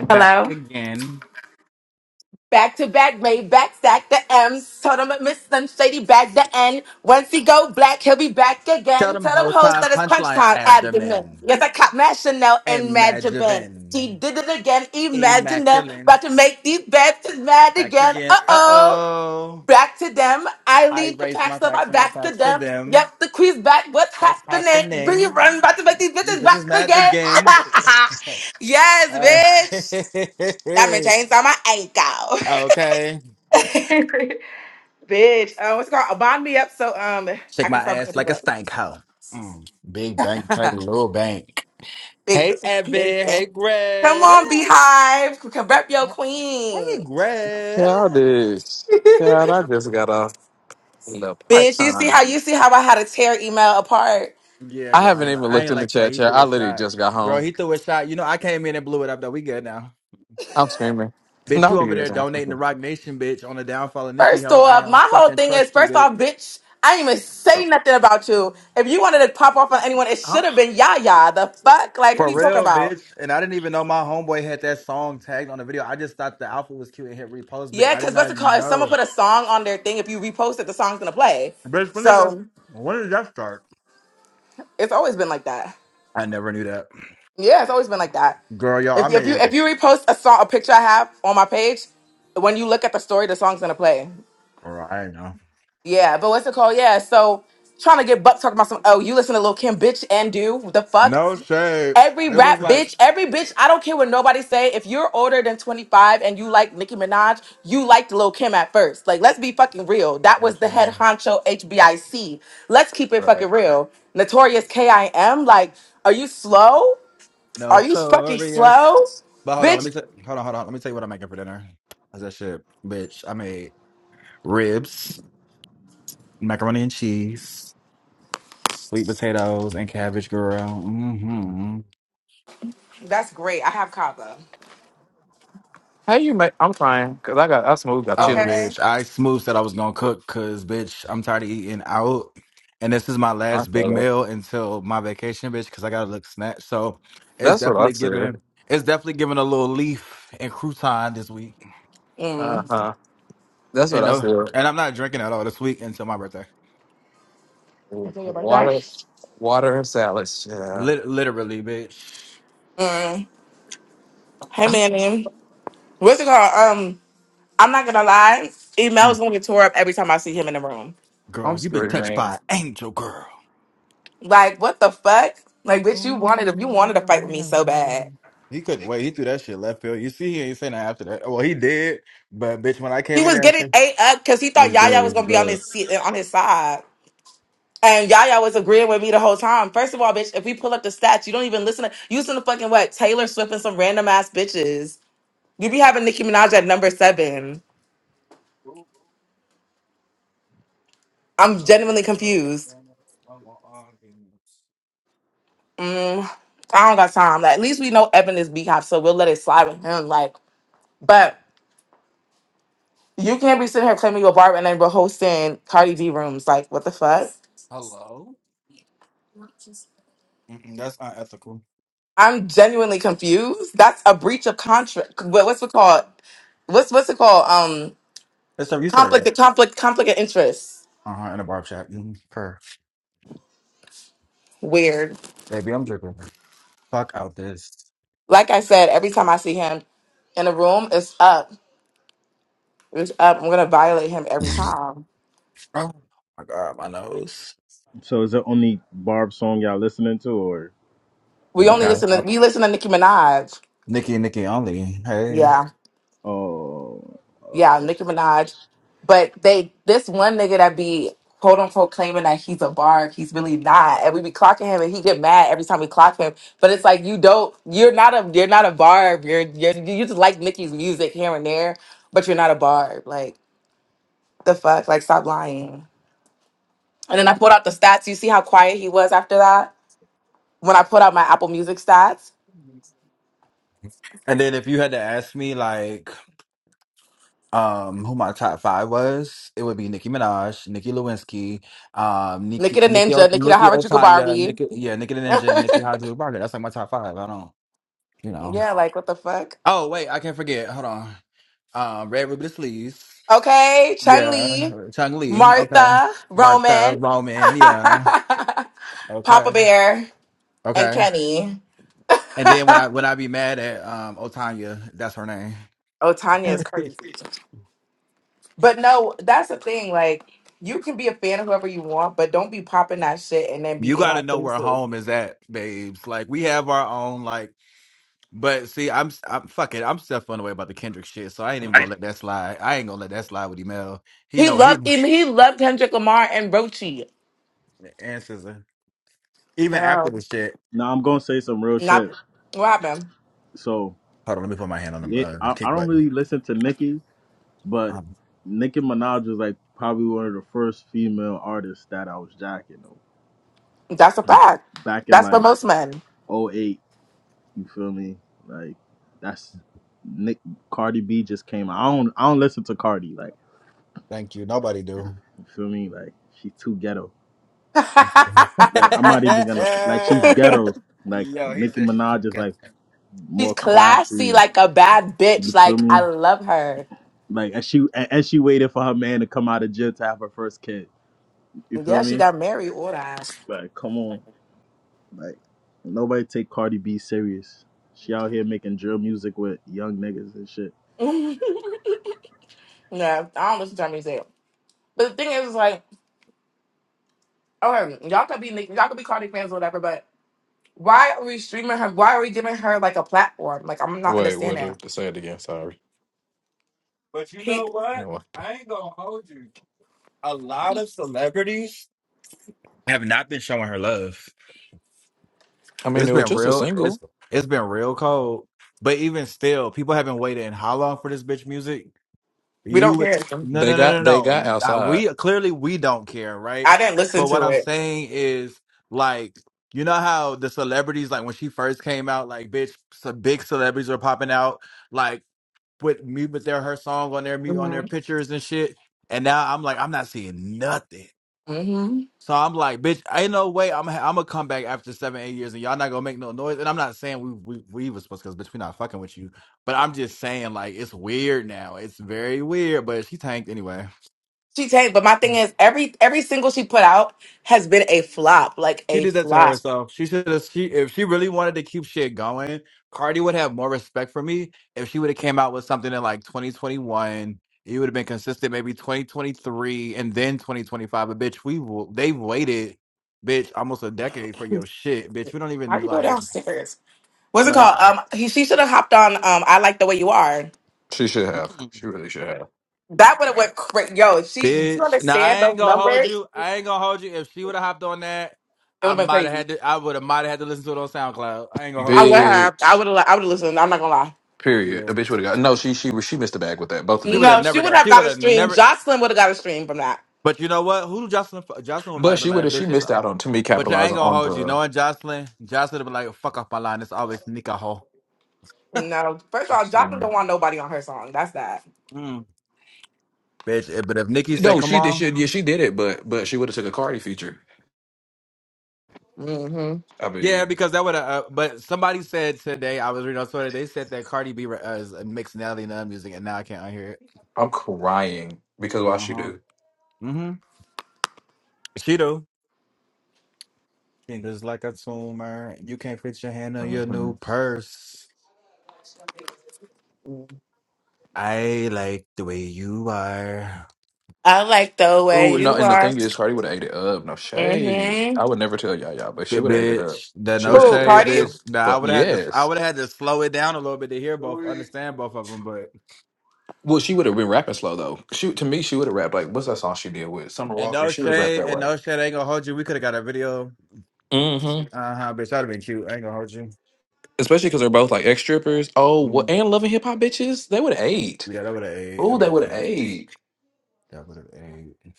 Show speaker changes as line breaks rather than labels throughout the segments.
Back again.
Back to back, made back stack the M's. Told him Miss Slim Shady back the N. Once he go black, he'll be back again. Tell them hoes that it's punch time abdomen.
Demen.
Yes, I caught Mad Chanel and Mad Jabin. She
Imagine.
did it again, imagine that.
Immaculate.
About to make these bitches mad
Back
again.
again.
Uh
Uh
oh.
oh.
Back to them. I
I
lead the
raised
pack,
my
so I
backs, and my
back to
backs to
them.
them.
Yep, the queen's back. What's
So that's
happening? Really
happening.
run, about to make these
You
bitches
bitches
back
mad
again.
again.
yes,
Uh,
bitch. Diamond chains on my ankle.
okay.
Bitch. Um, it's called Bond Me Up so um I
Shake my
can start
ass
bringing
like
people
a
up.
stank hoe. Mm. Big bank, tight little bank.
Big
Hey,
Bang. Big
Evan.
Bang.
Hey,
Come
Greg.
on, Beehive. Come rep your
Hey,
queen.
Yeah, I
Greg.
did. Yeah, I just got off a little part
Bitch, you see
time.
how you see how I had to tear email apart.
Yeah,
I
girl, I
haven't
ain't, li-
even
I
looked
ain't
in the
like that.
chat
He
yet.
threw
I
a
literally
shot.
just got
Girl,
home.
he threw a shot. You know, I came in and blew it up, though. We good now.
I'm screaming.
Bitch,
No,
you over
you
there
is
donating to
African.
Rock Nation, bitch, on the downfall of Nicki
First
Ho. I
off,
don't
my whole
fucking
thing is
trust you,
first
bitch.
off, bitch, I didn't even say
So,
nothing about you. If you wanted to pop off on anyone, it
huh?
should have been Yaya. The fuck? Like, what
For
are you talking
real,
about?
bitch. And I didn't even know my homeboy had that song tagged on the video. I just thought the outfit was cute and hit repost, bitch.
Yeah,
I did
because what's
not
the call? If someone
know.
put a song on their thing, if you repost it, the song's gonna play.
Bitch, when did that,
So
when did that start?
it's always been like that.
I never knew that.
Yeah, it's always been like that.
Girl, yo, I
If, if you
made,
if you repost a song, a picture I have on my page, when you look at the story, the song's gonna play.
girl, I ain't know.
Yeah, but what's it called? Yeah, so trying to get Buck talking about some. Oh, you listen to Lil Kim, bitch, and do what the fuck
No shade.
every
It was
rap
like,
bitch, every bitch. I don't care what nobody say. If you're older than 25 and you like Nicki Minaj, you liked Lil Kim at first. Like, let's be fucking real. That
no
was the head
shade.
honcho HBIC. Let's keep it
Right.
fucking real. Notorious KIM. Like, are you slow? Are you fucking
Notorious.
slow?
But hold on, let
Bitch,
me t- hold on, hold on. Let me tell you what I'm making for dinner. How's that shit, bitch? I made ribs, macaroni and cheese, sweet potatoes, and cabbage, girl. hmm
that's great. I have Kava.
How you make? I'm crying because I got I smooth got
Oh,
Okay?
chilies.
bitch, I smooth said I was gonna cook, cause bitch, I'm tired of eating out, and this is my
I
last big
feel that.
meal until my vacation, bitch, cause I gotta look snatched. So it's
That's what I
definitely
said.
giving, it's definitely giving a little leaf and crouton this week,
Uh
Mm.
huh. That's
and
what I
no,
said.
and I'm not drinking at all this week until my birthday.
Is that your birthday?
Water, water and salads. Yeah.
Lit- literally, bitch.
Mm. Hey, Manny. What's it called? Um, I'm not gonna lie. Emel's
Mm.
gonna get tore up every time I see him in the room.
Girl,
I'm
you've been touched
screaming.
by an angel, girl.
Like, what the fuck? Like, bitch, you wanted to, you wanted to fight with me so bad.
He couldn't wait. He threw that shit left field. You see, he ain't saying that after that. Well, he did, but bitch, when I
He
came in
was
there, I
getting
said,
ate up because he thought
What's good?
Yaya was
What's
gonna be on
good?
his seat on his side. And Yaya was agreeing with me the whole time. First of all, bitch, if we pull up the stats, you don't even listen to you listen to fucking what? Taylor Swift and some random ass bitches. You be having Nicki Minaj at number seven. I'm genuinely confused. Mm, I don't got time. Like, at least we know Evan is B Hop, so we'll let it slide with him. Like, but you can't be sitting here claiming you're Barbara and then we're hosting Cardi B rooms. Like, what the fuck?
"Hello." Mm-mm, that's unethical.
I'm genuinely confused. That's a breach of contract. What, what's it called? What's what's it called? Um,
That's so you said it right.
conflict, conflict, conflict of interest.
Uh huh. In a barb shop. Mm, purr.
Weird.
Baby, I'm dripping. Fuck out this.
Like I said, every time I see him in a room, it's up. It's up. I'm gonna violate him every
oh
time.
my god, my nose.
So is it only Barb song y'all listening to, or
We
Wait,
I
only
can have
what?
listen to we
options?
listen to Nicki Minaj.
Nikki, Nikki only. Hey.
Yeah.
Oh,
Yeah,
okay.
Nicki Minaj. But they this one nigga that be quote unquote claiming that he's a bark, he's really not. And we be clocking him and he get mad every time we clock him. But it's like you don't you're not a you're not a barb. You're you're you just like Nicki's music here and there, but you're not a barb. Like the fuck? Like stop lying. And then I pulled out the stats. You see how quiet he was after that? When I put out my Apple Music stats.
And then if you had to ask me like um who my top five was, it would be Nicki Minaj, Nicki Lewinsky, um
Nicki
Nicki
the
Nicki o,
Ninja, Nicki the
Nicki
Harajuku
Otanya,
Barbie.
Nicki yeah, Nicki the Ninja, and Nicki Hajju Barker. That's like my top five. I don't you know.
Yeah, like what the fuck?
Oh wait, I can't forget. Hold on. Um Red Ruby the Sleeves.
Okay, Chun
Yeah.
Li,
Chung Lee. Okay.
Martha,
Martha
Roman,
Roman, yeah.
Papa
Okay.
Bear, and
Okay.
Kenny.
And then when I when I be mad at um Otanya, that's her name.
Oh, Tanya is crazy. But no, that's the thing. Like, you can be a fan of whoever you want, but don't be popping that shit and then be
you
in
got
our
to know where
faces.
home is at, babes. Like we have our own, like. But see, I'm I'm fucking I'm still feeling away about the Kendrick shit, so I ain't even gonna let that slide. I ain't gonna let that slide with Emel. He
He
know
loved
he
him. He loved Kendrick Lamar and Rochi.
answers her even after the
Child.
shit.
Now I'm gonna say some real
Hold
Not
shit.
what happened.
So
on, let me put my hand on the
yeah,
uh,
I, I
kick
don't
button.
really listen to Nicki, but
Um,
Nicki Minaj was like probably one of the first female artists that I was jacking though.
That's a fact.
back in
That's for
like
most men.
'08, You feel me? Like that's Nick Cardi B just came. out. I don't I don't listen to Cardi. Like
thank you. Nobody do.
you feel me? Like she's too ghetto. Like I'm not even gonna like she's ghetto. Like
Yo, he
Nicki
said she too
Minaj is
good.
like
She's
more
classy
classy.
like a bad bitch.
You feel
Like I
me?
love her.
Like as she a- as she waited for her man to come out of jail to have her first kid. You feel
Yeah, she
me?
got married. All that.
Like come on. Like nobody take Cardi B serious. She out here making drill music with young niggas and shit.
yeah, I don't listen to her music. But the thing is, like, okay, y'all could be y'all could be Cardi fans or whatever, but why are we streaming her? Why are we giving her like a platform? Like I'm not
Wait, what?
understanding.
uh, Say it again. Sorry,
But you
He,
know
I
what?
don't like that.
I ain't gonna hold you. A lot of celebrities have not been showing her love.
I mean,
It's
it was
been
just a
real. It's
single.
it's been real cold. But even still, people have been waiting how long for this bitch music?
we don't
You
care.
no
They
no no
got they
no
got
no. Uh,
outside.
We clearly we don't care, right?
I didn't listen
But what
to
I'm
it.
saying is like you know how the celebrities like when she first came out, like bitch, some big celebrities were popping out like with me with their her song on their mu- on their pictures and shit. And now I'm like I'm not seeing nothing.
Mm-hmm.
So I'm like, bitch, ain't no way I'm I'm gonna come back after seven, eight years, and y'all not gonna make no noise. And I'm not saying we we we was supposed because bitch, we not fucking with you. But I'm just saying like it's weird now. It's very weird. But she tanked anyway.
She tanked, but my thing is, every every single she put out has been a flop, like
She
a
did that to
flop.
herself. She should have. She if she really wanted to keep shit going, Cardi would have more respect for me if she would have came out with something in like 2021. It would have been consistent, maybe 2023 and then 2025. But bitch, we w- they've waited, bitch, almost a decade for your shit, bitch. We don't
Why
even
do you go
like.
downstairs? What's it
Like
called? Um, he, she should have hopped on. Um, I like the way you are.
She should have. She really should have.
That would have went crazy. Yo, she. Do you
Bitch. Now I
understand those
ain't gonna
numbers?
hold you. I ain't gonna hold you. If she would have hopped on that,
It
I
would have been
might have
crazy.
had to I would have might have had to listen to it on SoundCloud. I ain't gonna
I
hold
would
you.
have. I
Bitch.
would have. I would have listened. I'm not gonna lie.
Period.
Yeah.
A bitch would have got no. She she she missed the bag with that. Both of
She
them
would have
No,
did.
she
never
would
got
have
she
got
would
a
have
stream.
never
Jocelyn would have got a stream from that.
but you know what? Who do Jocelyn fu- Jocelyn might
But
have been
she would
like
have. She
bitch it's
missed out on to me
but you I ain't
capitalizing
gonna
on
hold you.
the.
Knowing Jocelyn, Jocelyn would be like, fuck off my line. It's always Nika Ho.
No, first of all, Jocelyn don't want nobody on her song. That's that.
Mm. Bitch, eh, but if Nikki said,
No,
come
she did.
on.
She, yeah, she did it. But but she would have took a Cardi feature.
hmm
I
Yeah,
mean,
because that would have. Uh, but somebody said today, I was reading on Twitter, they said that Cardi B re- uh, is mixing Nelly and other music, and now I can't hear it.
I'm crying because why
Uh
she
huh.
do.
Mm hmm. Keto. Niggas like a tumor. You can't fit your hand on your
hmm
new purse. I like the way you are.
I like the way
Oh no!
you
And the
are.
thing is, Cardi would have ate it up. No shade.
hmm
I would never tell y'all, y'all, but
B-
she would have ate it up.
bitch, that
She
no
would have
Cool
ate that
shade,
fuck
party.
the
bitch. Nah, I
fuck.
would have had to I
Yes.
would have had to slow it down a little bit to hear both, understand both of them, but
Well, she would have been rapping slow though. She to me, she would have rapped like what's that song she did with Summer
and
Walker?
no
She would have rapped
shade,
that
and
way.
no shade I ain't gonna hold you. We could have got a video.
Mm-hmm.
Uh-huh, bitch. That'd have been cute. I ain't gonna hold you.
Especially because they're both like ex strippers. Oh,
Mm.
what and loving hip hop bitches. They would have ate.
Yeah, that would have ate.
Oh,
That would
they
have
would have
ate.
ate.
That would have ate.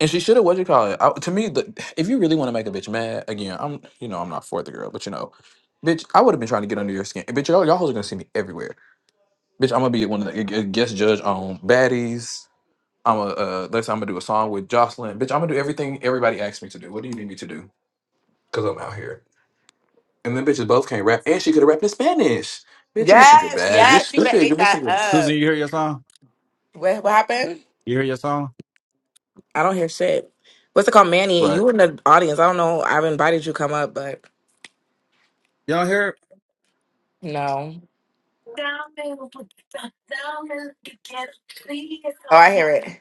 And she should have what you call it. I, to me, the, if you really want to make a bitch mad, again, I'm you know I'm not for the girl, but you know, bitch, I would have been trying to get under your skin. Bitch, y'all y'all hoes are gonna see me everywhere. Bitch, I'm gonna be one of the a- a guest judge on baddies. I'm a uh, let's say I'm gonna do a song with Jocelyn. Bitch, I'm gonna do everything everybody asks me to do. What do you need me to do? Because I'm out here. And then bitches both can't rap. And she could have rapped in Spanish. Bitch, you're missing your
Yes,
bag. You're
yes, she would have
stupid. You're
ate that
missing your
Susan,
up.
you hear your song?
What, what happened?
You hear your song?
I don't hear shit. What's it called, Manny?
right.
You in the audience? I don't know. I've invited you come up, but
You don't hear
no. Oh, I hear it.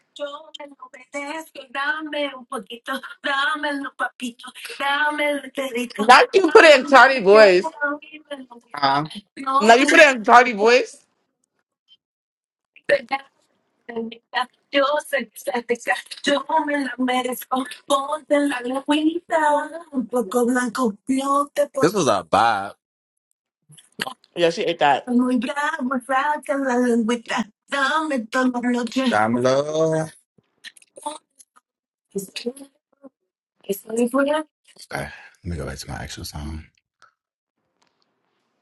Not you put it in tardy
it?
voice.
Yeah.
Now you put it in tardy voice.
This was a vibe.
Yeah, she ate that.
Dime love. Okay, let me go back to my actual song.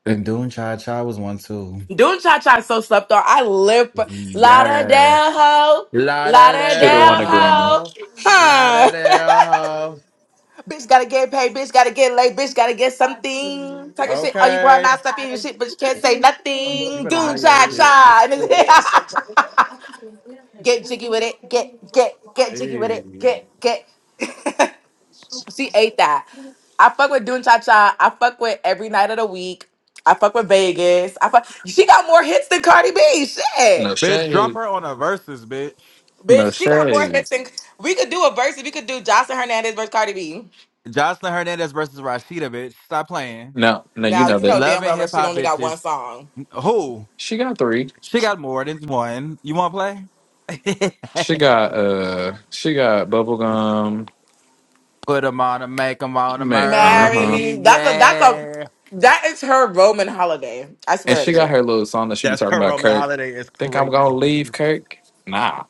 And doing Cha Cha was one too.
Doing cha cha is so slept on. I live for
Yeah.
Lauderdale ho,
La da
Should have
da
won
Lauderdale
a Grammy.
ho,
ho. La
huh?
da da ho.
bitch gotta get paid. Bitch gotta get laid. Bitch gotta get something. Talking shit. Oh, you well
Okay.
not stuff in your shit, but you can't say
You
nothing.
better know
Doing
your
cha
shit.
cha. Get jiggy with it. Get get get jiggy with
Hey.
it. Get get. she ate that. I fuck with Dune Cha Cha. I fuck with every night of the week. I fuck with Vegas. I fuck. She got more hits than Cardi B. Shit,
No
Bitch, drop
shade.
her on a versus, bitch.
No
bitch. She got more hits
shade.
than. We could do a verse. We could do Jocelyn Hernandez versus Cardi B.
Jocelyn Hernandez versus Rashida, bitch. Stop playing.
No, no, you
Now
know
you know
that.
Love
damn
and
well
hip
she
hop
only got
bitches.
one song.
Who?
She got three.
She got more than one. You want to
She
play?
got uh she got bubblegum.
Put 'em on and make 'em on to
Man,
murder
Marry
uh-huh.
me.
me.
That's a. That's a.
Yeah.
That is her Roman holiday. I
And
swear
she
it
got
is.
her little song that she be
That's
talking
her
about
Roman
Kirk.
Holiday is
Think I'm gonna
crazy.
leave Kirk? Nah.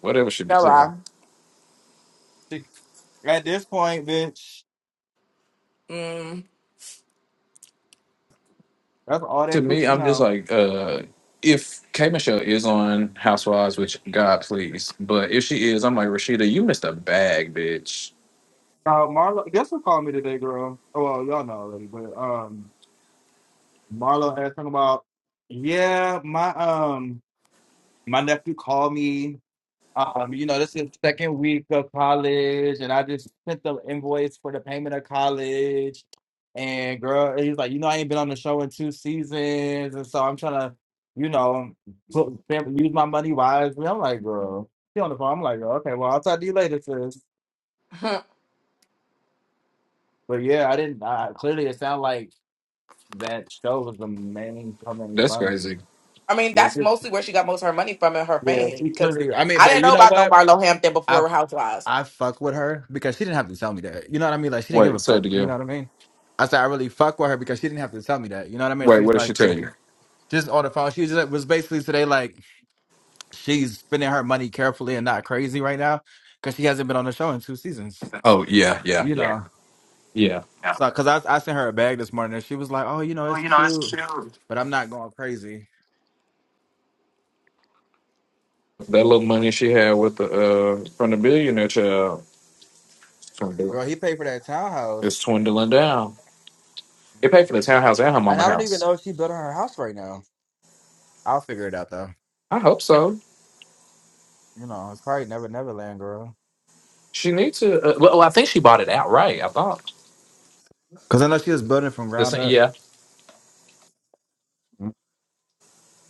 Whatever she be
Go
saying.
on.
At this point, bitch,
Mm.
that's all
to
that
me,
coochie
I'm just
know.
like, uh, if K Michelle is on Housewives, which God please, but if she is, I'm like Rashida, you missed a bag, bitch.
Uh, Marlo, guess who called me today, girl? Oh, well, y'all know already, but um, Marlo asked him about, yeah, my um, my nephew called me. Um, you know, this is second week of college, and I just sent the invoice for the payment of college. And girl, he's like, you know, I ain't been on the show in two seasons, and so I'm trying to, you know, put, spend- use my money wisely. I'm like, girl, she on the phone. I'm like, girl, okay, well, I'll talk to you later, sis. But yeah, I didn't. I, clearly, it sounded like that show was the main part of
That's
fun.
crazy.
I mean,
Yeah,
that's
she,
mostly where she got most of her money from and her
yeah,
fame.
she
Because
clearly. I mean,
I
but
didn't
you
know
know
about no
what?
Marlo Hampton
I
before Housewives.
I fuck with her because she didn't have to tell me that. You know what I mean? Like she didn't give a
Wait, say it
fuck. You
again.
know what I mean? I said I really fuck with her because she didn't have to tell me that. You know what I mean?
Wait,
She
what
was
did she
like, you
tell
know,
you?
just on the phone. She just was basically today like she's spending her money carefully and not crazy right now because she hasn't been on the show in two seasons.
Oh yeah, yeah,
You
yeah,
know,
yeah.
so because I I sent her a bag this morning and she was like, oh, you know, it's cute, but I'm not going crazy.
That little money she had with the uh from the billionaire child swindle-
Girl, he paid for that townhouse,
is dwindling down. It paid for the townhouse and her
and
mama
I don't even
house.
know if she built her house right now. I'll figure it out though.
I hope so.
You know, it's probably Never Neverland, girl.
She needs to. Uh, well, oh, I think she bought it outright. I thought.
Because I know she was building from
The
ground
same,
up.
yeah.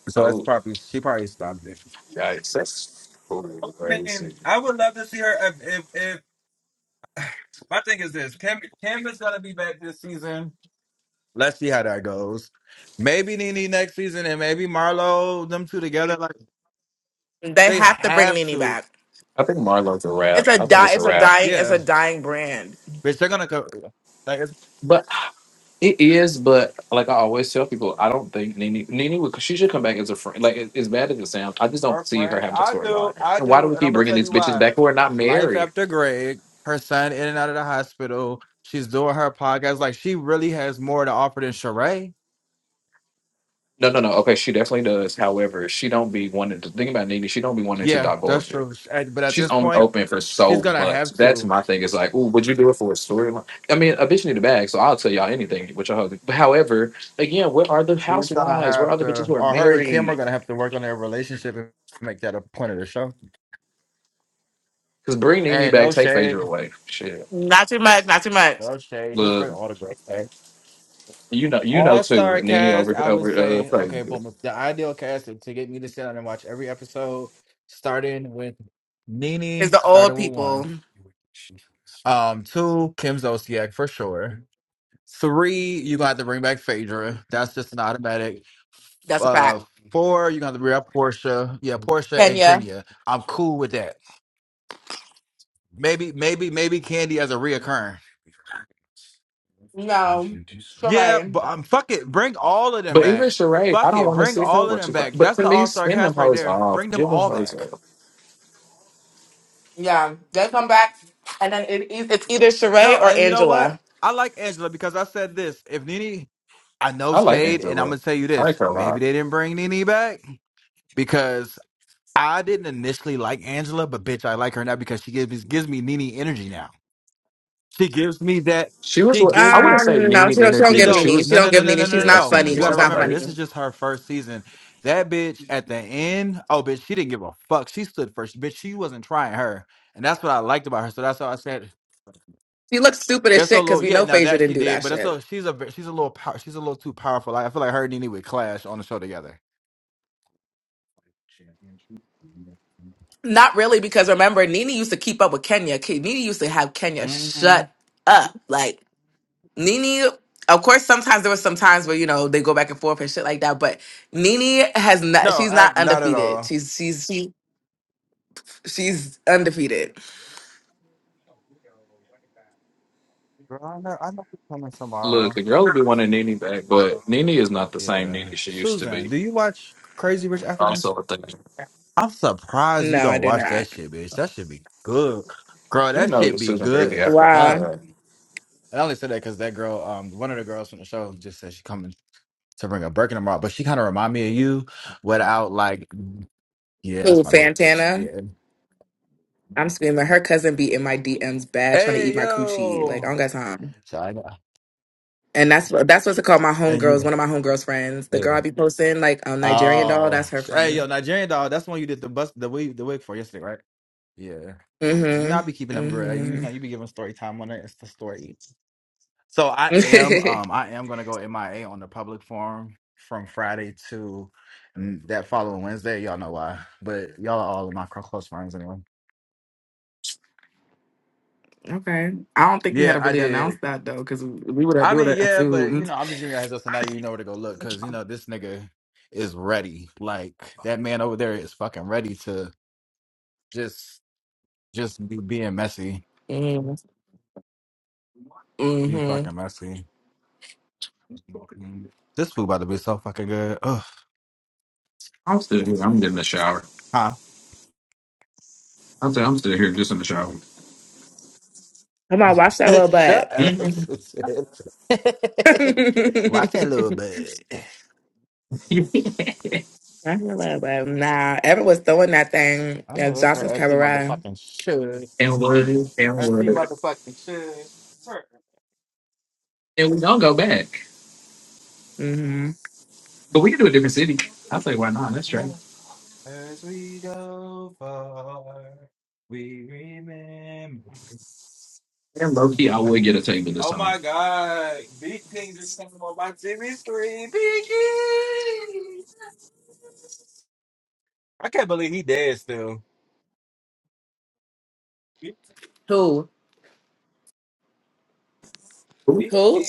So that's
Oh,
probably, she probably stopped it.
yikes! That's totally
I mean,
crazy.
I would love to see her. If if, if my thing is this, Kim Kim is gonna be back this season. Let's see how that goes. Maybe Nene next season, and maybe Marlo. Them two together, like
They
they
have to bring
have
Nene
to.
back.
I think Marlo's a
It's
rap.
a
I think
di-
it's a
It's a
rap.
dying. It's a
Yeah,
dying brand.
bitch, they're gonna go. Like it's
But it is, but like I always tell people, I don't think Nene Nene would she should come back as a friend. Like it- as bad as it sounds, I just don't
Her
see her
friend,
having a
I do,
storyline.
I
And why do
do,
we
and I'm
keep
gonna
bringing
tell
these
you
bitches
why.
back who are not
Life
married?
after Greg, her son in and out of the hospital. She's doing her podcast. Like she really has more to offer than Sheree.
No, no, no. Okay, she definitely does. However, she don't be wanting to think about Nene. She don't be wanting to
Yeah, that's
divulge it.
true. Sh- at- But at
She's
this
only
point,
open for
she's
so
gonna
much.
have
That's
to.
my thing. It's like, ooh, would you do it for a storyline? I mean, a bitch need a bag, so I'll tell y'all anything. Which I hope. However, again, where are the
She's gonna
housewives? Where
have
are the bitches
to,
who are
or her and Kim are
married?
gonna have to work on their relationship and make that a point of the show.
Cause bring Nene
And
back,
no
take Phaedra
shade,
away. Shit,
Not too much. Not too much.
no shade. Just
look,
bring all the grace.
you know, you know
All star
too, Nene
cast,
over
I would
over uh
say, okay,
Phaedra.
boom. If The ideal cast to to get me to sit down and watch every episode, starting with
It's
Nene,
the old
starting with
people.
one. Um, two, Kim Zolciak for sure. Three, going gonna have to bring back Phaedra. That's just an automatic.
That's a
Uh,
fact.
four, you're gonna have to bring up Portia. Yeah, Portia and
Kenya.
Kenya. I'm cool with that. Maybe, maybe, maybe Candy as a reoccurring.
No.
Yeah,
Sheree.
but um, fuck it. Bring all of them
But even
back.
Sheree, I
Fuck
don't
it.
want to
Bring
see her.
all of
What
them
you got?
back.
But
That's
to
the
me,
all star
spin them
cast right
hoes
there.
off,
Bring them
give them
all
hoes
back.
up.
Yeah. They come back, and then it, is- it's either Sheree
No,
or
and you know what?
Angela.
I like Angela because I said this. If Nene, I know
I like
Shade, and I'm
Angela.
gonna tell you
I
this.
like her a
Maybe
lot.
they didn't bring Nene back because I didn't initially like Angela, but bitch, I like her now because she gives me gives me Nene energy now. She gives me that.
She was
She
what I
gives me.
wouldn't say
Um, no, she
Nene
don't. She don't
energy,
She
give
but she
Nene.
knows.
was
She
No,
don't
no,
give
no, no,
Nene.
no,
She's
no, no.
not
no.
definitely
funny.
You
one
got
She's
to
of my
not
remember,
funny.
this is
favorites.
just her first season. That bitch at the end, oh, bitch, she didn't give a fuck. She stood first. Bitch, she wasn't trying her, and that's what I liked about her. So that's how I said
She looks stupid as
it's a
shit because
little.
we
Yeah,
know
now
Phaedra
that
didn't
she
do
did,
that
but it's
shit.
a she's a ve- she's a little power, she's a little too powerful. Like, I feel like her and Nene would clash on the show together.
Not really, because remember, Nene used to keep up with Kenya. Ke- Nene used to have Kenya
hmm
shut up. Like, Nene, of course, sometimes there was some times where, you know, they go back and forth and shit like that, but Nene has not,
No,
she's
I,
not
not at
undefeated.
all.
She's, she's, she, she's undefeated.
Girl, I know, I know she's coming tomorrow.
Look, the girl would be wanting Nene back, but Nene is not the same
Yeah.
Nene she used to
Susan,
be.
do you watch Crazy Rich Africans?
Also, a thing.
I'm surprised you
No, I
don't
do
watch that
not.
shit, bitch. That should be good. Girl,
You
that
know,
shit be
Susan
good
Bailey
as
African.
Why?
fuck.
so
And I only said that because that girl, um, one of the girls from the show just said she coming to bring a Birkin tomorrow, but she kind of remind me of you without like, yeah,
Who,
that's my bitch.
Fantana!
Yeah.
I'm screaming. Her cousin be in my DMs bad trying to eat
Hey,
my coochie. Like, I
yo.
don't got time.
So I know.
And that's what that's what's it called. My
And
homegirls,
you.
one of my homegirls' friends, the
yeah.
girl I be posting, like um, Nigerian doll,
Oh,
that's her
hey,
friend.
yo, Nigerian dog. That's the one you did the bus the wig the wig for yesterday, right? Yeah, yeah. You know,
Mm-hmm.
I be keeping up, girl. You,
Mm-hmm.
know, you be giving story time on it. It's the story. So I am, um, I am gonna go MIA on the public forum from Friday to mm, that following Wednesday. Y'all know why, but y'all are all in my close friends anyway.
okay. I don't think you had to
Yeah, I
really announce
did.
that though, because we would have
I
we would
mean,
have
yeah, but you
assumed.
know, I'm just giving you a heads up so now you know where to go look because you know this nigga is ready. Like that man over there is fucking ready to just. Just be being messy.
Mm-hmm.
Be
Mm-hmm.
fucking messy. Mm. This food about to be so fucking good. Ugh.
I'm still here. I'm in the shower.
Huh?
I'm, I'm still here, just in the shower.
Okay.
Come on, watch that little butt.
Shut up,
and
Suzanne. Watch that little bit.
I hear little butt. Nah, Everett was throwing that thing
I know
at
that's right.
Johnson's
As he
Cabaret.
motherfucking should.
word, and
As he
word.
motherfucking should.
And we don't go back.
Mm-hmm.
But we can do a different city. I say why not? That's right.
As we go far, we remember.
And low key I would get a table this
Oh
time.
my God. Big King just came on my TV screen. Big King! I can't believe he dead still.
Who? Who?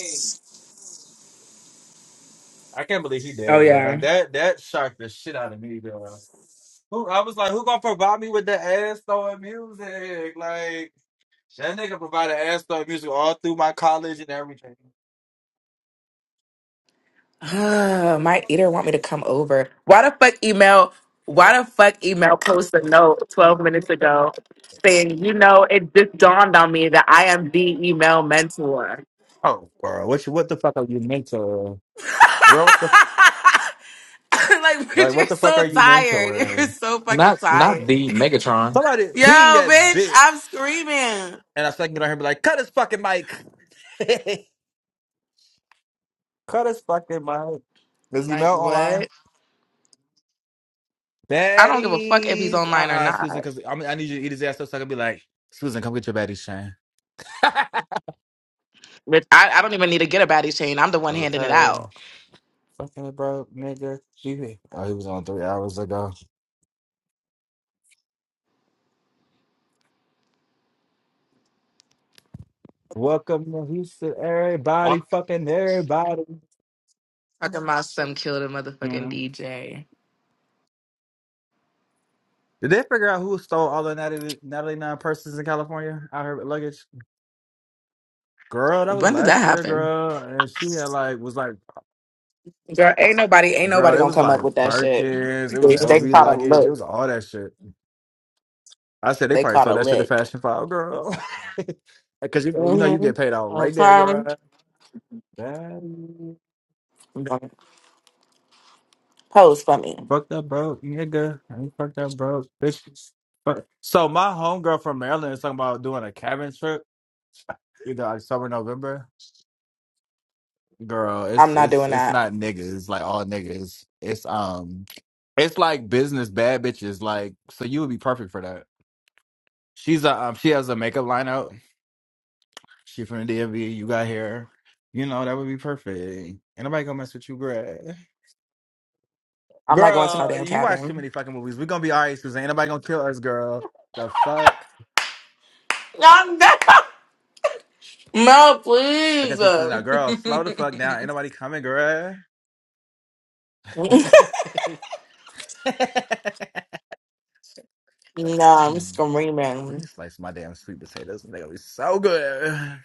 I can't believe he
Oh
dead, girl.
yeah.
Like that that shocked the shit out of me, girl. Who I was like, who gonna provide me with the ass throwing music? Like that nigga provided ass throwing music all through my college and everything.
Uh, my eater want me to come over. Why the fuck email? Why the fuck email post a note twelve minutes ago saying, you know, it just dawned on me that I am the email mentor.
Oh, girl, what you, what the fuck are you mentoring,
like,
girl? What the f-
bitch,
like?
you're
What the fuck
so
are you
tired. You're
mentoring?
so fucking
Not not
tired.
the Megatron.
Somebody
Yo,
being that
bitch,
bitch,
I'm screaming.
and I second get on her and be like, cut his fucking mic, cut his fucking mic. Is he
Like
mail online?
what? I don't give a fuck if he's
Baddies. Uh
online or
uh Susan,
not.
because I, I need you to eat his ass up so I can be like, Susan, come get your baddies, Shane.
Bitch, I, I don't even need to get a baddie chain. I'm the one handing it
okay.
out.
Fucking bro, nigga. You- Oh, he was on three hours ago. Welcome to Houston, everybody. Fucking everybody.
Talking about some killed a motherfucking
Mhm.
DJ.
Did they figure out who stole all the 90 99 purses in California out her luggage? Girl, that was
When did that
last year,
happen?
girl. And she had like, was like,
Girl, ain't nobody, ain't nobody
girl, it
gonna
was
come
like
up with that shit.
Birkins, it was
They, they
LV
caught a
luggage, it
lick.
was all that shit. I said they
They
probably
caught
saw
a
that shit at
lick.
Fashion File, girl. Because you you know you
Mm-hmm.
get paid out
I'm
right there,
sorry.
girl. Man,
Pose for me.
fucked up broke, nigga. I ain't fucked up broke, bitches. Fuck. So my homegirl from Maryland is talking about doing a cabin trip, either October, November. Girl,
I'm
it's
not
it's
doing
it's
that.
not niggas. It's like all niggas. It's um, it's like business bad bitches. Like so, you would be perfect for that. She's a um, she has a makeup line out. She from the DMV. You got hair. You know that would be perfect. Ain't nobody gonna mess with you, girl.
I'm not going to no
Girl,
damn
you watch too
cabin.
many fucking movies. We gonna be alright, Susan. Ain't nobody gonna kill us, girl. The fuck.
No, no, no
I
please.
guess he's Susan.
no,
now, girl. Slow the fuck down. Ain't nobody coming, girl.
I'm
Let me
screaming.
slice my damn sweet potatoes. They gonna be so good.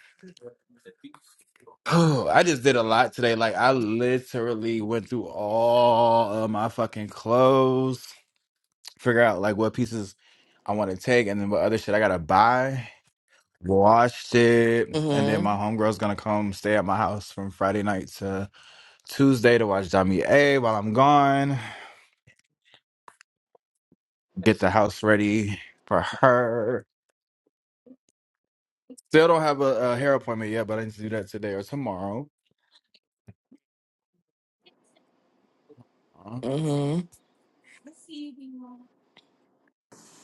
Oh, I just did a lot today. Like I literally went through all of my fucking clothes. figure out like what pieces I want to take and then what other shit I gotta buy. Watched it, and then my
Mm-hmm.
homegirl's gonna come stay at my house from Friday night to Tuesday to watch Dummy A while I'm gone. Get the house ready for her. Still don't have a, a hair appointment yet, but I need to do that today or tomorrow. Uh,
Mm-hmm.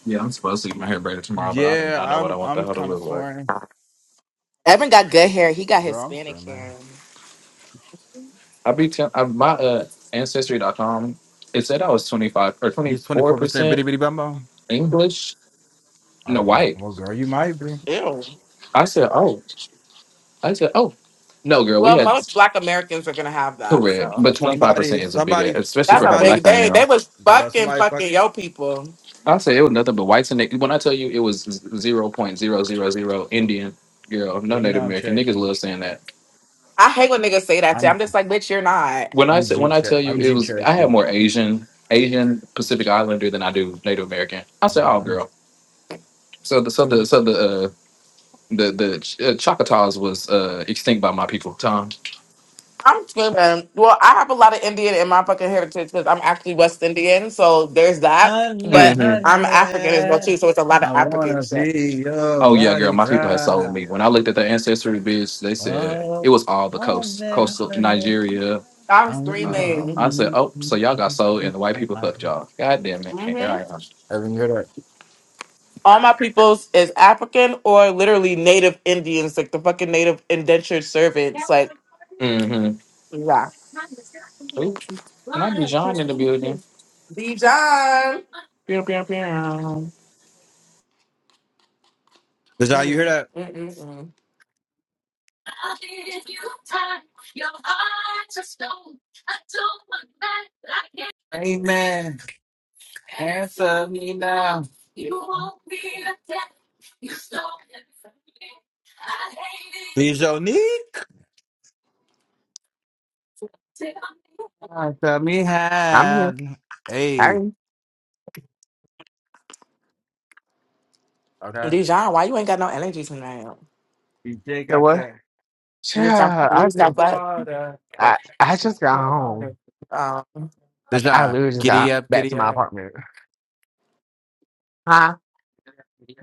Yeah, I'm supposed to get my hair braided tomorrow, but I do
Yeah,
not know what I
I'm
want the
I'm
hell to
kind
look
of
like.
torn.
Evan got good hair. He got
Girl, I'm
Hispanic
sorry,
hair.
man.
I be tell I, my uh, ancestry.com. It said I was twenty five or
You
twenty four
24% bitty
percent
bitty bumbo?
English, no
Oh,
white.
well, girl, you might be.
Ew.
I said, oh, I said, oh, no, girl, we
Well,
had
most Black Americans are gonna have that.
correct,
So.
So
but
if
twenty five
somebody,
percent is a big,
somebody,
ass, especially
That's
for
a
how
somebody,
big
black I
day. They
am.
was
girl,
fucking
somebody fucks
fucking yo people.
I say it was nothing but whites and niggas. When I tell you it was zero point zero zero zero Indian girl,
Well,
no
you know
Native
I'm
American niggas
Cherokee.
love saying that.
I hate when niggas say that to. you.
I'm
I'm just like, bitch, you're not.
When I
I'm
say when
Jeep
I
Cher-
tell you
I'm
it
Jeep
was, I had
Cherokee.
more Asian Asian Pacific Islander than I do Native American. I said, oh
I'm
girl. So the so
Mm.
the so the uh, the the Ch- uh, Choctaws was uh, extinct by my people. Tom.
I'm screaming. Well, I have a lot of Indian in my fucking heritage because I'm actually West Indian, so there's that.
honey,
But
hmm
I'm African as well too,
honey.
so it's a lot of
I
African
wanna
shit.
be your
Oh yeah, girl, my people had sold
bodyguard.
me. When I looked at their ancestry, bitch, they said
Oh,
it was all the coast,
honey,
coastal
honey.
Nigeria,
I'm
I wanna be.
Uh,
screaming.
I said, oh, so
your
y'all got sold and the white people fucked
bodyguard.
y'all. God damn it. And here
hmm
I am.
Evan, you heard that?
All my peoples is African or literally Native Indians, like the fucking Native indentured servants. Like,
Mm-hmm.
yeah,
Ooh, not Dijon in the building.
Dijon. Mm,
Did you hear
mm,
that?
mm, mm.
Amen. Answer me now. Please,Onique. Answer me
I'm here.
hand. Hey.
Hey,
Okay.
Dijon, why you ain't got no energy tonight?
You did
so
got
what?
that.
You just have
Yeah,
you
Got
I,
just have
that
ju-
to,
water. Oh,
I
shit,
I just got
water.
home.
um,
Like I
Deshaun,
literally just
giddy
got
up,
back
giddy
to my
up.
apartment. Huh?
Yeah.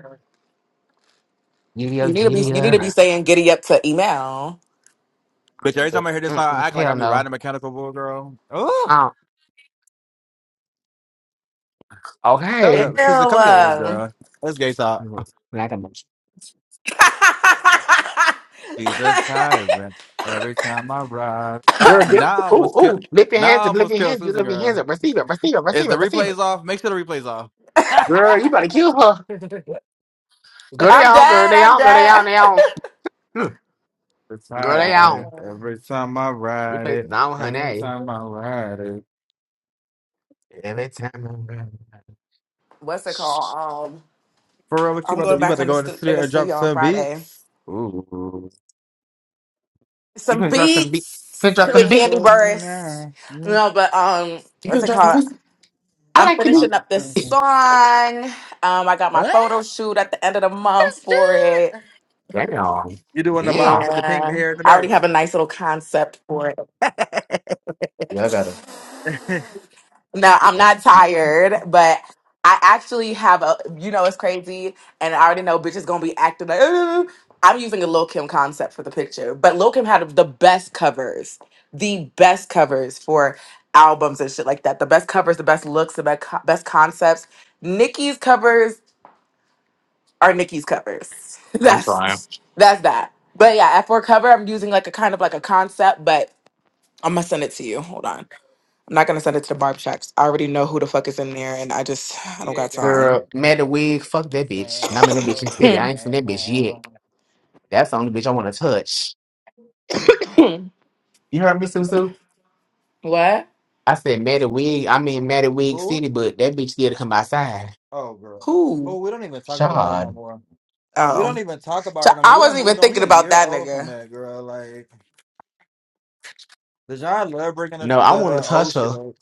Giddy
you
up,
need to be
giddy
you need
Okay,
up.
to be
man.
saying giddy up to email.
Bitch, every
Uh,
time I hear this song, I
Mm-mm,
act like I
hell
be riding
no.
a mechanical bull, girl. Oh,
Um.
shut
Ew.
Okay.
up. Susan, cover your ears,
um.
girl. let gay talk.
Mm, Like a motion.
She's a tyrant. Every time I ride. Nah,
Girl, get
nah, I
ooh
almost kill.
ooh. Lift your
Nah, I
hands up. Lift
almost
your
kill
hands. up.
Susan,
Lift your
girl.
hands up. Receive it. Receive it.
Is
Receive
the
it. Receive
replays
it.
off? Make sure the replays off.
Girl, you better kill her.
the
Girl, they
I'm
on. Girl,
dead.
they
I'm
on. Girl, they on.
dead.
They on. Hmm, Girl, they
Uh,
tyrant.
on.
Every time I ride
Replay
it.
down,
Every
honey.
time I ride it.
Every time. I'm around.
what's it
Shh.
called? Um,
For real, what you
I'm
about
going
to you
Mm,
about
back
to
on the
go in the
stu- in
studio
the
and drop
studio on
some
Friday.
beats?
Ooh. You
Some
can dress them beat. Sit
beats
dress them
with
beat.
Candy
Answer me
Burris.
now. Mm,
No, but um,
You
what's
can
it
dress them
called?
beat. I
I'm
like the
I'm
beat.
finishing up this song.
listening.
Um, I got my
Ah,
photo shoot at the end of the month for it.
shit.
Damn.
You doing the
Yeah.
bob with the pink
Yeah,
hair in the
I already have a nice little concept for it.
back?
Yeah, I got her.
No, I'm not tired, but I actually have a, you know, it's crazy, and I already know bitches gonna be acting like, "Ooh." I'm using a Lil Kim concept for the picture, but Lil Kim had the best covers, the best covers for albums and shit like that. The best covers, the best looks, the best, co- best concepts. Nikki's covers are Nikki's covers.
I'm trying.
That's that's that. But yeah, at for cover, I'm using like a kind of
Yeah,
like a concept, but I'm gonna send it to you. Hold on. I'm not gonna send it to the barb shops. I already know who the fuck is in there, and I just I don't
yeah,
got
got
time.
that.
Girl, Mad the Wig, fuck
The
that bitch. Not
sun
in that bitch in the
goes
city. I ain't seen that bitch yet.
down.
That's the only bitch I want to touch. You heard me, Susu?
what?
I said Mad the Wig. I mean Mad the Wig
Who?
City, but that bitch scared to come outside.
Oh, girl.
Who?
Who? We don't even talk about her no
Shod.
more. We
Oh,
don't even talk about
so
her no more.
I
We done
wasn't even
moved on. We
thinking
a
about
year
that
old from
nigga.
that girl. Like, the John love bringing the,
No, I
the
want
uh,
to
old
touch
shit
her.
up.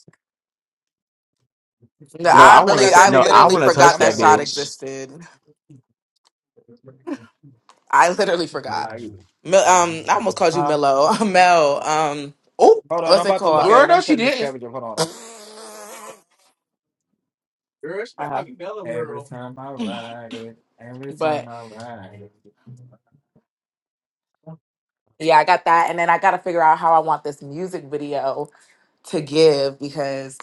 No,
Well,
No,
I
I
I
want
really,
forgot
to.
that
I
No,
nigga
I
literally
want to
existed.
touch
forgot
I'm
that
not
that
gonna
shot
hold
bitch.
you.
existed. I literally
No
forgot.
lie either.
Mil- um, I almost called you
Huh?
Milo, Mel. Um,
Oh,
Hold on, I'm
what's it
about to look
called?
at
girl,
it.
no,
I'm
she
cutting this
didn't.
cabbage up. Hold on, hold on.
Girl, she might
Uh,
like Bella
Every
girl.
time I ride it, every time
but
I ride it.
yeah, I got that, and then I got to figure out how I want this music video to give because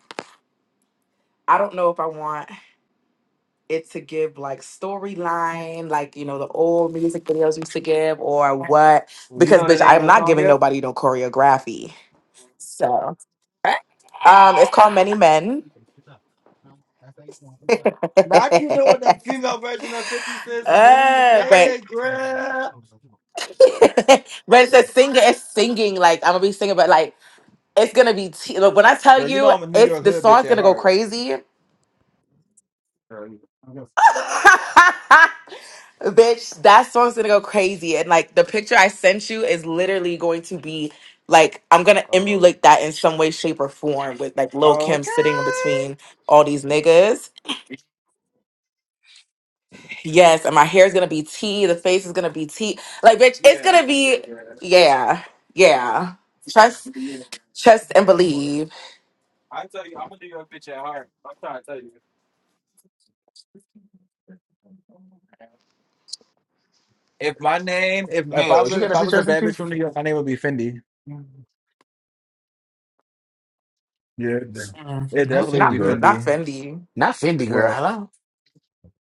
I don't know if I want. it to give like storyline, like you know the old music videos used to give, or what?
Well, You
Because
know the
bitch, I
name
am
of the
not
song
giving
yet?
nobody no choreography. So
Eh?
um, it's called Many Men.
Not you doing the female version of 50 Cent's Mini
Uh, but
Red Girl.
but it's a singer. It's singing like I'm gonna be singing, but like it's gonna be t- look, when I tell
Girl, you
you
know I'm a New
it's
York
the
hood bitch
song's
at
gonna go
heart.
crazy.
Girl, you-
Bitch, that song's gonna go crazy. And like the picture I sent you is literally going to be like I'm gonna
Oh,
emulate that in some way, shape, or form with like Lil Kim sitting in
okay.
between all these niggas. Yes, and my hair's gonna be tea, the face is gonna be tea. Like, bitch, it's
Yeah,
gonna
yeah,
be
yeah. I'm
yeah, yeah. Trust, trust, and
here for it.
believe.
I tell you, I'm gonna do your bitch at heart. I'm trying to tell you. If my name, if if I
Mel, you
really,
got
if
a
I was
picture I
a
sent
bad
you?
bitch from New York, my name would be Fendi. Yeah, it de-
Mm,
it
not
Oop,
definitely would
Fendi
not
be
girl.
not
Fendi.
Fendi.
Not Fendi girl.
What?
Hello.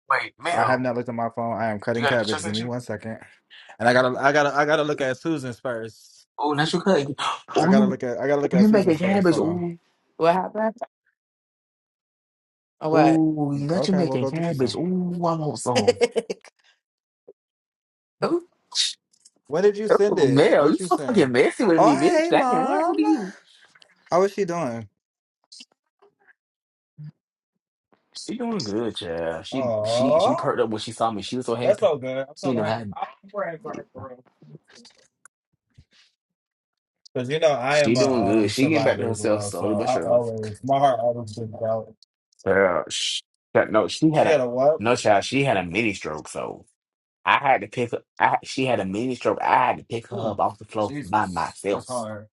Wait,
I have
Mel,
not looked at my phone. I am
you
cutting
got a picture I
cabbage. Give
sent
me
you?
one second. And I gotta, I gotta, I gotta look at Susan's first.
Oh, not your cut.
I
Oh,
gotta
you,
look at, I gotta
oh,
look at
you making
Susan's first.
cabbage.
Hold on.
Oh,
What happened? Or what?
oh, you not you
Okay, well,
making
go get you
cabbage.
some.
Oh, I want some.
Ooh.
when did you send
Oh,
it?
Mel,
What
you
you
so fucking
saying?
messy with me,
Oh,
bitch.
hey,
Damn, what happened to
mom.
you?
How is she doing?
She doing good, child. She she she
Oh,
perked up when she saw me. She was so
that's
happy.
so good. I'm
She
so
didn't
happy.
know
I'm praying for
how.
her for real. Because, you know, I
She
am
doing
a um
good. She getting back to
survivor as
herself
well. So
slowly but
I
surely.
always, my heart always been out.
Girl, sh that- no, she
She
had a
had a what?
no child. She had a mini stroke, so I had to pick her. I, she had a mini stroke. I had to pick her up
Ooh,
off the floor by
Jesus. That's
myself.
hard.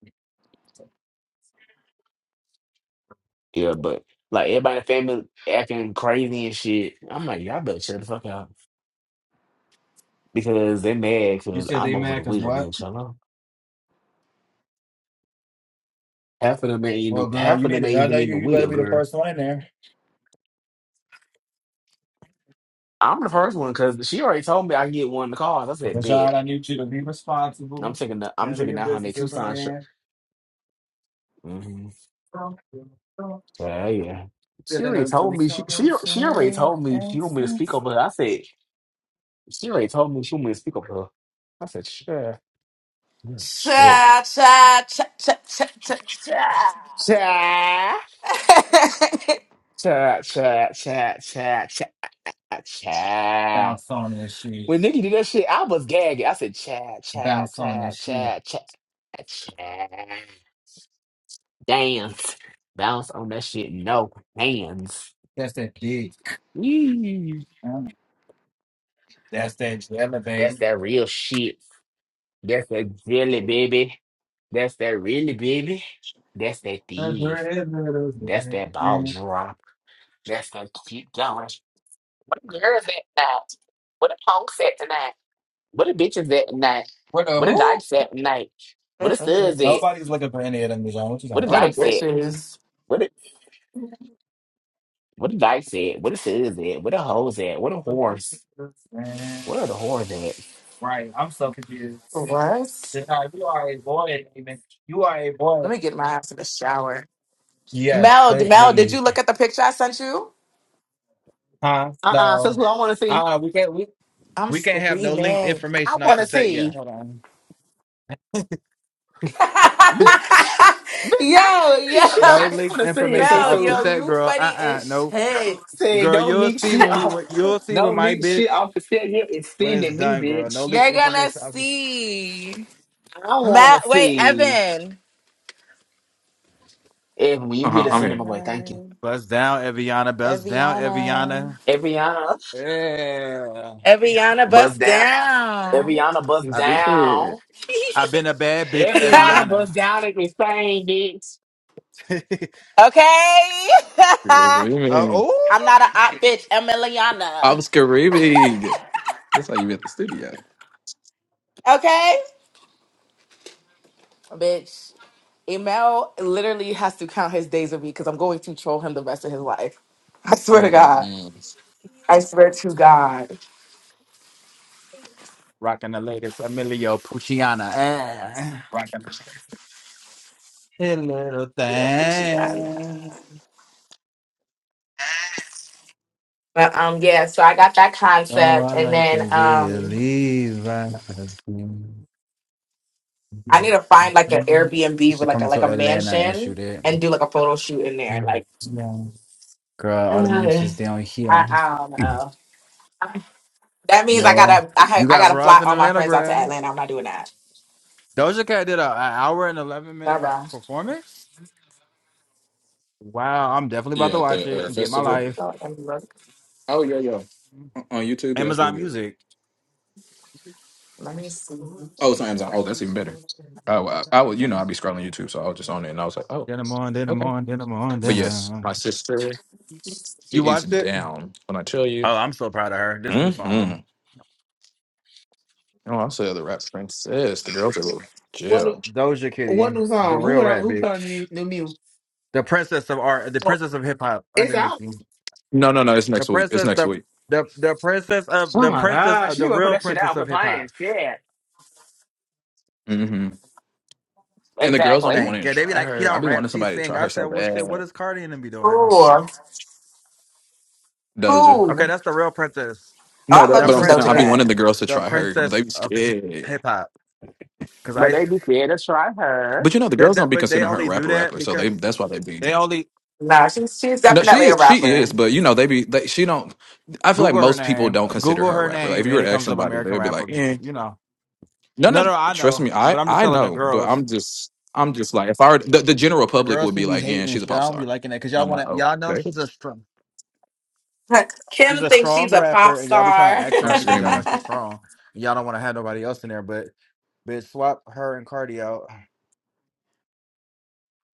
Yeah, but like everybody in the family acting crazy and shit. I'm like, y'all better shut the fuck up because they mad
You
because
said they
I'm over
mad
the
because
wheel,
what?
bitch. Hello, half of them ain't in
Well, girl,
half
you
of
need
them
it.
ain't
I know
even in
you,
the
you better
wheel,
be the
girl.
first one in there.
I'm the first one because she already told me I can get one of the cars. I said,
Because,
bet.
John, I need you to be
And I'm
responsible.
taking the, I'm
Handle
taking
your
that Hyundai
business as a
Tucson.
man.
hmm Yeah, yeah. She already told me she, she she already told me she want me to speak over her. I said she already told me she want me to speak over her. I said sure, yeah, shit,
Cha cha cha cha cha cha cha.
cha cha cha cha cha cha
Down
cha.
song and shit.
When Nikki did that shit, I was gagging. I said cha cha
bounce on that
cha
shit.
cha cha cha. Dance, bounce on that shit. No hands.
That's that dick.
Yee.
Mm. That's that jelly, baby.
That's that real shit. That's that jelly, baby. That's that really, baby. That's that
That's where
thief.
it is, where it is,
That's
where
that ball drop. That's that keep going. What a girl's at tonight? What a punk's at tonight? What a bitch is at tonight?
What the
What a
who?
dyke's at tonight? What a
Mm-mm.
stud's at?
Nobody's looking for any of them, Dijon. What you
What
talking
a
what a
dyke's at?
bitch is.
What a, what a dyke's at? What a stud's at? What a hoe's at? What a horse?
about? Man.
Where are the whores at?
Right, I'm so confused.
What?
Dijon, you are a boy, even. You are a boy.
Let me get my ass in the shower.
Yes,
Mel,
they they
Mel, did you
eat.
look at the picture I sent you?
Huh?
Uh-uh, so
No.
that's what I want to see.
Uh we can't we
I'm
we can't have no linked
screaming.
I
information off
want
the
to
set yet.
see.
Hold on.
Bitch. Bitch, I
yo,
don't see shit.
yo,
no
I just want
linked
to see it
information
so
Mel,
off the
soon.
yo,
set,
you
girl. Uh
funny
uh
as
no.
shit.
Say,
Girl,
don't
you'll
leak
see
shit
when we
off.
when- you'll see when
Don't
my
leak shit
bitch
off the set here. It's
when it's
sending me,
done, girl. No
bitch.
leak
You're gonna
information. I was
see.
I want to
Matt, wait,
see
Evan.
if when you
Uh
get
huh.
a
I'm here.
cinema boy, thank you.
Evan.
bust down, Eviana. Bust down,
Eviana.
Eviana.
Everyana,
Yeah,
Eviana,
bust
bust
down.
down.
Everyana,
You
bust
I
down.
stupid.
I've been a bad bitch,
Everyana,
Eviana.
bust down at me saying, bitch.
uh,
Okay. I'm
Screaming.
oh, ooh.
not a op bitch. I'm Eliana.
I'm screaming. That's how you at the studio.
Okay. Bitch. Emel literally has to count his days with me because I'm going to troll him the rest of his life. I swear to God.
Mm-mm-mm.
I swear to God.
rocking the latest Emilio Pucciana. Ah, hey, little
Yeah, Puchiana.
thing.
But um yeah, so I got that
Oh,
concept
I
and
like
then
to be a
um
Levi.
I need to find like an
You
Airbnb with
should
like
come
a like
to
a
Atlanta and
mansion
shoot it.
and do like a photo shoot in there.
Mm,
Like
Yeah. Girl,
uh,
all the
I,
mansions down here.
I don't know. That means I
Well,
gotta I ha-
you
I
got
gotta
bras
fly
in
all my
Atlanta,
friends out to
girl.
Atlanta. I'm not doing that.
Doja Cat did a, an hour and 11
Bye
minute of
bye.
performance. Wow, I'm definitely about to
Yeah, at
watch
the
it
uh,
and get my
Let
festival
me
life.
go and look.
Oh, yeah, yeah. on on YouTube. Yeah, that's real
Amazon
good.
Music.
Let me see.
Oh, it's on Amazon. Oh, that's even better. Oh, I, I was, you know, I'd be scrolling YouTube, so I was just on it, and I was like, oh,
Then I'm on, then I'm
okay.
on, then I'm on,
But
then
yes,
I'm
my sister,
You
she is
watched it?
down when I tell you.
Oh, I'm so proud of her. This new
hmm
song.
Oh, I said the rap princess. The girls are
What new-
jail.
Doja
what
Kitty,
new
the
song? Who
real
put out
rat
who put out
bitch.
new, new music?
The princess of art, the
Oh,
princess of hip hop
It's
under
out.
Nicki.
No, no, no. It's
The
next week. It's
princess,
next
the,
week.
the, the princess of,
oh
the
my
princess
gosh.
of,
She
the
gonna put
real
that shit
princess
out for
of hip hop.
playing. Yeah.
hmm And the girls don't be
Exactly.
Thank
wanting to
God. They be
try
like, she
her. I
don't
be
rap,
wanting
she
somebody to
sing.
try
I
her
said,
so
well, shit, what
bad.
is Cardi and them be doing?
Cool.
Doja.
Cool. Oh,
Okay, that's the real princess.
No,
I love
that,
The
me
but I'm
some
saying
Doja
I be
princess,
wanting
Cat.
the girls to
the
try her, but
princess
they be
of hi-
scared.
hip hop. Because
But
I,
they be scared to try her.
But you know, the
that,
girls don't
that,
be
but they
considering her a
only do
rapper
that
rapper, so they
because
that's why they be.
they only
Nah, she's she's
No, she
definitely a
is, she
rapper.
is, but you know, they be they, she don't. I feel like
Google her
most people
name,
don't consider
Google
her a
her
rapper. Like if
name,
you
and
were
it
to ask
comes up
somebody,
American
they'd be
rapper.
like, eh.
You know.
No, no,
No, no, I
trust
know,
me,
but
I
I'm just
I
telling the
know, but
girls.
I'm just I'm just like if I were, the, the general
The
public
girls
would
who
be
be
like, yeah,
hating and
she's a
shit, I
pop
don't be
star,
liking that because
and
y'all
I'm like,
want to,
oh,
y'all know
okay,
she's a strong. She's
Kim
a
thinks
strong
she's a
rapper,
pop
and y'all be trying to
star.
act her
I'm
out because y'all know
screaming,
she's
my
strong, and y'all don't want to have nobody else in there. But bitch, swap her and Cardi out.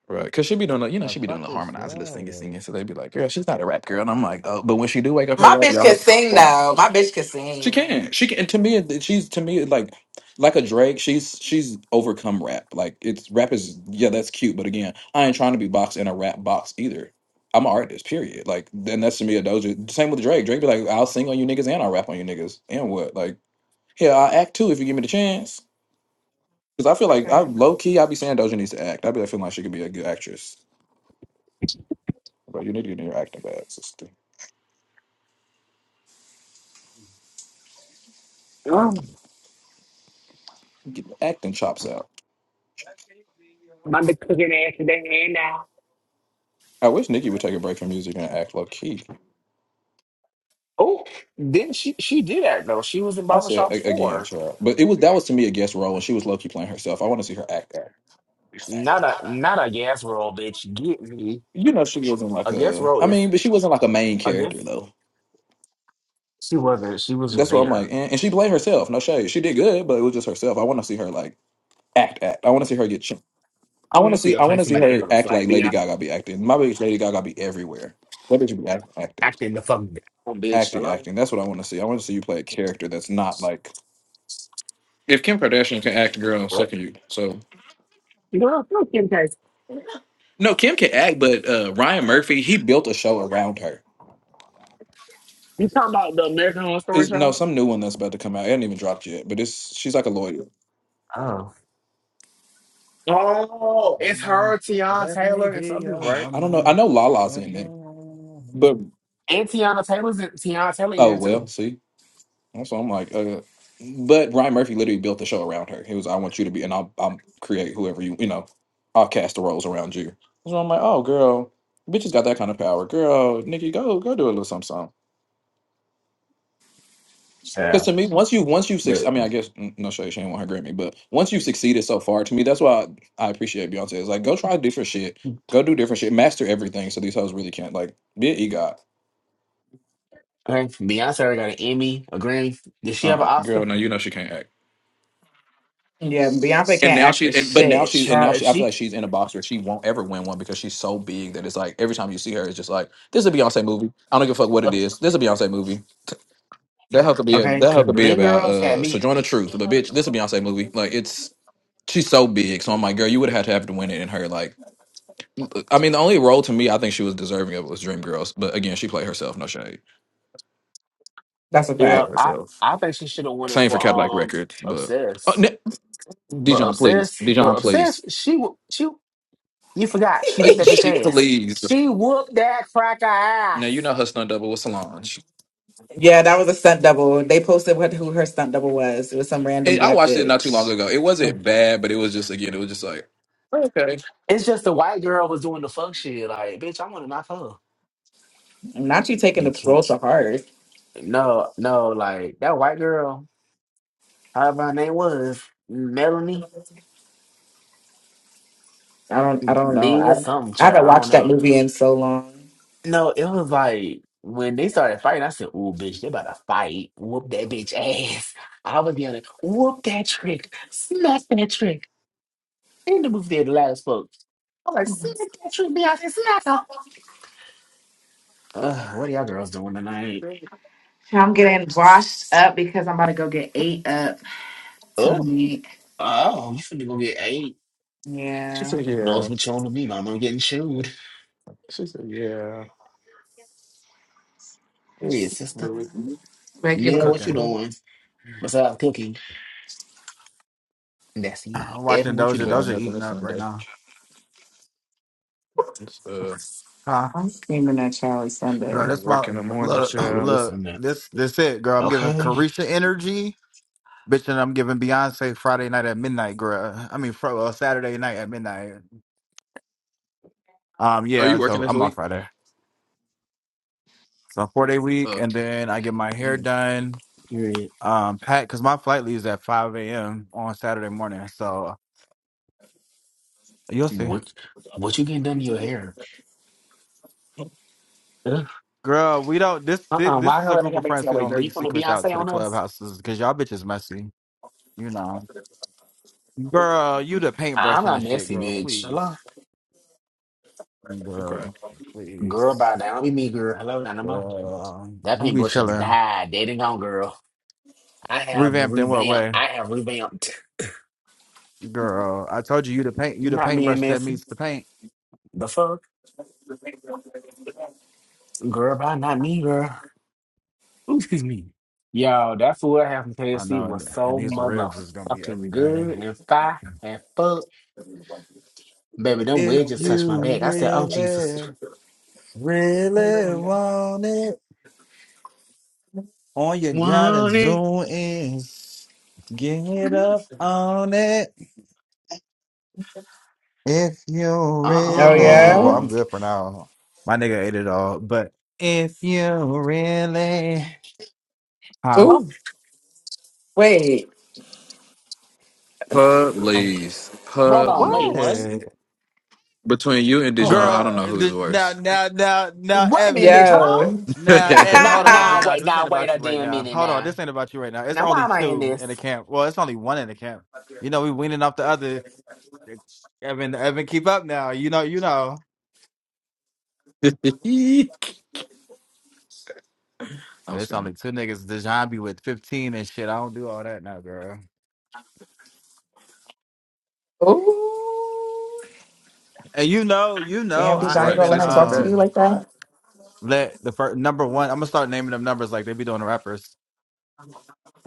right? Because she be doing, the, you know,
The
she be
fuck
doing the
is that?
harmonized list
Let
singing,
me
singing, so they'd be like, girl, she's not a rap girl, and I'm like, oh, but when she do wake up her rap,
bitch
y'all,
could sing though. My bitch could
She
sing.
can. She can. And to me, it- she's to me like like a Drake. She's she's overcome rap. Like it's rap is yeah, that's cute. But again, I ain't trying to be boxed in a rap box either. I'm an artist, period. Like then that's to me a Doja. Same with Drake. Drake be like, I'll sing on you niggas and I'll rap on you niggas. And what? Like yeah, I act too if you give me the chance. Because I feel like I
Okay.
low key I be saying Doja needs to act. I be like feeling like she could be a good actress. But you need to get in your acting bag, sister.
Oh,
Mm.
Get the acting chops out.
be a
my big cooking ass today hand now.
I wish Nikki would take a break from music and act low key.
Oh, then she she did act though. She was in
I
Barber
said
Shop
a- again,
Four.
child. But it was that was to me a guest role, and she was low key playing herself. I want to see her act that.
Not a not a gas roll, bitch. Get me
You know, she wasn't like
a gas
a.
roll
I
is
mean, but she wasn't like a main
I guess
character though.
she wasn't. She was just
That's what I'm
there.
like, and, and she played herself. No shade, she did good, but it was just herself. I want to see her like act, act. I want to see her get. Ch-
I
I want
want to
to
see
see.
her
I
play
want to see
somebody
her
else.
act
Like
like
be
Lady
act-
Gaga be acting. My bitch, Lady Gaga be everywhere. That bitch be act, acting,
acting the fuck down, bitch.
acting,
Hello,
acting. That's what I want to see. I want to see you play a character that's not like. If Kim Kardashian can act, girl, so
what?
can you. So
Girl, fuck Kim K.
no, Kim can act, but uh, Ryan Murphy he built a show around her
You talking about the American Horror Story
Is no
show?
some new one that's about to come out. It hasn't even dropped yet, but it's she's like a lawyer.
Oh, oh, it's
woman.
her, Tiana
Let me
Taylor, and
be
some people,
a
right?
I don't know. I
woman.
know Lala's
Let
in it, but
me-
And Tiana Taylor's in, Tiana Taylor
oh
in
well.
too.
See, that's why I'm like. Uh, but Ryan Murphy literally built the show around her. He was, "I want you to be, and I'll, I'll create whoever you, you know, I'll cast the roles around you." So I'm like, "Oh, girl, bitches got that kind of power, girl. Nikki, go, go do a little something,
Yeah,
Because to me, once you once you succeed,
but
I mean, I guess mm, no shade, she ain't want her Grammy, but once you've succeeded so far, to me, that's why I, I appreciate Beyonce. It's like go try different shit, go do different shit, master everything, so these hoes really can't like be an egot.
hey, Beyonce already got an Emmy, a Grammy. Did she have an
Uh,
Oscar?
girl, no, you know she can't act.
Yeah, Beyonce
And
can't
now
act
she,
for
and, but now
shit.
she's, and now
Child, if
she, I feel like
she
she's in a box where she won't ever win one because she's so big that it's like every time you see her, it's just like this is a Beyonce movie. I don't give a fuck what
uh,
it is. This is a Beyonce movie. That hell could be a,
okay,
that hell
because
could be
Dream
about
Girls had
uh
me.
Sojourner Truth, but bitch, this is a Beyonce movie. Like it's she's so big. So I'm like, girl, you would have had to have to win it in her like I mean, the only role to me I think she was deserving of was Dreamgirls, but again, she played herself. No shade,
That's a
she
Yeah,
played
fact.
I
herself.
I think she should have won it
Same for
for
Cadillac
um
Records, but oh,
obsessed,
ne-
but
Dijon, please,
obsessed, but
Dijon, please,
obsessed. She whoop- she you forgot she
Uh,
whooped that bitch
she
ass.
please.
She whooped that cracker
Now you
ass.
know her stunt double was Solange.
yeah, that was a stunt double. They posted what who her stunt double was. It was some random
And I
black
watched it not too
bitch.
long ago. It wasn't bad, but it was just again, it was just like okay.
It's just the white girl was doing the fuck shit. Like, bitch, I want to knock her.
Not you taking
You
the parole
can't.
to heart.
No, no, like that white girl, however her name was, Melanie,
I don't. I don't know.
Liz,
I
something,
I
child.
haven't
I don't
watched that
know.
movie in so long.
No, it was like when they started fighting, I said, "Ooh, bitch, they about to fight. Whoop that bitch ass." I was yelling, "Whoop that trick, smack that trick!" In the movie theater, loud as fuck. I was like, "Smack that trick, Beyonce, smack her." Ugh, what are y'all girls doing tonight?
I'm getting washed up because I'm about to go get ate up
Oh,
tonight.
oh, you finna go get eight?
She
Yeah,
said
Who Knows
yeah.
what you want to be, mama. I'm getting chewed.
She said yeah,
Period, sister.
but we
Regular.
Mel, what you
Cooking.
school.
doing besides cooking? And That's it.
I'm
Evan,
watching
what you
Doja.
doing?
child
Doja
nothing
eating
this
up right
Sunday.
now.
It's, uh,
Huh?
I'm screaming at Charlie
I
Girl,
Sunday.
got to
that's my
work in the morning,
look.
Yeah, it
child.
is
Look,
something.
this this it, girl. I'm giving
Okay.
Carisha energy, bitch, and I'm giving Beyonce Friday night at midnight, girl. I mean, fr- uh, Saturday night at midnight. Um,
Are you
yeah.
working
So
this
I'm off
week?
Friday. So four day week,
Uh,
and then I get my hair
Mm,
done,
Period.
um, packed because my flight leaves at five a.m. on Saturday morning. So you'll see,
What what you getting done to your hair? Ugh.
girl. We don't. This this,
Uh-uh. Why
this is a
her I
group
got
of
back to
friends
your
who
way,
don't
girl?
leak
You coming to
secrets out to
Beyonce
the
on us?
clubhouses because y'all bitches messy, you know. Girl, you the paintbrush
I'm
and the
not
shit,
messy,
girl.
bitch. Hello?
Please.
okay.
Girl, please.
Girl, by now. Don't be me, girl. Hello, Dynamo.
Girl,
That
we be
paintbrush has
chilling.
died. Dead and gone, girl. I have
Revamped in what
revamped.
way?
I have revamped.
Girl, I told you you the paint you the
Not being
paintbrush that
messy.
meets the paint.
The fuck? Girl, by not me, girl. Ooh, excuse me. Yo, that food I had from
I know,
KFC was
and and
so
these ribs is gonna be
motherfucking
everything.
good and fire and fuck. Baby, them
If
wedges touched my
you
back. I said, oh, Jesus.
really, really want it, all you gotta
wanted.
do is get up on it. If you
Oh
really,
yeah.
well, I'm
Uh-uh.
good for now. My nigga ate it all, but if you really, huh?
Oh
Oh,
wait.
Um,
Police,
Hold on, wait, what?
police.
what?
Between you and
oh,
Dijon, I
girl.
don't
Girl,
know who is
th- now,
worse.
now, now, now,
Wait a minute, bitch.
Evan.
Hello?
Yo.
Now, Evan,
Now,
hold on,
now,
Dijon,
wait,
because this
now,
ain't
wait
about
a
you right
damn
now.
minute
Hold on,
now.
this ain't about you right now. It's
Now, why
only
am I in
two in the
this?
camp. Well, it's only one in the camp. You know, we weaning off the other. It's- Evan, Evan, keep up now. You know, you know.
I'm
It's only
screaming.
two niggas. Dijon be with 15 and shit. I don't do all that now, girl.
Ooh.
And you know, you know,
Damn,
I
All
Dijon, you
right,
gonna
haven't
let
say
her
something
talk to
back.
you
um
like that?
let the first number one. I'm gonna start naming them numbers like they be doing the rappers.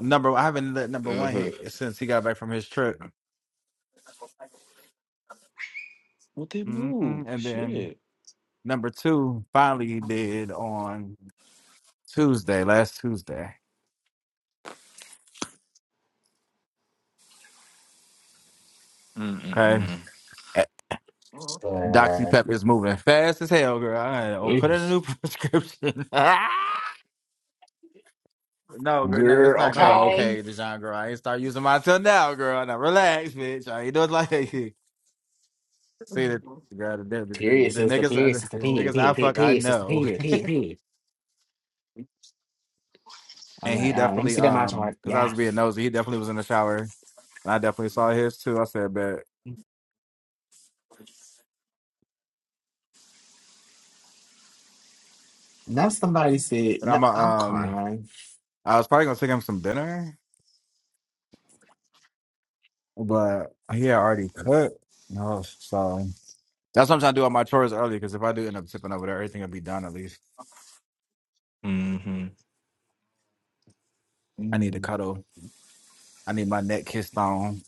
Number I haven't let number one
Uh-huh.
hit since he got back from his trip.
What they
hmm
move?
And then
Shit.
number two finally he did on Tuesday, last Tuesday. Okay.
Mm-mm-mm.
Eh, Doxy
Uh,
Pep is moving fast as hell, girl. I had to put in a
oops.
new prescription. no, girl, no, it's
Girl,
not
Not
girl.
Dr. Ruth.
okay.
Okay, Dijon girl. I ain't start using mine till now, girl. Now relax, bitch. I ain't doing like See the girl, the, the, the,
Period,
the
sister,
niggas, uh,
period, sister,
the
period,
niggas I
period, period,
fuck, I
period, sister,
know.
period, period, period. I'm
and he
like, um, let me
definitely
see that my
um
chart.
because I
Yeah.
was being nosy, he definitely was in the shower, and I definitely saw his too. I said, bet,
Now somebody said,
but
no,
I'm uh,
I'm
um
crying.
I was probably gonna take him some dinner, but he had already cooked. No, so that's what I'm trying to do all my chores early because if I do end up tipping over there, everything will be done at least.
Mm-hmm.
I need to
Mm.
cuddle. I need my neck kissed on.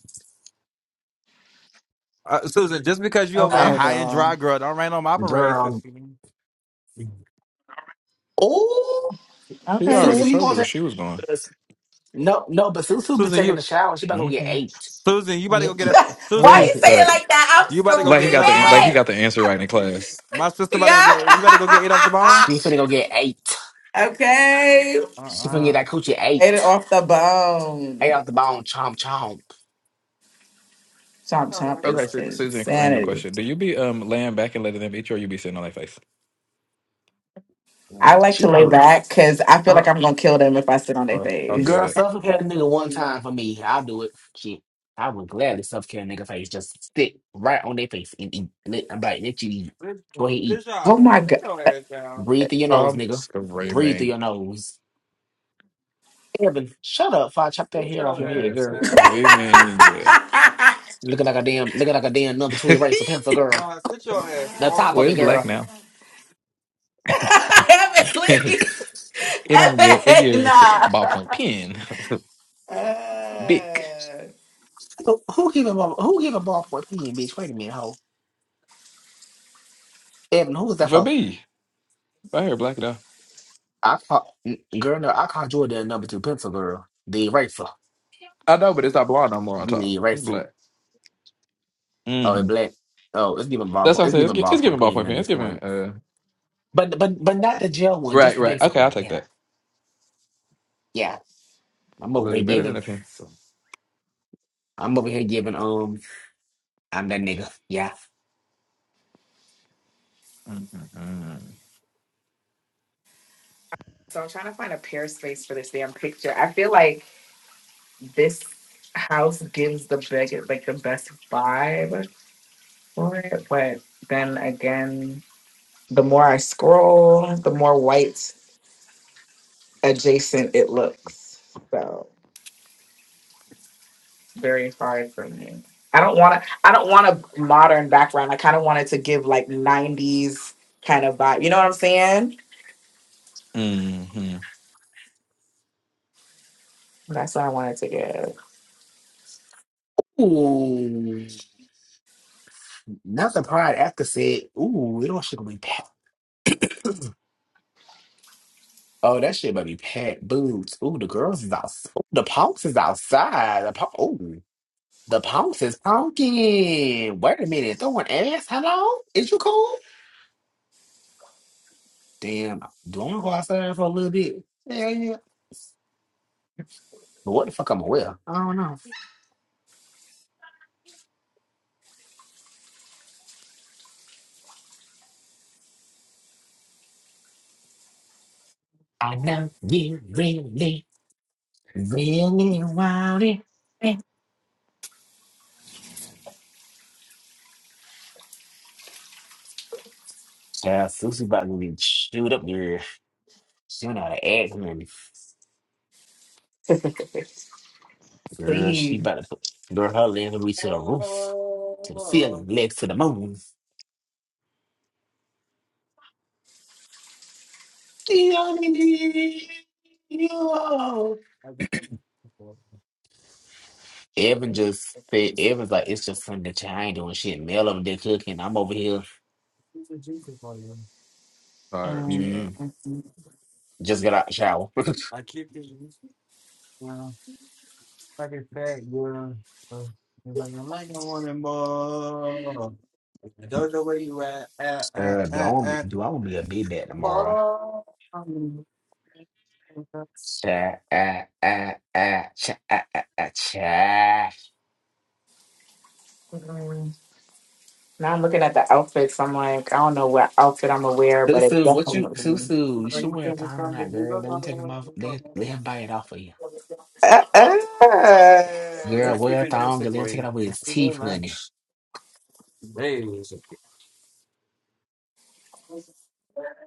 Uh, Susan, just because you over there
Huh?
Okay,
high and
girl.
dry, girl, don't rain on my parade,
Girl.
sister.
Oh,
Okay,
She already
Susu, you
bitch.
told you where
going
she was going.
to? No, no, but Susu be
Susan,
taking
you
a shower. She about to go get
Mm-hmm.
eight.
Susan, you
Why
about to
you
go get a
Where is
Susan,
it?
say it
Right.
like that? I'm
you about to go
Like he
get eight
got
off
the
the
an- like he
mound?
screaming.
got the answer right in class.
My sister about to go get you. About to go get eight off the bone.
Yeah.
She finna go get eight.
okay.
Uh
She finna get
uh
that coochie eight.
Ate it off the
Eight
bone.
out the bone, chomp chomp.
I
Chomp
thought
chomp
that's
is
Okay,
right.
so Susan, random
insanity.
question: Do you be um laying back and letting them eat you, or you be sitting on their face?
I like
She
to lay
probably
back because I feel like
uh,
I'm gonna kill them if I sit on their
Oh, I
face.
feel
girl
that.
suffocate a nigga one time for me. I'll do it. Shit, I would gladly suffocate a nigga face. Just stick right on their face and eat. Let- I'm like, let you eat.
Good,
Go ahead, eat.
good job.
Oh my
Sit
god.
your ass down.
Breathe through your nose,
I'm
nigga. Breathe through
screaming.
your nose. Evan, shut up! Before I chop that
Sit
hair off
your
your head,
I'm
ass
girl.
down, boy.
screaming.
Looking like a damn, looking like a damn number two erase a pencil, girl.
Deshaun, sit your ass
The
all the
top
well,
of it,
it's
way
black
down.
girl.
now.
Evan,
it
please.
don't give it
Evan,
gives us a
nah.
ballpoint pen.
Uh,
Big.
Who, who give him a who give a ball for a opinion, bitch? Wait a minute, hoe. Evan, who was that
For
for?
me. My hair black enough.
I call n- girl, no, I call Jordan a number two pencil girl. The eraser.
I know, but it's not blonde no more on
You the
top. It's
eraser.
black.
Oh, it
hmm
black. Oh, it's giving
That's what
ballpoint.
I
It's
said. It's,
giving
gi- it's giving
ballpoint pen
ballpoint
at
pen. It's
this
giving
point.
uh
But but but not the gel one, just
right,
the
right.
basic
Okay, I'll
one.
take
Yeah.
that.
Yeah. I'm over here
Look better than a
giving.
pencil.
I'm over here giving. Um, I'm that nigga. Yeah.
Mm-hmm.
so I'm trying to find a pair space for this damn picture. I feel like this house gives the biggest, like the best vibe. it, but then again, the more I scroll, the more white adjacent it looks. So it's very hard for me. I don't want to. I don't want a modern background. I kind of wanted to give like '90s kind of vibe. You know what I'm saying?
Mm-hmm.
That's what I wanted to give.
Ooh, not the pride after said. Ooh, it all should have been bad. Oh, that shit might be packed boots. Ooh, the girls is outside. The punks is outside. The punk, ooh, the punks is punking. Wait a minute, throwing ass. Hello, is you cool? Damn, do I want to go outside for a little bit? Yeah, yeah. But what the fuck I'm wear? I don't know. I know you really, really want it. Yeah, Susie about to be chewed up, girl. She don't know how to act, man. Girl, she
Please.
about to put girl her legs will be to the roof, to the
Oh,
ceiling, legs to the moon. Evan
I get the boy.
just said, Evan's like, it's just something that you ain't doing shit. Mel over there cooking. I'm over here.
This is Jesus for you.
Sorry,
Mm,
child.
Mm,
mm, mm,
just got out the shower.
I keep it. Yeah, like a fat girl. Uh, It's like I'm like a woman more. I don't know where you at. at, at,
Uh, do I
at,
want to be,
at.
do I want to be a big bad tomorrow?
Oh, um,
Cha, ah, ah, ah, cha, ah, ah, ah, cha.
mm. Now I'm looking at the outfits. I'm like, I don't know what outfit I'm gonna wear, but it's
Susu, what you,
definitely.
Susu, you
are
should
you
wear a
gonna
thong
come to
tonight, girl. Let
Google?
him take him off. Let, let him buy it off of you.
Uh, uh.
Girl,
I keep
wear a
it
thong.
juicy
Let him
for
take it
you.
off with his
Eagle
teeth, honey.
lunch. Days.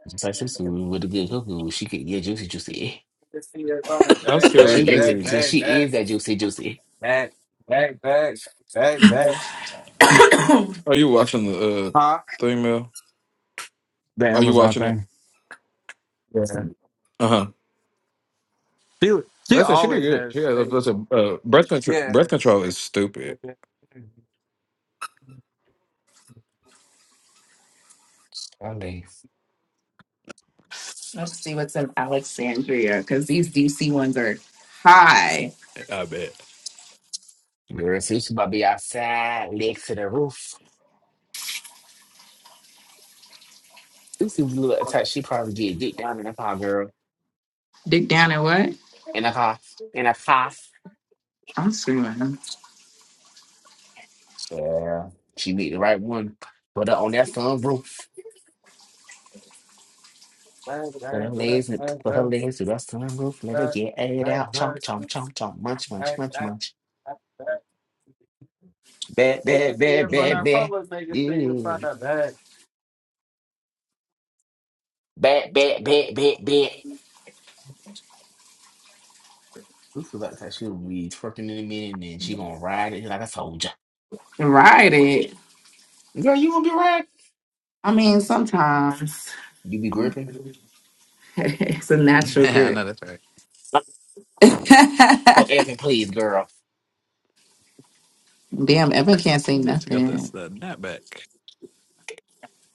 Just like Susu with the good hoo-hoo. She could get juicy, juicy.
Bag,
That's
bag,
still
Cause
bag,
she is,
reading.
cause
bag, bag.
she is that juicy, juicy.
Bag, bag, bag, bag, bag.
Are you watching the uh
Huh?
thing, Mel?
The
Are you
Amazon
watching it?
thing. Yeah.
Uh huh.
She, she
Listen, she did
always
good. She
has
had,
stayed.
listen, uh, breath control.
Yeah.
Breath control is stupid.
Bag, bag,
One day,
Let's see what's in Alexandria because these DC ones are high.
you see she about to be outside, legs to the roof. Juicy little touch. She probably get deep down in the car, girl.
Dig down and what?
In a car, in a car.
I'm screaming.
So, Yeah, she meet the right one. Put her on that sunroof.
bag,
Put her
bag, bag,
legs, and
bag,
put her legs to that sunroof. Let her
bag,
get it
bag,
out. Chomp, chomp, chomp, chomp. Munch, munch,
bag.
munch,
bag.
munch. Bad,
You can
bad,
see in
bad,
front
bad,
of
bad.
public, they can see in
Yeah.
front of that.
Bad, bad, bad, bad, bad. Lucy about that she'll be twerking in a minute and then she gonna ride it like I told you.
Ride it.
Girl, you gonna be riding?
I mean, sometimes
You be gripping?
it's a natural
Yeah, I know
grip.
that's
Oh,
Damn,
Evan, please, girl.
Evan can't say
right. She got that
nothing.
snap back.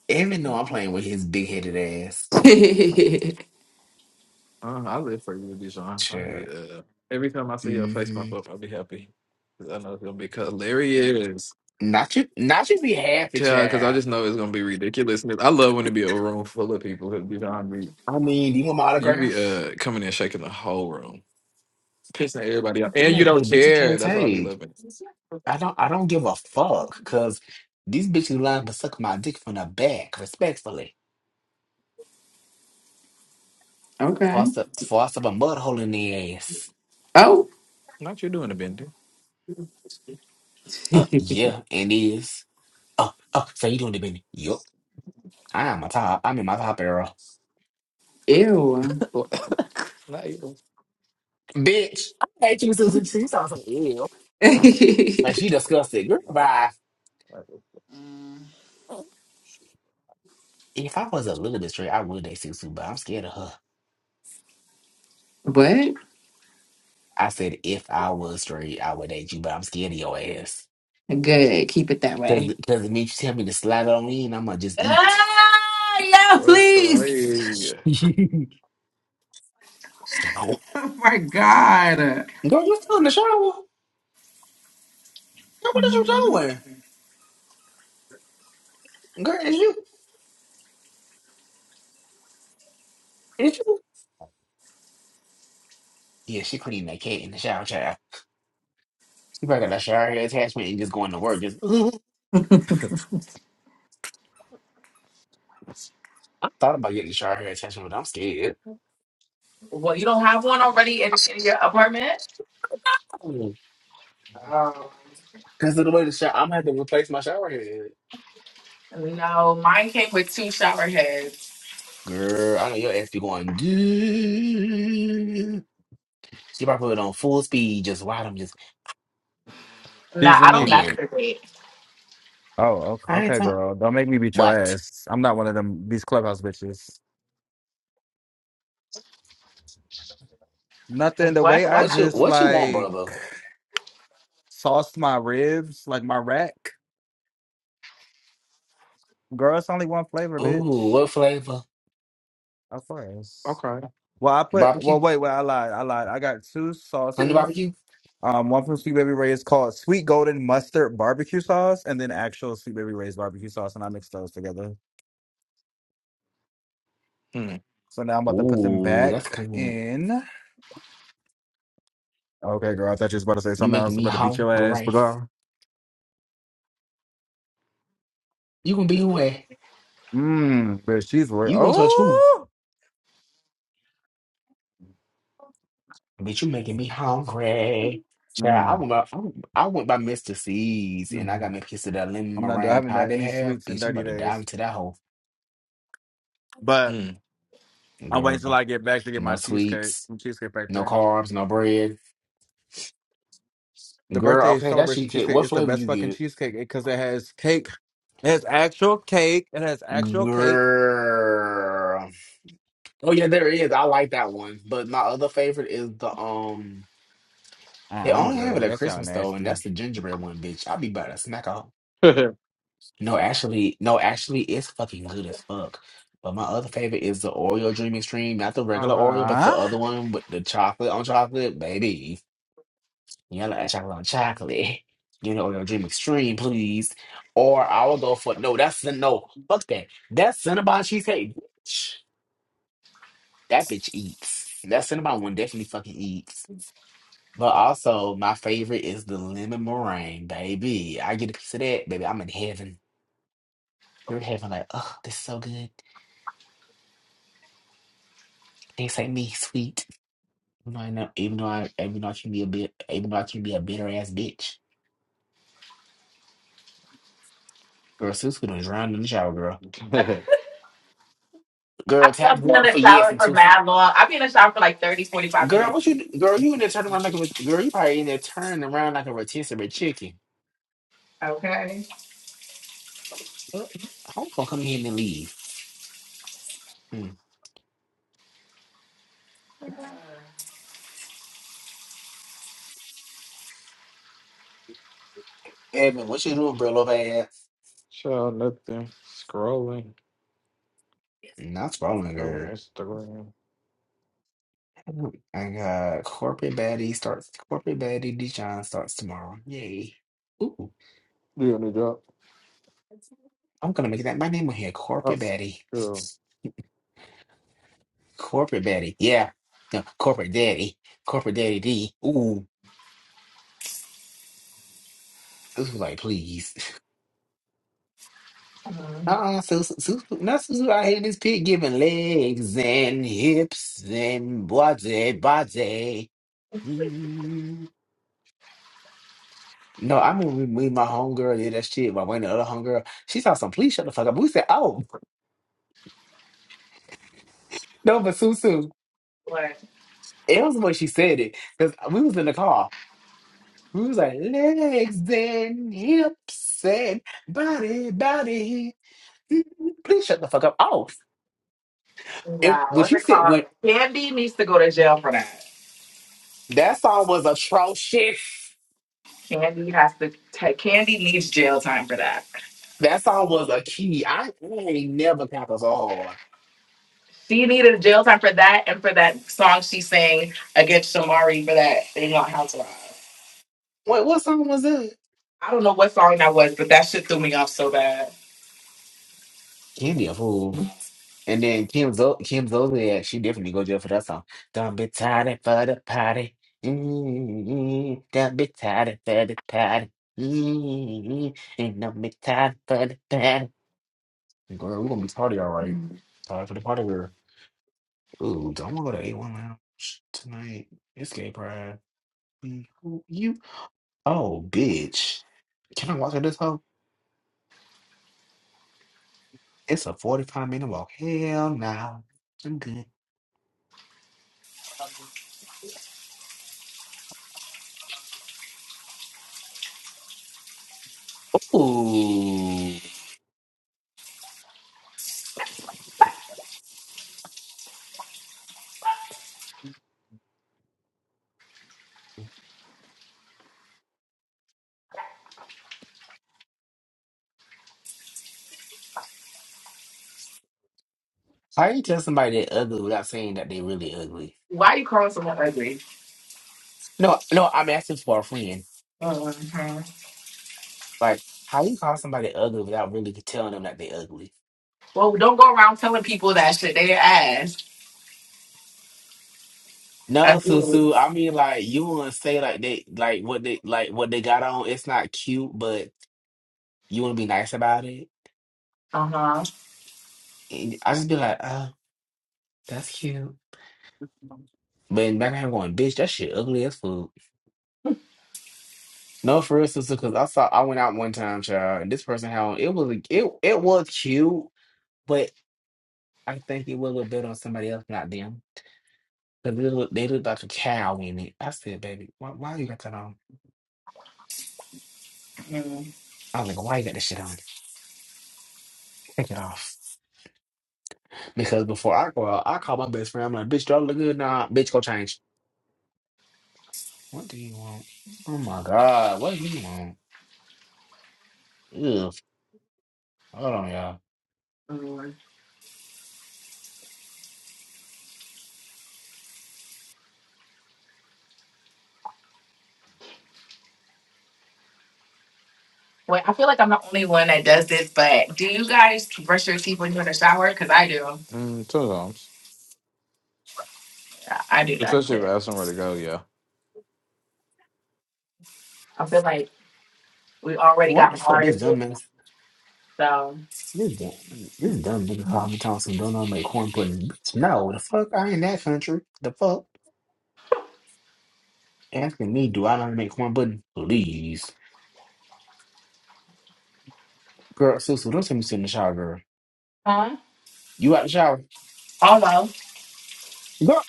Evan know I'm playing with his big headed ass.
okay.
Uh, I live for you, Dijon. I'll
Child.
be uh every time I see your face
hmm
pop up, I'll be happy because I know it's gonna be hilarious.
Not you not you be happy,
Yeah, because I
child.
just know it's gonna be ridiculous. And I love when it be a room full of people. 'cause Dijon be
I mean, do you want my
you be
autograph?
uh coming in shaking the whole room, pissing everybody off, and
Yeah,
you
cause
don't
bitches can't
care. That's what I be
take.
loving.
I don't I don't give a fuck cause these bitches lying but suck my dick from the back, respectfully. Force up force up a mud hole in the ass.
Oh,
Not you doing a bender.
Uh, yeah, it is. Oh, oh, so you doing the business? Yup. I'm a top. I'm in my top era.
ew.
Not you.
Bitch, I hate you, Susan. She sounds so ill. Like she disgusted. Girl, bye.
what?
If I was a little bit straight, I would date Susu, but I'm scared of her. I said if I was straight, I would date you, but I'm scared of your ass.
Good. Keep it that way.
Cause, cause it means you tell me to slide it on in, I'ma just eat.
Ah, yeah, please.
Okay.
so, girl,
Oh my God.
you still in the shower? Girl, what is you doing? Girl, is you, is you? Yeah, she cleaned that cat in the shower, child. she probably got that shower hair attachment and just going to work. Just I thought about getting the shower hair attachment, but I'm scared.
Well, you don't have one already in, in your apartment?
Because
Um,
of the way the shower, I'm going to have to replace my shower head.
no, mine came with two shower heads.
Girl, I know your ass be going, dude. She probably put it on full speed, just while I'm just
Nah,
These
I don't
unique.
playing.
masturbate.
Oh, o-
I ain't
okay,
talking.
girl. Don't make me beat your
What?
ass. I'm not one of them these clubhouse bitches. Nothing. The way
What?
I
What
What you
happened?
just
What you want,
like
brother?
sauced my ribs, like my rack, girl. It's only one flavor,
Ooh,
bitch.
what flavor?
Of course.
Okay.
Well, I put. Well,
Barbecue?
wait, wait. I lied. I lied. I got two
Honey
sauces.
barbecue?
Um, one from Sweet Baby Ray's called Sweet Golden Mustard Barbecue Sauce, and then actual Sweet Baby Ray's barbecue sauce, and I mixed those together. So now I'm about to put them
Ooh, that's
back
good.
in. Okay, girl. I thought you was about to say
You
something
making
else
me
about to beat your ass, but
hungry.
girl.
You gonna be who? at?
Mmm, but she's work.
You gonna touch who?
Oh,
Bitch, you making me hungry. Child, I
mm,
went by, I went I went by Mr. C's and I
mm.
got me a piece of that lemon
I'm not. I
meringue
haven't
pie
done
they
any
have.
sweets in
Bitch, I'm
30
about to dive
days,
into that hole.
but
Hmm.
I'm waiting till
Girl,
I get back to get my
no
cheesecake
sweets,
from Cheesecake
no
Factory.
carbs, no bread.
The
Girl,
birthday
okay, that
celebration
shit kid.
cheesecake
What
is the
flavor
best
you
fucking
get?
cheesecake because it has cake. It has actual cake. It has actual cake.
Girl. Oh yeah, there is. I like that one. But my other favorite is the um they
Ah, I'm
only have it
good.
at
That sound
Christmas though, and that's
nasty.
the gingerbread one, bitch. I be about to smack a
Hmm.
No, actually, no, actually, it's fucking good as fuck. But my other favorite is the Oreo Dream Extreme, not the
Uh
regular Oreo, but the
huh.
other one with the chocolate on chocolate, baby. You gotta add chocolate on chocolate. You know, Oreo Dream Extreme, please. Or I will go for no. That's no. Fuck that. That Cinnabon cheesecake, bitch, that bitch eats. That Cinnabon one definitely fucking eats. But also, my favorite is the lemon meringue, baby. I get a piece of that, baby. I'm in heaven. You're in heaven, like, oh, this is so good. This ain't me, sweet. Even though I, know, even though I, even though I can be a bit, even though I can be a bitter ass bitch. Girl, Sue's gonna drown in the shower, girl.
I
Girl, tap
love being in
one
the
for yes
shower
and
for
two for.
mad long. I've been in the shower for like 30, 45
Girl,
minutes.
what you? Girl, you in there turning around like a ret- girl? You probably in there turning around like a rotisserie chicken.
Okay.
Oh, I'm gonna come here and then leave. Mm. Evan, what you doing, bro? Little ass.
Show nothing. Scrolling.
Not scrolling,
Scrolling
girl.
Instagram.
I got corporate baddie starts. Corporate baddie Dijon starts tomorrow. Yay! Ooh,
You on the job?
I'm gonna make that my name on here.
Oh,
Corporate baddie.
true.
Corporate Daddy. Yeah. No, Corporate Daddy. Corporate Daddy D. Ooh. This was like, please.
Mhm.
Uh-uh. So, so, so, not so, so I hate this pig giving legs and hips and body, body. Mm. No, I mean, we, me, and my homegirl did that shit. My one and the other homegirl, she saw some, please shut the fuck up. We said, oh, no, but Susu,
What?
it was the way she said it. Because we was in the car. We was like, legs and hips and body, body. Please shut the fuck up. Oh, it,
Nah,
when
what's
she
it
said
called?
when,
Candy needs to go to jail for that.
that song was atrocious.
Candy has to take, Candy needs jail time for that.
That song was a key. I, I ain't never got so hard.
She needed jail time for that and for that song she sang against Shamari for that thing on House Rock.
Wait, what song was that?
I don't know what song that was, but that shit threw me off so bad.
Kim be a fool. And then Kim Zo Kim Zolak, she definitely go jail for that song. Don't be tired for the party. Mm-hmm. Don't be tired for the party. Mm-hmm. And don't be tired for the party. Girl, we're gonna be tardy, all right. Tired for the party, girl. Ooh, don't want to go to A1 Lounge tonight. It's gay pride. Mm, who- You, oh, bitch. Can I walk in this hole? It's a 45 minute walk. Hell no. I'm good. Ooh. How you tell somebody they're ugly without saying that they really ugly?
Why you calling someone ugly?
No, no, I'm asking for a friend.
Uh-huh.
Like, how you call somebody ugly without really telling them that they ugly?
Well, don't go around telling people that shit. They didn't ask.
No,
I feel it.
Susu. I mean, like you want to say like they like what they like what they got on. It's not cute, but you want to be nice about it.
Uh huh.
And I just be like, oh, that's cute. But in the background, I'm going, bitch, that shit ugly as fuck. No, for real, sister, because I saw I went out one time, child, and this person had on it was a- it it was cute, but I think it would look better on somebody else, not them. Because they look they look like a cow in it. I said, baby, why why you got that on?
mm
I was like, why you got this shit on? Take it off. Because before I go out, I call my best friend. I'm like, bitch, do I look good? Nah, bitch, go change. What do you want? Oh my God, what do you want? Ugh. Hold on, y'all.
Well, I feel like I'm the only one that does this, but do you guys brush your teeth when you're in the shower? Because I do.
Mm, sometimes.
Yeah, I do that
Especially if I
shit.
have somewhere to go, yeah.
I feel like we already
What the
got
fuck this
water,
dumbass
so.
This dumb, this dumb nigga called me Thompson. Don't know how to make corn pudding. Bitch, no, the fuck, I ain't that country. The fuck, asking me, do I know how to make corn pudding? Please, girl, sister, don't tell me sit in the shower, girl.
Huh?
You out the shower,
Oh no.
girl?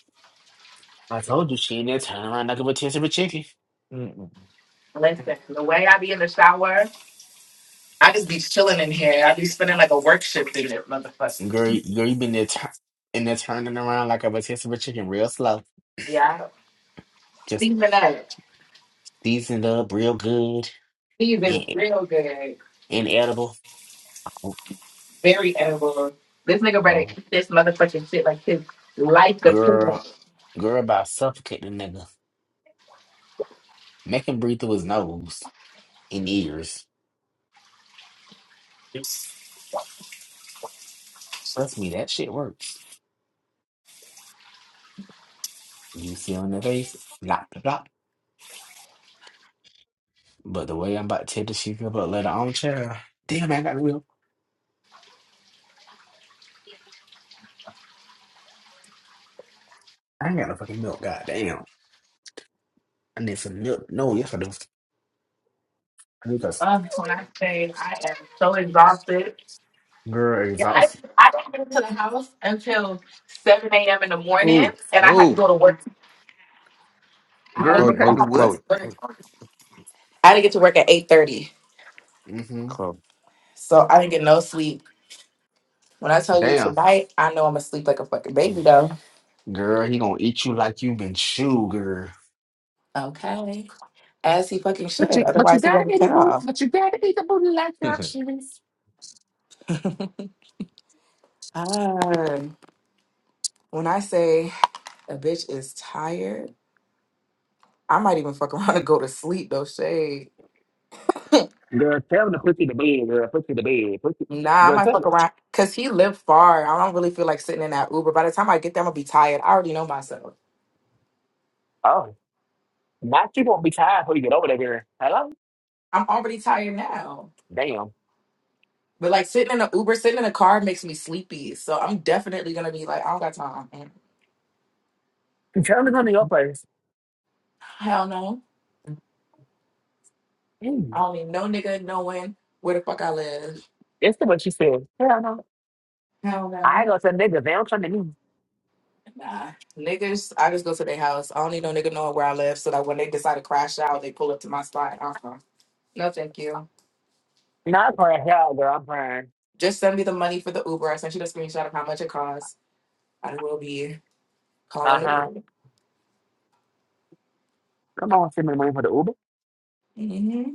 I told you she in there turning around like a rotisserie chicken.
Mm-mm.
Listen, the way I be in the shower, I just be chilling in here. I be spending like a work shift in it, motherfucker.
Girl, girl, you been there tu- in there turning around like a rotisserie chicken, real slow,
Yeah.
just
Season up.
seasoned up, real good
Season
and
real good.
inedible. Oh,
Very edible. This nigga better
oh,
eat this motherfucking shit like his life depends on
girl,
it.
girl, about suffocate the nigga, make him breathe through his nose and ears. Trust me, that shit works. You see on the face, blah, blah, blah. But the way I'm about to tear the shit up, let on own child. Damn, I ain't got no milk. I ain't got no fucking milk. Goddamn, I need some milk. No, yes, I do. I do because
Ugh, when I say I am so exhausted.
girl,
Yeah, I
exhausted.
I didn't get to the house until seven a.m. in the morning,
Ooh,
and I had to
move.
go to work. I had to
Girl, you
go.
Chloe,
got
I
to do
had
move.
to get
Chloe.
to
what?
Move.
work. I had to get to work at eight thirty,
Mm-hmm.
Chloe.
so I didn't get no sleep. When I tell you
Damn.
tonight, I know I'm gonna sleep like a fucking baby
move.
though.
Girl, he gonna eat you like you been chewed, girl.
Okay, as he fucking should.
But you, but you
Otherwise, he
gotta
gonna be
eat the
cut
booty.
off.
But you gotta eat the booty like your cheese.
Ah. When I say a bitch is tired, I might even fuck around and go to sleep though. Shade.
Girl, tell him to put you to bed, girl. Put you to bed. Put you.
Nah, I
Girl,
might
tell him.
fuck around because he lived far. I don't really feel like sitting in that Uber. By the time I get there, I'm gonna be tired. I already know myself.
Oh, now you gonna be tired before you get over there, girl. Hello?
I'm already tired now.
Damn.
But like sitting in an Uber, sitting in a car makes me sleepy. So I'm definitely gonna be like, I don't got time. Mm.
Germans gonna go first.
Hell no. I
Mm.
don't need no nigga knowing where the fuck I live.
That's what she said. Hell no.
Hell
I ain't
no.
gonna tell niggas. They don't come to me.
Nah, niggas, I just go to their house. I don't need no nigga knowing where I live so that when they decide to crash out, they pull up to my spot. Uh-huh. No, thank you.
Not for am Hell, girl, I'm crying.
Just send me the money for the Uber. I sent you the screenshot of how much it costs. I will be calling
Uh
the
huh.
Uber.
Come on, send me money for the Uber.
hmm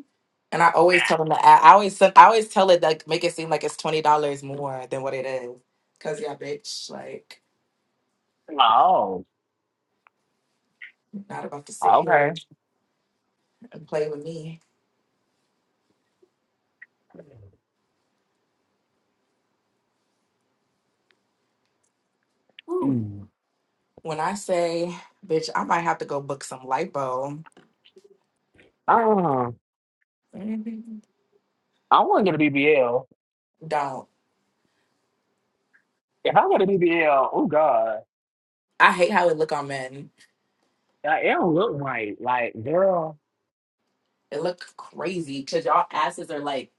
And I always tell them to. I I always send, I always tell it like make it seem like it's twenty dollars more than what it is. Cause yeah, bitch, like
Ah. Oh,
not about to sit
okay.
here and play with me. Woo.
Mm.
When I say, bitch, I might have to go book some lipo.
Uh,
Mhm.
I want to get a BBL.
Don't.
If I get a BBL, oh God,
I hate how it look on men.
that- it don't look right. Like, girl,
It look crazy because y'all asses are like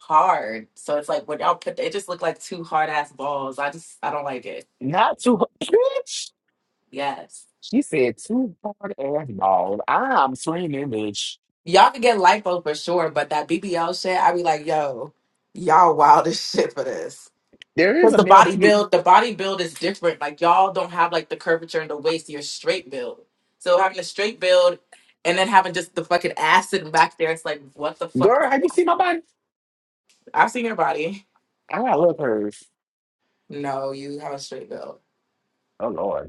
hard. So it's like when y'all put it just look like two hard ass balls. I just I don't like it.
not too, bitch.
Yes,
She said too hard ass balls. I'm swinging, bitch.
y'all can get lipo for sure, but that BBL shit, I be like, yo, y'all wild as shit for this.
There is
Because
a
the
male
body
BB.
build, the body build is different. Like y'all don't have like the curvature in the waist. You're straight build. So having a straight build and then having just the fucking ass sitting back there, it's like, what the fuck is?
Girl, have you seen my body?
I've seen your body.
I love hers.
No, you have a straight build.
Oh Lord.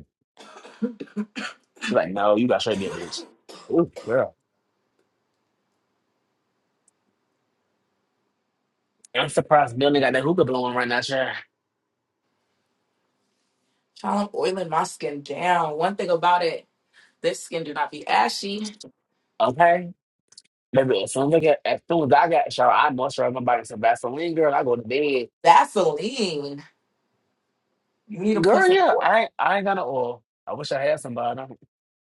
She's like, no, you got straight me a bitch. Ooh, girl. I'm surprised Bill ain't got that hookah blowing right now, sure.
Child, I'm oiling my skin down. One thing about it, this skin do not be ashy.
Okay. Baby, as soon as I get as soon as I got shower, I moisturize my body with some Vaseline, girl. I go to bed.
Vaseline. You need to put
Girl,
some
yeah,
oil,
I ain't I ain't got no oil. I wish I had somebody. I'm,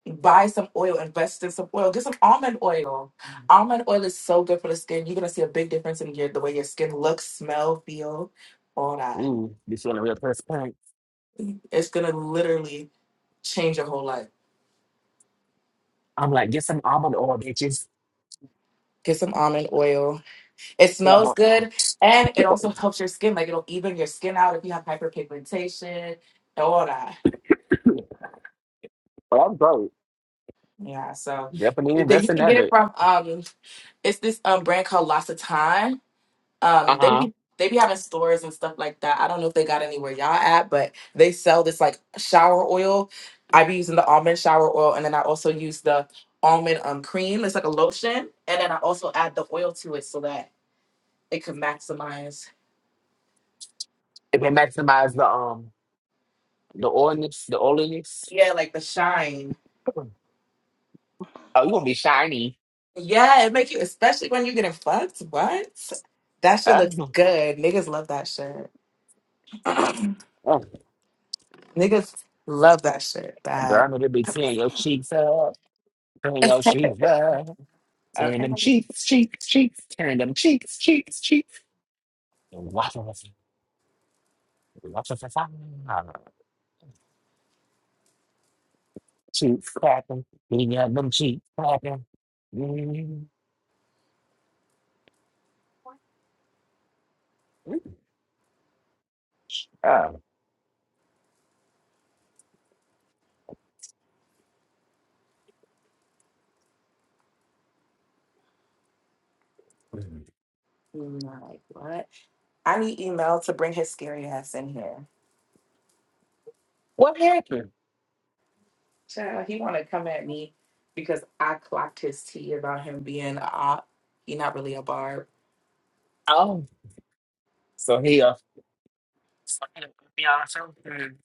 buy some oil, invest in some oil. Get some almond oil. Almond oil is so good for the skin. You're gonna see a big difference in your the way your skin looks, smell, feel, all that.
ooh, be feeling real transparent.
It's gonna literally change your whole life.
I'm like, get some almond oil, bitches.
Get some almond oil. It
Yeah,
smells
but
good and it also helps your skin. Like it'll even your skin out if you have hyperpigmentation, all that.
but I'm broke.
Yeah, so
Yeah, but
that you
that's in
can
that
get it
bit.
from um it's this um brand called L'Occitane. Um they
Uh-huh.
be they be having stores and stuff like that. I don't know if they got anywhere y'all at, but they sell this like shower oil. I be using the almond shower oil and then I also use the almond um cream. It's like a lotion and then I also add the oil to it so that it could maximize
If they maximize the um the oiliness, the oiliness.
yeah, like the shine.
Oh, you gonna be shiny.
Yeah, it make you especially when you're getting fucked. What? That shit
Uh,
looks good. Niggas love that shit.
oh,
Niggas love that shit
girl,
bad.
I'm gonna be seeing your cheeks up. Turn your cheeks Turn
Okay.
them cheeks, cheeks, cheeks. Turn them cheeks, cheeks, cheeks. And watch us, watch us fire. Cheeks clapping. We got them cheeks clapping. Mm. Oh.
Like, what? I need email to bring his scary ass in here.
What happened?
Child, he want to come at me because I clocked his tea about him being a op. He not really a barb.
Oh, so he uh, so he a Apiana too. Mm.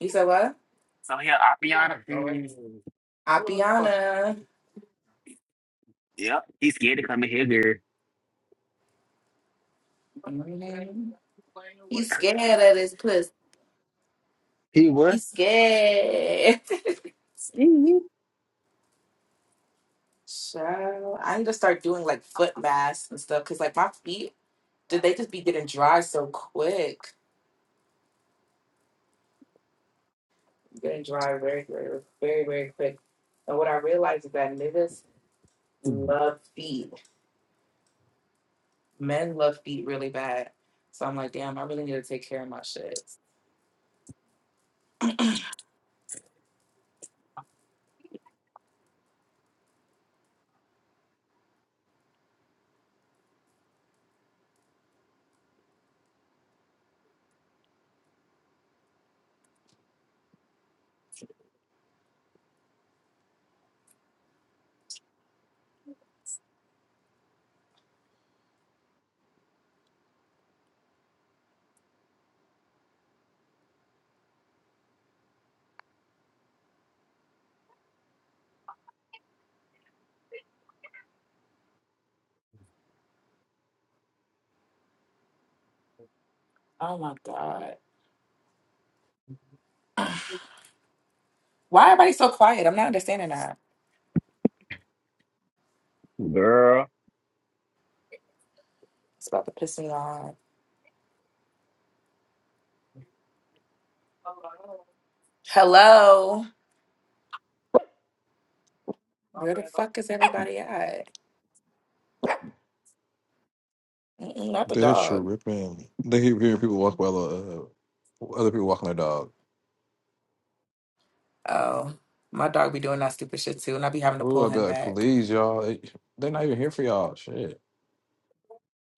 You said what?
So he a Apiana. Mm.
Apiana.
Yep, he's scared to come in here, girl.
hmm He's scared of this puss.
He what?
He's scared.
Mhm.
So I need to start doing like foot masks and stuff because like my feet, did they just be getting dry so quick? getting dry very, very, very, very quick. And what I realized is that niggas love feet. Men love feet really bad. So I'm like, damn, I really need to take care of my shit. Oh my god, why everybody so quiet? I'm not understanding that.
Girl,
It's about to piss me off. Hello, where the fuck is everybody at? Mm-mm, not the
They're
dog.
tripping. They keep hearing people walk by the, uh, other people walking their dog.
Oh, my dog be doing that stupid shit too, and I be having to
Ooh,
pull
I'd be
him
like,
back.
please, y'all. They, they're not even here for y'all. Shit.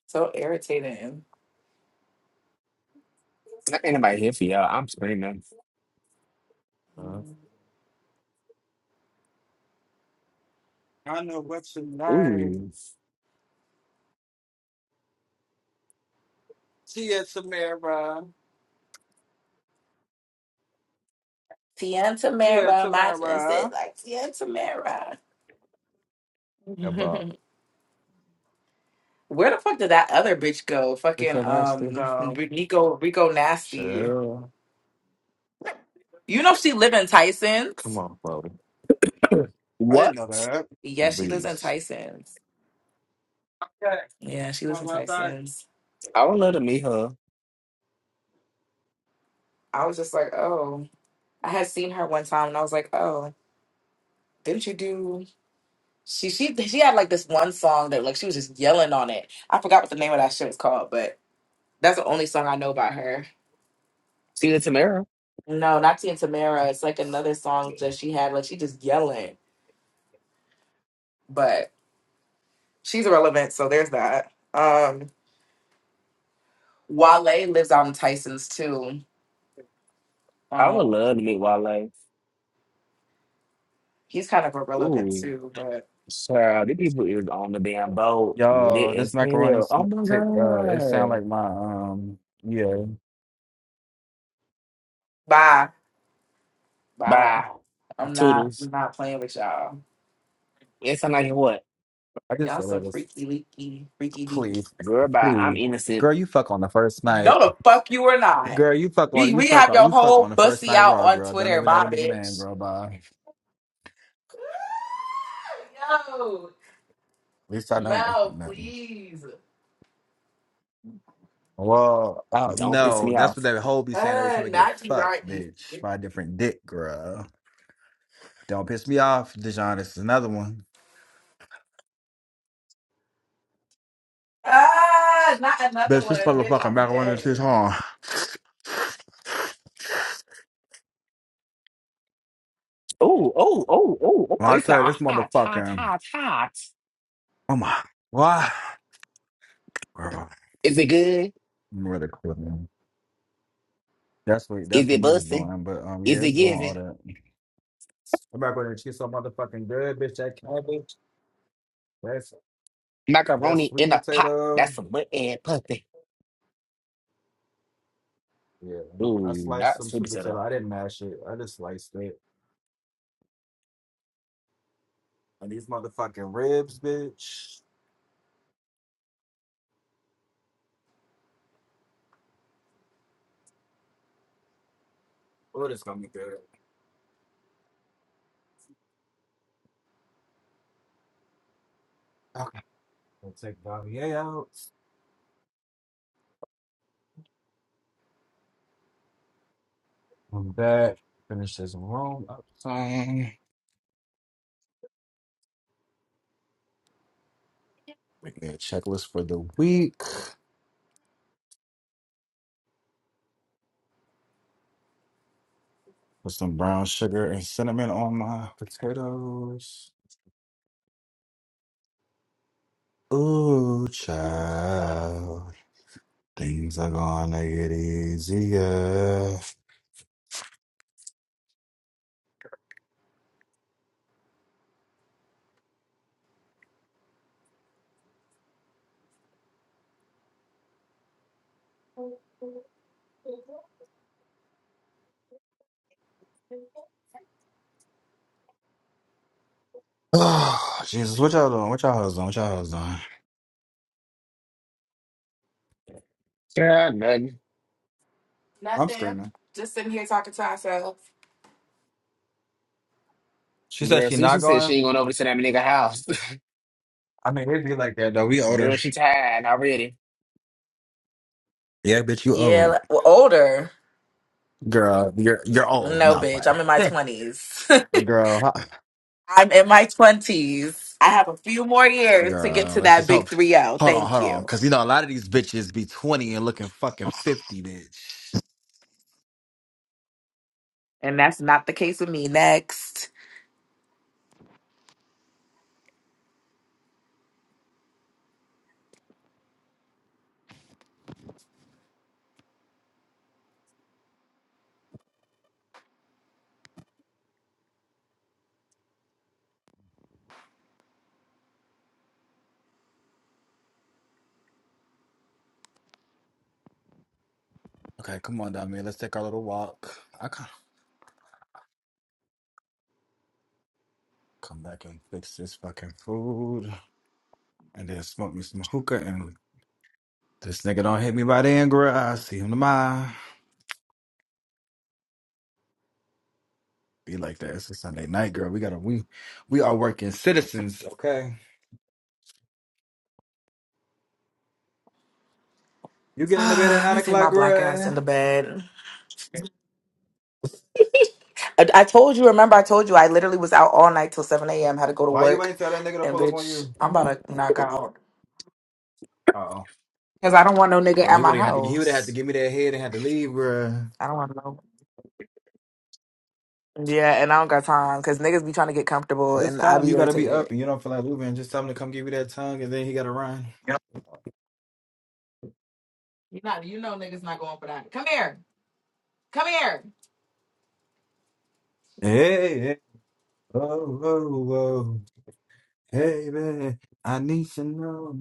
So irritating.
not anybody here for y'all. I'm screaming.
Uh,
Mm.
I know what's your name.
Ooh,
Tia Tamara.
Tian
Tia
Tamara, my son said
Tamara.
like Tian Tamara.
about
Where the fuck did that other bitch go? Fucking
because nasty.
um
So
Rico Rico Nasty.
Chill.
You know she live in
Come
Tyson's?
on, Chloe.
I didn't
what?
know that.
Yeah, she lives in
Please.
Tyson's. Yeah, she lives in
Okay.
Tyson's.
I would love to meet her.
I was just like, oh. I had seen her one time and I was like, oh, didn't you do she she she had like this one song that like she was just yelling on it. I forgot what the name of that shit was called, but that's the only song I know about her.
See the Tamara.
No, not Tia and Tamara. It's like another song that she had, like she just yelling. she's irrelevant, so there's that. Um, Wale lives out in Tyson's too.
I
Um,
would love to meet Wale.
he's kind of irrelevant
Ooh,
too, but
sir, these people is on the damn boat, lit
Yo, this
as
macaroni
hell.
sm-
Oh my
take uh it sound
god.
like my um yeah,
bye, bye.
Bye,
I'm not,
toodles.
I'm not playing with y'all.
Yes, I'm like what?
I just
Y'all
said it
some
was
freaky leaky, freaky deaky.
please,
Girl, bye. I'm
please.
innocent.
Girl, you fuck on the first night.
No, the fuck you are not.
Girl, you fuck
We
on you
we
fuck
have
on
your
you fuck on
whole
the first
bussy
night
out
raw,
on
girl. Don't
Twitter,
even know
my
the nigga name,
bitch.
girl. Bye.
Yo,
At least I know
no,
nothing.
please.
Well, uh,
Don't piss
no,
me
that's what
off.
that whole be saying every
Uh,
time I get
not you, not
fucked,
easy.
bitch, by a different dick, girl. Don't piss me off, Dijon. This is another one.
Ah, not another
Bitch,
one,
this
bitch.
motherfucking
I'm
macaroni and cheese,
dead.
huh?
Ooh, ooh, ooh, ooh. oh.
Well, I
It's
say
all
this
hot, hot,
motherfucking,
hot, hot.
oh my, why? Ah,
Is it good?
I'm really cool, That's what
Is
that's what
it
he was
busting?
doing. But um yeah,
Is it
it's doing all
giving?
that. I'm not gonna cheat so motherfucking good, bitch. That cabbage, that's that's
Macaroni
sweet
in a pot.
potato.
That's some butt and puppy.
Yeah.
Ooh,
I sliced
not
some
sweet
sweet potato.
potato.
I didn't mash it. I just sliced it. And these motherfucking ribs, bitch. Oh, this gonna be good. Okay. We'll take Bobby A out. I'm back. Finish this room up time. Make me a checklist for the week. Put some brown sugar and cinnamon on my potatoes. Ooh, child, things are gonna get easier. Oh, Jesus, what y'all doing? What y'all hoes doing? What y'all hoes doing?
Yeah, nothing.
I'm
Nothing.
screaming.
Just sitting here talking to ourselves.
She said
Girl,
she
see,
not
she said she
going.
ain't going over to that nigga house.
I mean, it'd be like that though. We older.
Girl, she tired already.
Yeah, bitch, you
Yeah,
old,
like- well, older.
girl. You're you're old.
No,
Not
bitch. I'm in my
playing,
20s.
girl. huh?
I'm in my 20s. I have a few more years to get
Girl,
to
let's
that
just
big
hope.
3 0.
Hold on,
Thank
hold on,
you.
because you know a lot of these bitches be twenty and looking fucking fifty, bitch.
And that's not the case with me. Next.
Okay, come on, down Let's take our little walk. I gotta come back and fix this fucking food. And then smoked me some hookah and this nigga don't hit me by then, girl. I see him tomorrow. Be like that. It's a Sunday night, girl. We gotta we we are working citizens, okay? You get into bed at
Let
nine
me take my
o'clock,
black ass in
girl.
the bed. I, I told you, remember, I told you I literally was out all night till 7 a.m., had to go to
Why you
work.
ain't tell that nigga to
And
pull up on
bitch,
you?
I'm about to knock
Come
out.
Uh oh.
Because I don't want no nigga
Girl,
at
he
my
would have had to he would have had to
house.
give me that head and had to leave, girl.
I don't want no. Yeah, and I don't got time because niggas be trying to get comfortable
This
and I
time
be
you gotta be up
irritated.
and you don't feel like leaving. Just tell him to come give you that tongue and then he gotta run.
You not, you know, niggas not going for that. Come here, come here.
Hey, hey. oh, oh, oh. Hey man, I need to know.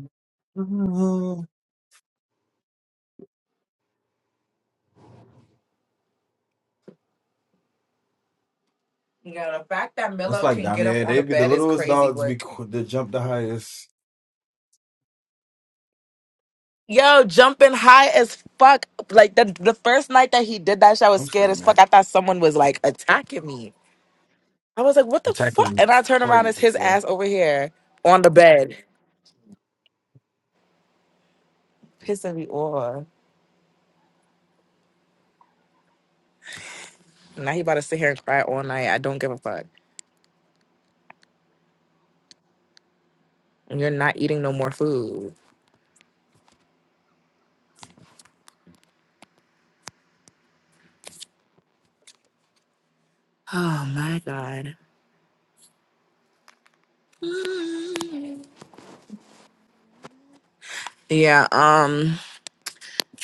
Mm-hmm.
Yeah, the fact that
That's
Milo
like
can
dumb.
get up
Yeah,
on the
they be the
bed is
littlest
crazy
dogs be
work.
qu- they jump the highest.
Yo, jumping high as fuck. Like the the first night that he did that, shit, I was
I'm
scared as fuck.
screaming.
I thought someone was like attacking me. I was like, what the fuck?
Attacking
And
is
I turn around, it's
crazy,
his
sir.
ass over here on the bed, pissing me off. Now he about to sit here and cry all night. I don't give a fuck. And you're not eating no more food. Oh my god. Yeah, um,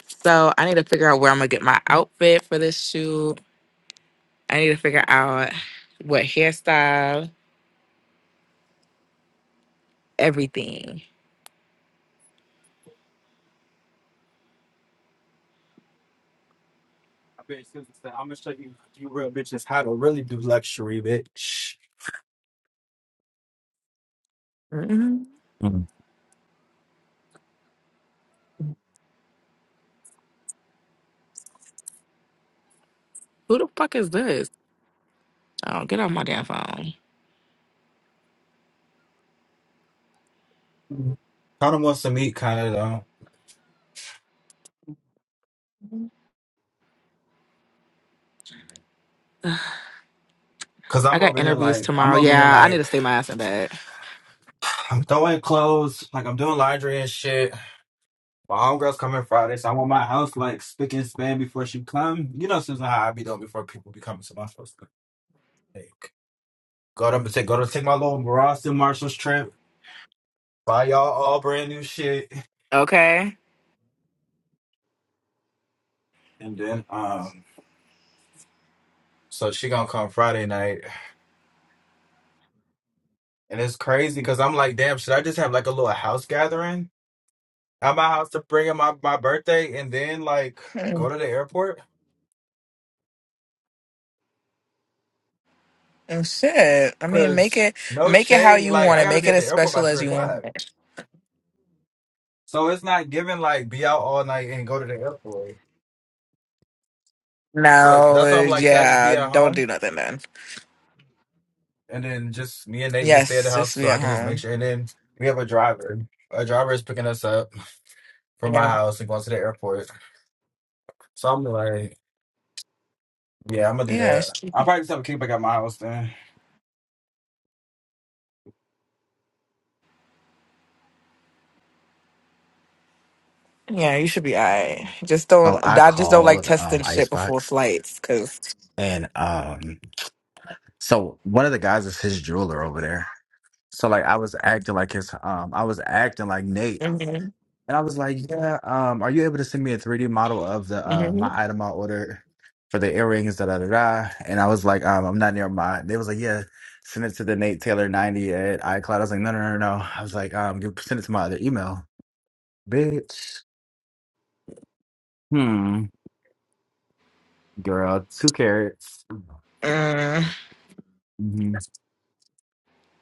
so I need to figure out where I'm gonna get my outfit for this shoot. I need to figure out what hairstyle, everything.
You real bitches how to really do luxury, bitch.
hmm
Mm.
Who the fuck is this? Oh, get off my damn phone.
Kind of wants to meet, kind of though. Cause
I
I'm
got
over here
interviews
like I'm
tomorrow.
over here
Yeah, I need to
like
stay my ass in bed.
I'm throwing clothes, like I'm doing laundry and shit. My homegirl's coming Friday, so I want my house like spick and span before she come. You know, since how I be doing before people be coming, so I'm supposed to like go to take go to take
Mhm.
my little Ross and Marshall's trip. buy y'all all brand new shit.
Okay.
And then um so she gonna come Friday night. And it's crazy because I'm like, damn, should I just have like a little house gathering at my house to bring in my, my birthday and then like
Mm,
go to the airport?
mm, shit. I mean, make
Cause
it
no
make it how
shade,
you
like
want
I
it.
gotta
Make
be
it
at the
as
airport
special
by
as
three
you
o'clock.
want
So it's not giving like be out all night and go to the airport. So that's why
No,
I'm like, should I just
yeah,
be at
don't
home?
do nothing then.
And then just me and Nate just stay at the
Yes,
house
just
so
be
I
at
can just make
home.
sure and then we have a driver. A driver is picking us up from my
Yeah.
house and going to the airport. So I'm like, yeah, I'm gonna do
Yeah, it
that.
should be-
I'll probably just have a kickback at my house then.
yeah, you should be all right. Just
So
don't,
I
I just don't like
called um
testing shit before
Icebox
flights because.
and um so one of the guys is his jeweler over there. So like I was acting like his um I was acting like Nate
Mhm.
and I was like, Yeah, um are you able to send me a 3D model of the uh my item I ordered for the earrings, da da da da and I was like, um I'm not near my they was like, Yeah, send it to the Nate Taylor ninety at iCloud. I was like, No no no no. I was like, um give- send it to my other email. Bitch. Hmm. Girl, two carrots. hmm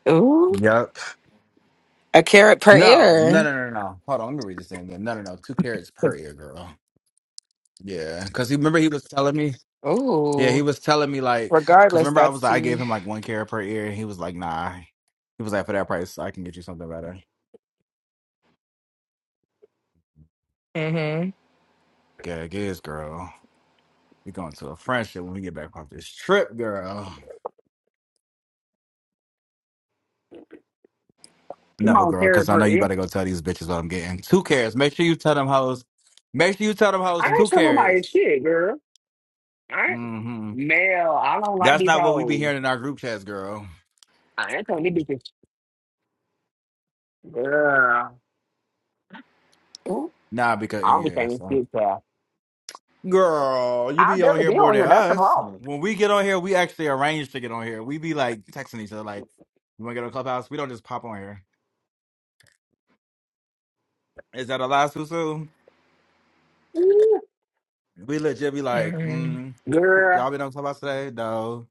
Ooh,
Yep.
a carrot per
No, no, no,
ear.
no, no. Hold on, let me read this thing again. No, no, no. Two carrots per ear, girl. Yeah, because he remember he was telling me. Yeah, he
Ooh,
was telling me like, because
regardless,
remember I
that's
was like, I gave
tea.
him like one carrot per ear, and he was like, nah. He was like, for that price, I can get you something better.
Mm-hmm.
Gag is girl. We going to a friendship when we get back from this trip, girl. No,
on,
girl,
Carrie
because I know you
Purdy.
better go tell these bitches what I'm getting. Two carrots. Make sure you tell them hoes. Make sure you tell them
I
hoes
ain't
two
telling nobody
carrots.
shit, girl. I ain't
Mm-hmm.
Mel, I don't like
That's
these
not what we be
hoes.
hearing in our group chats, girl.
I ain't telling these bitches. Girl,
Ooh.
Nah, because
I don't be
yeah,
saying
so
shit to her.
girl, you
I
be on
barely
here
be
more
on
than
here. That's the
us.
problem.
When we get on here, we actually arrange to get on here. We be like texting each other, like, "You want to get to clubhouse?" We don't just pop on here. Is that a lie, Susu?
Ooh,
We legit be like,
mm
mm, who-
Girl.
"Y'all been on clubhouse today?" No.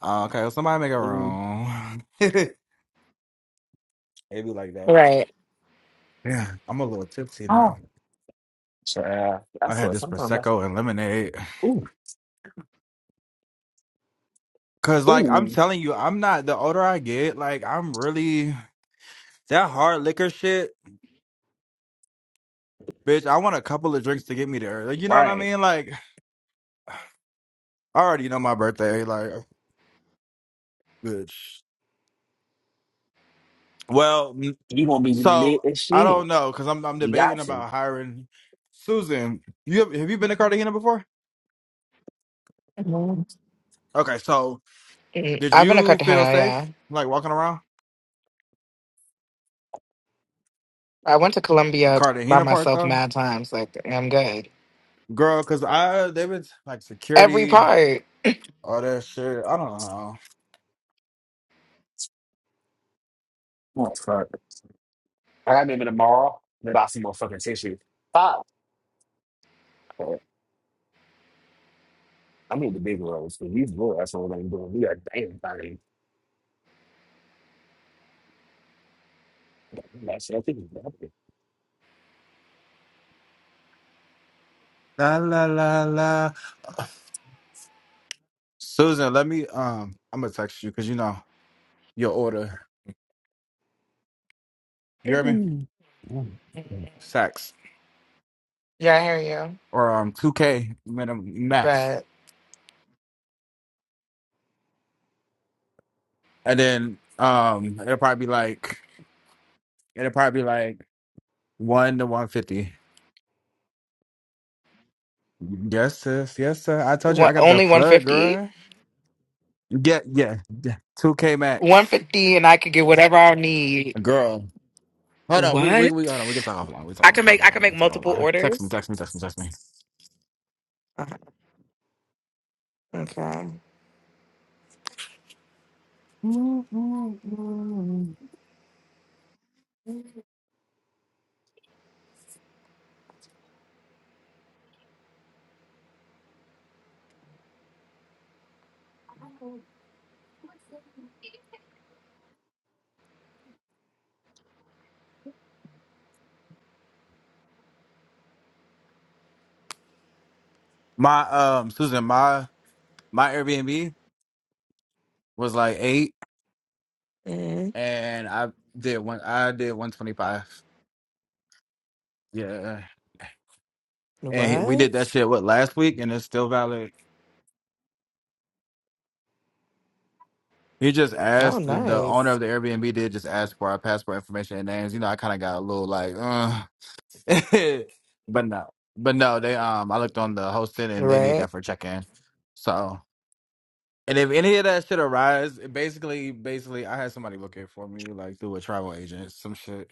Uh, okay, well, somebody make a
Mm.
room. it be like that.
Right.
Yeah, I'm a little tipsy now.
Oh, child.
I
That's
had
what
this
sometimes that's.
prosecco and lemonade.
Ooh,
Cause like I'm
ooh.
telling you, I'm not. The older I get, like I'm really. That hard liquor shit, bitch. I want a couple of drinks to get me there. Like, you know what I
Right.
mean? Like, I already know my birthday. Like, bitch. Well, n-
You gonna be lit
so
as
I
shit.
don't know because I'm I'm
You
debating
got to.
about hiring Susan. You have, have you been to Cartagena before?
Mhm.
Okay, so
Mm.
did
I've been to
you feel
Cartagena, yeah.
safe like walking around
I went to
the
Colombia by
Cartagena part
myself
though,
mad times. Like, I'm good.
girl? Because I they been like
Every
security,
part.
all that shit. I don't know.
Oh, fuck. I gotta be tomorrow. to Buy some more fucking tissue. Fuck. I mean the big roles because these little assholes ain't doing. We got damn thing. That's I think it's
La la la la. Susan, let me um. I'm gonna text you because you know. your order. You hear me?
happening. Yeah.
Sacks
Yeah, I hear you.
or um two K minimum max,
but
and then um it'll probably be like it'll probably be like one to one fifty. Yes, sis. Yes, sir. I told you
what,
I got the
only
plug,
150
girl. Yeah, yeah. yeah. Two K max,
150 and i could get whatever i need
girl. Hold on, we we
what
we hold on. We can talk offline. We
i
talk
can
online.
make i
Talk
can make
online. Talk
multiple
online. Text me.
orders
Text me. Text me. Text me.
uh, okay
My um Susan, my my Airbnb was like eight,
mm
and I did one. I did one twenty five. Yeah. And he- we
what
did that shit what last week, and it's still valid. He just
oh
asked the, the owner
nice
of the Airbnb did just ask for our passport information and names. You know, I kind of got a little like, uh. but no, but no, they um, I looked on the hosting and they need
right
that for check in. So, and if any of that shit arise, it basically, basically, I had somebody look it for me like through a travel agent, some shit.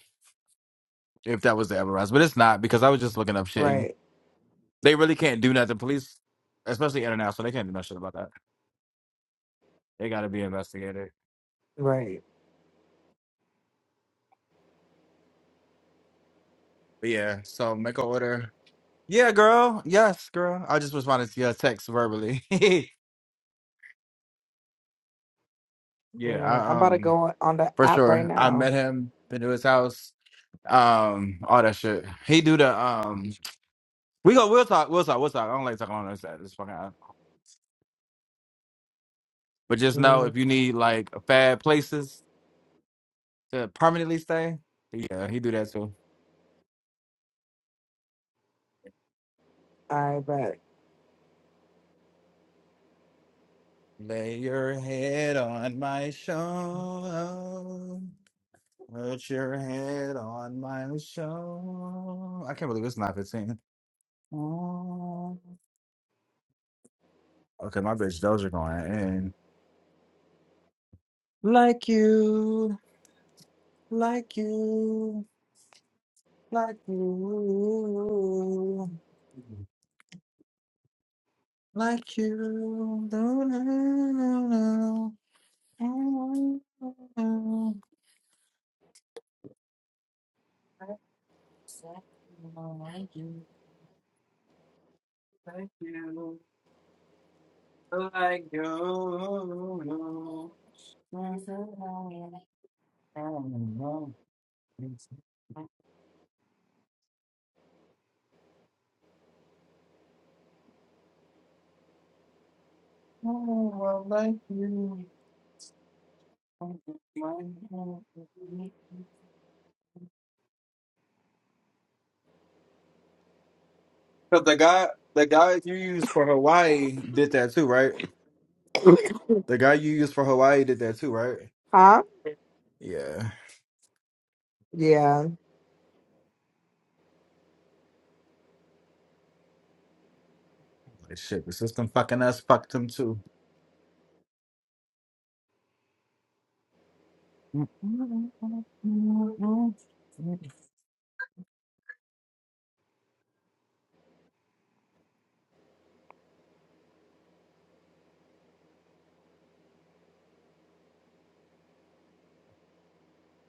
If that was to ever rise, but it's not because I was just looking up shit and
right
they really can't do nothing. Police, especially international, they can't do no shit about that. They got to be investigated.
right
But yeah, so make an order. Yeah, girl. Yes, girl. I just responded to your text verbally. yeah,
Amen. i'm
I,
about to go
um,
on on the
for
app right
sure. I
now
met him, been to his house, um, all that shit. He do the um. We go. We'll talk. We'll talk. We'll talk. I don't like talking on this side. This fucking. app. But just know
mm,
if you need like bad places to permanently stay, yeah, he do that too.
i bet
Lay your head on my shoulder. Put your head on my shoulder. I can't believe it's not 15. Oh. Okay, my bitch, those are going in. Like you, like you, like you, like you. No, no, no, no. Oh. Like you, like you, like you. I don't know. It's- Oh, I like you. Because the guy, the guy you used for Hawaii did that too, right? The guy you used for Hawaii did that too, right?
huh
Yeah.
yeah
Like, shit, the system fucking us fucked him too.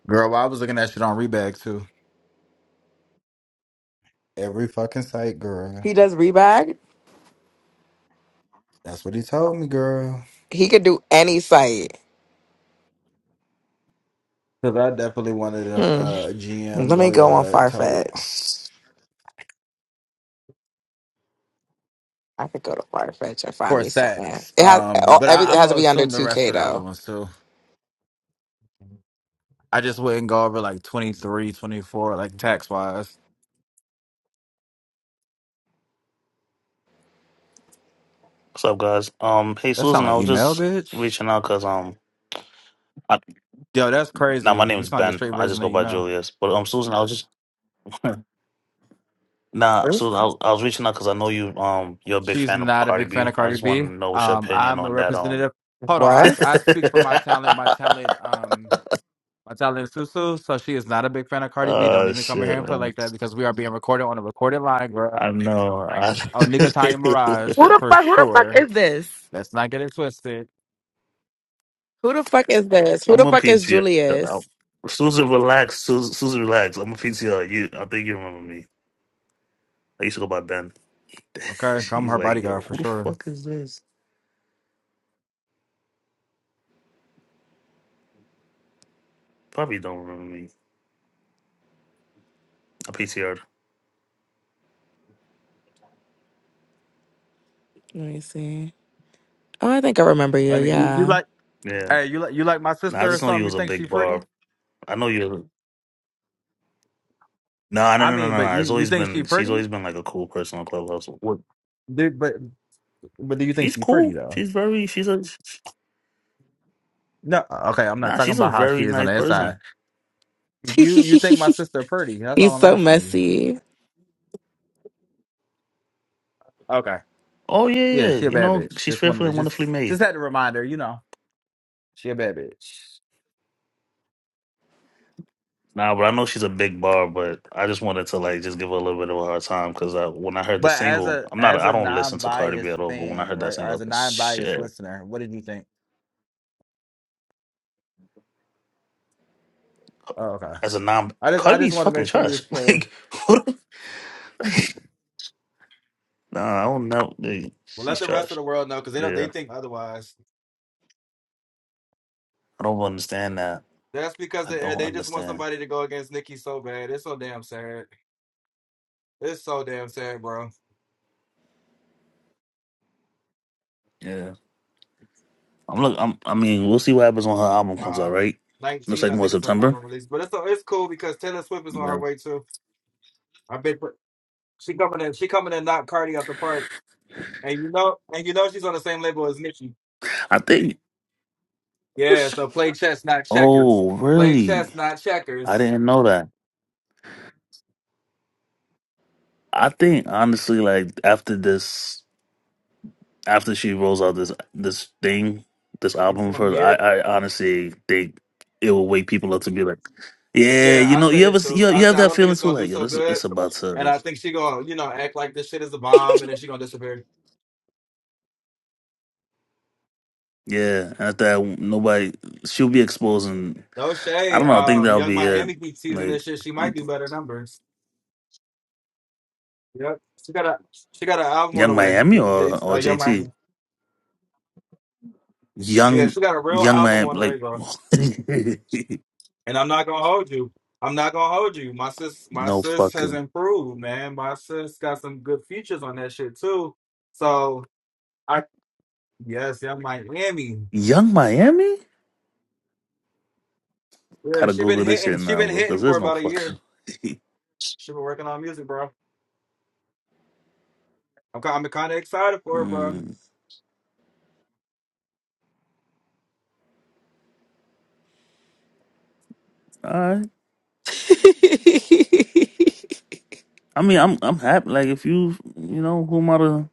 Girl, I was looking at shit on Rebag too. Every fucking site, girl.
he does rebag
That's what he told me, girl.
he could do any site
Because I definitely wanted a,
hmm
uh GM
let
go
me go on
tote.
farfetch I could go to Farfetch and find
for
me something.
sacks.
It has
Um,
all,
but
every.
I,
It
I'm
has to
gonna
be under
assume the
two
rest
K
for the other
though.
ones too. I just wouldn't go over like 23, 24, like tax wise.
What's up, guys? Um, hey
That sound
Susan, I
like
was
email,
just
bitch.
reaching out because um, I,
Yo, that's
now
crazy.
my name
You
is
sound like the
Ben.
straight
I
version
just
of
go by
email.
Julius. But um, Susan, I was just nah, Susan, I, I was reaching out because I know you um, you're a big
She's
fan of
not a
Cardi
big fan
B.
of
I
Cardi
just want to
B.
know what's your
Um,
opinion
I'm a
on that. Um,
representative. Hold on, I, s-
What?
I speak for my talent. My talent, um, my talent is Susu. So she is not a big fan of Cardi B. Don't
oh
even come in
shit,
here and play
man.
like that because we are being recorded on a recorded line, girl.
I know. I...
Oh, nigga, Tanya Mirage
Who the
for
fuck? Who the fuck
sure.
is this?
Let's not get it twisted.
Who the fuck is this? Who
I'm
the
a
fuck is
PTR. I-
Julius?
Susan, relax. Susan, Susan, relax. I'm a PTR. You, I think you remember me. I used to go by Ben.
Okay, I'm
She's
her
like,
bodyguard
yo,
for
who the
sure.
fuck is this? Probably don't remember me. A PTR.
Let me see. Oh, I think I remember you.
I mean, you you
Yeah.
like
Yeah.
hey, you like you like my
Nah, I
sister or
just know you
something? You
was a
think she
big barb.
pretty?
I know you. No, no,
I
no, no, no,
mean, but
no. It's
you you
always
think she
been. She's
pretty?
always been like a cool person on Clubhouse. What?
Dude, but but do you think
She's
she pretty
cool.
though?
She's very. She's a.
No, uh, okay, I'm not
Nah,
talking
she's a
about how she
very
is on
nice
the inside.
person.
You you think my sister pretty? That's all
He's
I'm
so
asking you.
messy.
Okay.
Oh yeah, yeah.
Yeah,
yeah.
she a
You
bad
know,
bitch.
she's
Just wanted
fearfully
to
and wonderfully
just just
made.
had to remind her, you know, she a bad bitch.
Nah, but I know she's a big bar. But I just wanted to like just give her a little bit of a hard time because I, when I heard the
But as
single,
a
I'm not.
as
I
a
don't listen to Cardi B
non-biased
at all. But when I
fan,
heard that
right, or
single, I
as
was
a
like,
non-biased
shit.
listener, what did you think? Oh, okay.
As a non,
I just I
Cardi
just
B's
want to
fucking
make sure we
trash.
was clear.
Like, what? No, I don't know. Dude,
Well, let
she's
the rest of
trash.
the world know because they don't. They
Yeah,
think otherwise.
I don't understand that.
That's because
I
they eh,
don't
they just want
understand.
somebody to go against Nikki so bad. It's so damn sad. It's so damn sad, bro.
Yeah, I'm look. I'm. I mean, we'll see what happens when her album comes
Uh,
out. Right? Looks
nineteenth,
like
I
more
think it's her
September.
album release, but it's so, it's cool because Taylor Swift is on her
Yeah,
way too. I bet she coming in. She coming in, knock Cardi out the park, and you know, and you know she's on the same label as Nicki.
I think.
Yeah, so play chess, not checkers.
Oh,
Play
really?
chess, not
I
checkers.
didn't know that. I think honestly, like after this, after she rolls out this this thing, this
It's
album of
gonna
hers,
be
I
it.
I honestly think it will wake people up to be like, yeah,
Yeah,
you
I
know,
said
you ever
it
see-
too.
you
I
you have
said I
that
don't think
feeling
it's
too,
gonna do
like yo,
so
this is
good,
it's about
and
to.
I think she gonna you know act like this shit is a bomb, and then she gonna disappear.
Yeah, after that, nobody she'll be exposing.
No
I
shade.
don't know. I think
Um,
that'll
Young
be it.
Miami keep teasing
Like
this shit. She might
you-
do better numbers. Yep, she got a she got an album on
Young
the way. Y-
Miami
J-
or
Uh,
or
Young
JT.
Miami. Yeah,
Young
she got a real
Young
album
Miami.
on the way,
Like
bro. And I'm not gonna hold you. I'm not gonna hold you. My sis, my
no
sis has
fucking
improved, man. My sis got some good features on that shit too. So I yes, Young Miami.
Young Miami.
Yeah,
Gotta
she been
Google this
hitting.
shit
She
now,
been
bro, because
hitting for
there's no
about a
fucking.
year. She been working on music, bro. I'm kind I'm kind of excited for it, bro.
mm, all right. I mean, I'm I'm happy. Like if you you know whom I to-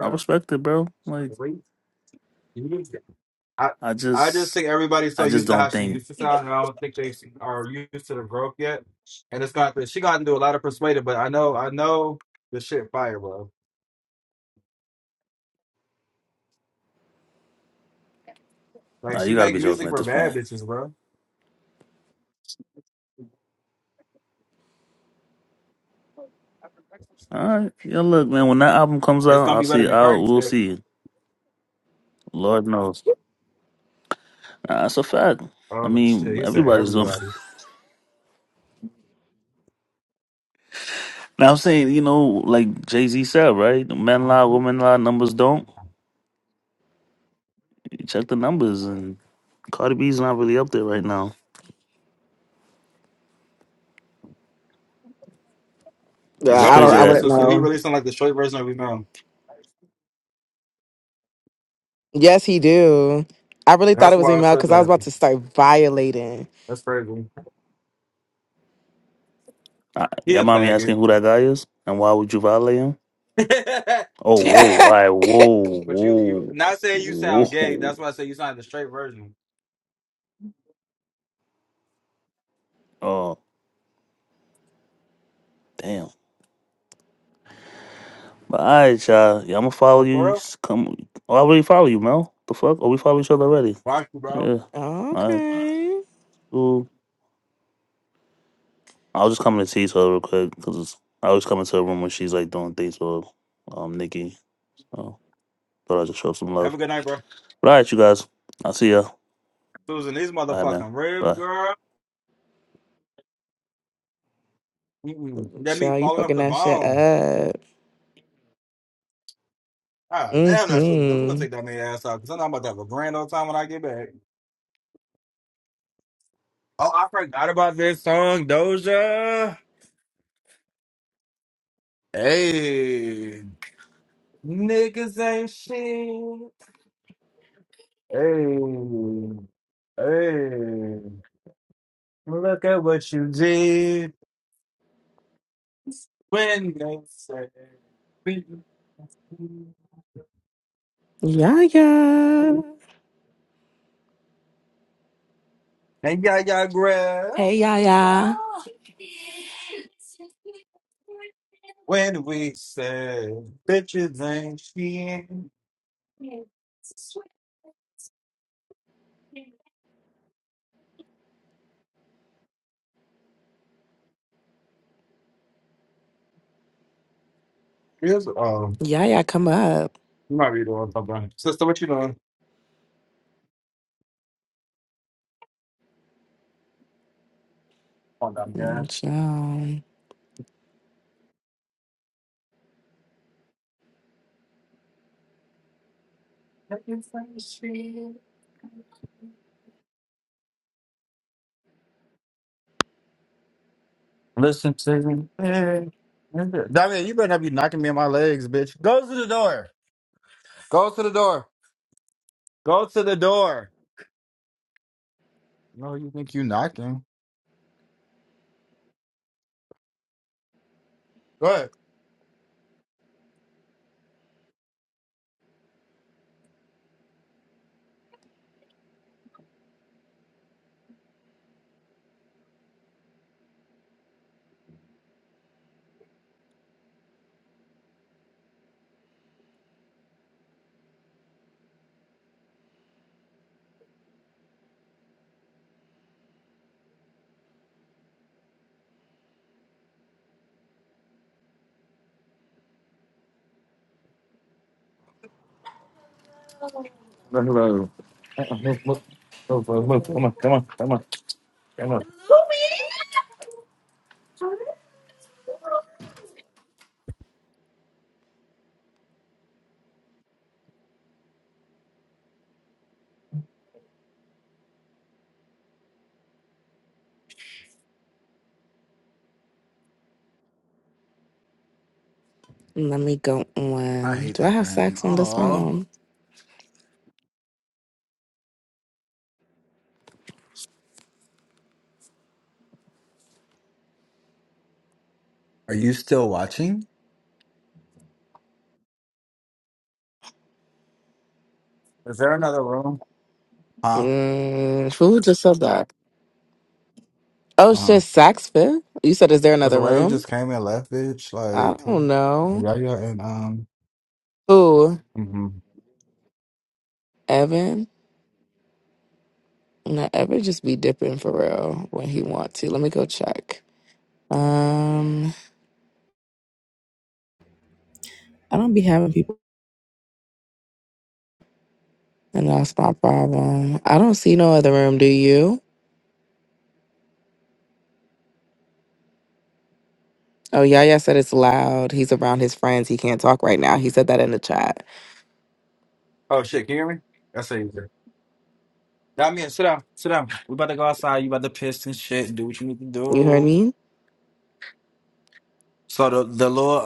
I
Bro,
respect it, bro. Like
wait, you need to- I
I
I just
just
think everybody's so
I just
used to how
don't
she
think.
used to sound, and I don't think they are used to the growth yet. And it's got to she got to do a lot of persuading, but I know I know the shit fire, bro. Like
Nah,
she
you gotta
make
be joking
music
at
for
this
bad
point.
bitches, bro.
All right. Yeah, look, man, when that album comes
It's
out,
gonna
I'll
be better
see.
than Cardi
I'll we'll
shit.
see. Lord knows. Nah, That's a fact. I
Oh shit,
mean,
he said
everybody's doing.
everybody.
Now I'm saying, you know, like Jay Z said, right? Men lie, women lie, numbers don't. You check the numbers, and Cardi B's not really up there right now.
Yeah,
It's just
I
That's
don't.
crazy
I
crazy,
that
wouldn't
Susu. He
know.
released on like the straight version of his own.
Yes, he do. I really thought it
That's
was
why I
email
said
because I was
that.
about to start violating.
That's crazy.
uh,
He
your
a
mommy
faggot.
asking who that guy is and why would you violate him? Oh, whoa! All right, whoa,
But you, you not saying you
whoa,
sound gay.
whoa.
That's why I say you sound the straight version.
Oh, damn. But all right, y'all. Yeah, I'm gonna follow
But
you.
for real,
s- Come, oh, I already follow you, Mel. The fuck? Oh, we follow each other already.
rock you, bro.
Yeah. All right.
okay.
Cool. I was just coming to tease her real quick because I always come into her room when she's like doing things with um Nikki. So thought I'd just show some
Have a
love.
good night, bro.
But all right, you guys. I'll see ya.
Susan, these
All right, man.
motherfucking ribs,
Bye.
girl. Mm-mm. That meat
Child, you
falling off
fucking
the
that shit
bone.
up.
Ah, damn, that's really good. I'm gonna
Mm-hmm.
take that man ass out because I know I'm about to have a grand old time when I get back. Oh, I forgot about this song, Doja. Hey, niggas ain't shit. Hey, hey, look at what you did when they said. And
Yaya.
y'all, grab
Hey, Yaya.
when we said bitches ain't shit. Here's, um,
Yaya, come up.
you might be doing something. Sister, what you doing? Come on down here.
Mm, So,
Bitches ain't shit. Listen to me. bitch. Damien, you better not be knocking me in my legs, bitch. Go to the door. Go to the door. Go to the door. No, you think you knocking. Go ahead.
Hello. Uh-uh, Move, move, move, move, move. Come on, come on, come on, come on, come on.
let me go
I
on.
hate
Do I
that
have
for him.
sax on this
Oh,
phone?
are you still watching? Is there another room? Huh?
Mm, who just said that? Oh, shit, sax fit? You said, is there
Was
another
the wave
room?
just came and left, bitch?
I
Like,
don't know.
yeah, yeah, and um.
Who?
hmm
Evan? No, Evan just be dipping for real when he want to. Let me go check. Um, I don't be having people. and that's my problem. I don't see no other room, do you? Oh, Yaya said it's loud. He's around his friends. He can't talk right now. He said that in the chat.
Oh shit! Can you hear me? That's easier. I mean, sit down, sit down. We about to go outside. You about to piss and shit. and Do what you need to
You heard
do.
me?
So the the little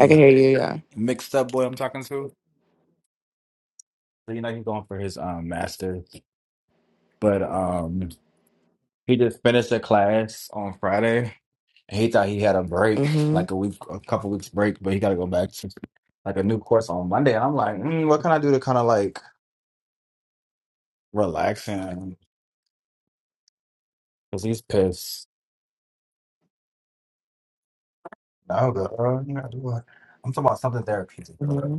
I can hear you. Yeah.
mixed up boy I'm talking to, so you know he's going for his um master, but um he just finished a class on Friday. and He thought he had a break,
Mm-hmm.
like a week, a couple weeks break, but he got to go back to like a new course on Monday. And I'm like, mm, what can I do to kind of like relax and Cause he's pissed. No, girl, you gotta do it. I'm talking about something therapeutic,
mm-hmm.
girl.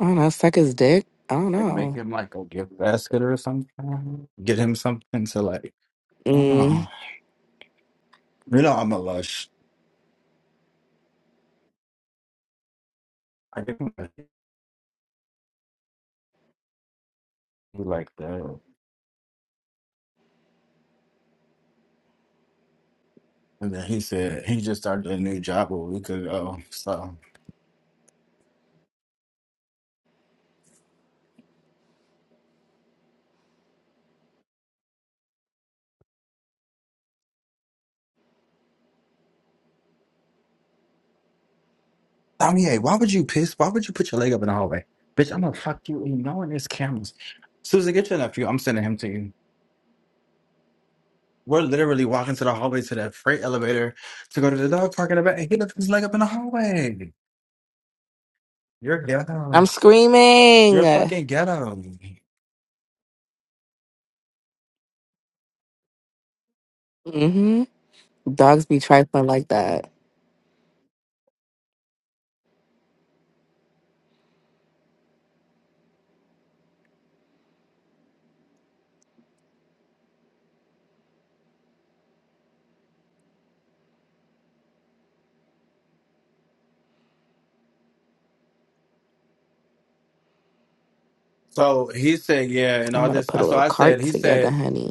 I don't know. Suck his dick. I don't
Like make
know.
him like a gift basket or something. Get him something to like. I don't know.
Mm.
You know I'm a lush. I get him a- he like that. And then he said he just started a new job a week ago. So Tommy, hey, why would you piss? Why would you put your leg up in the hallway, bitch? I'm gonna fuck you. You know, in his cameras. Susan, get your nephew. I'm sending him to you. We're literally walking to the hallway to that freight elevator to go to the dog park in the back, and he left his leg up in the hallway. You're
I'm
ghetto. You're
screaming.
fucking ghetto.
Mm-hmm. Dogs be trifling like that.
So he said, yeah, and
I'm
all
about to
this.
put a
So
little
I said,
cart
he
together,
said,
honey.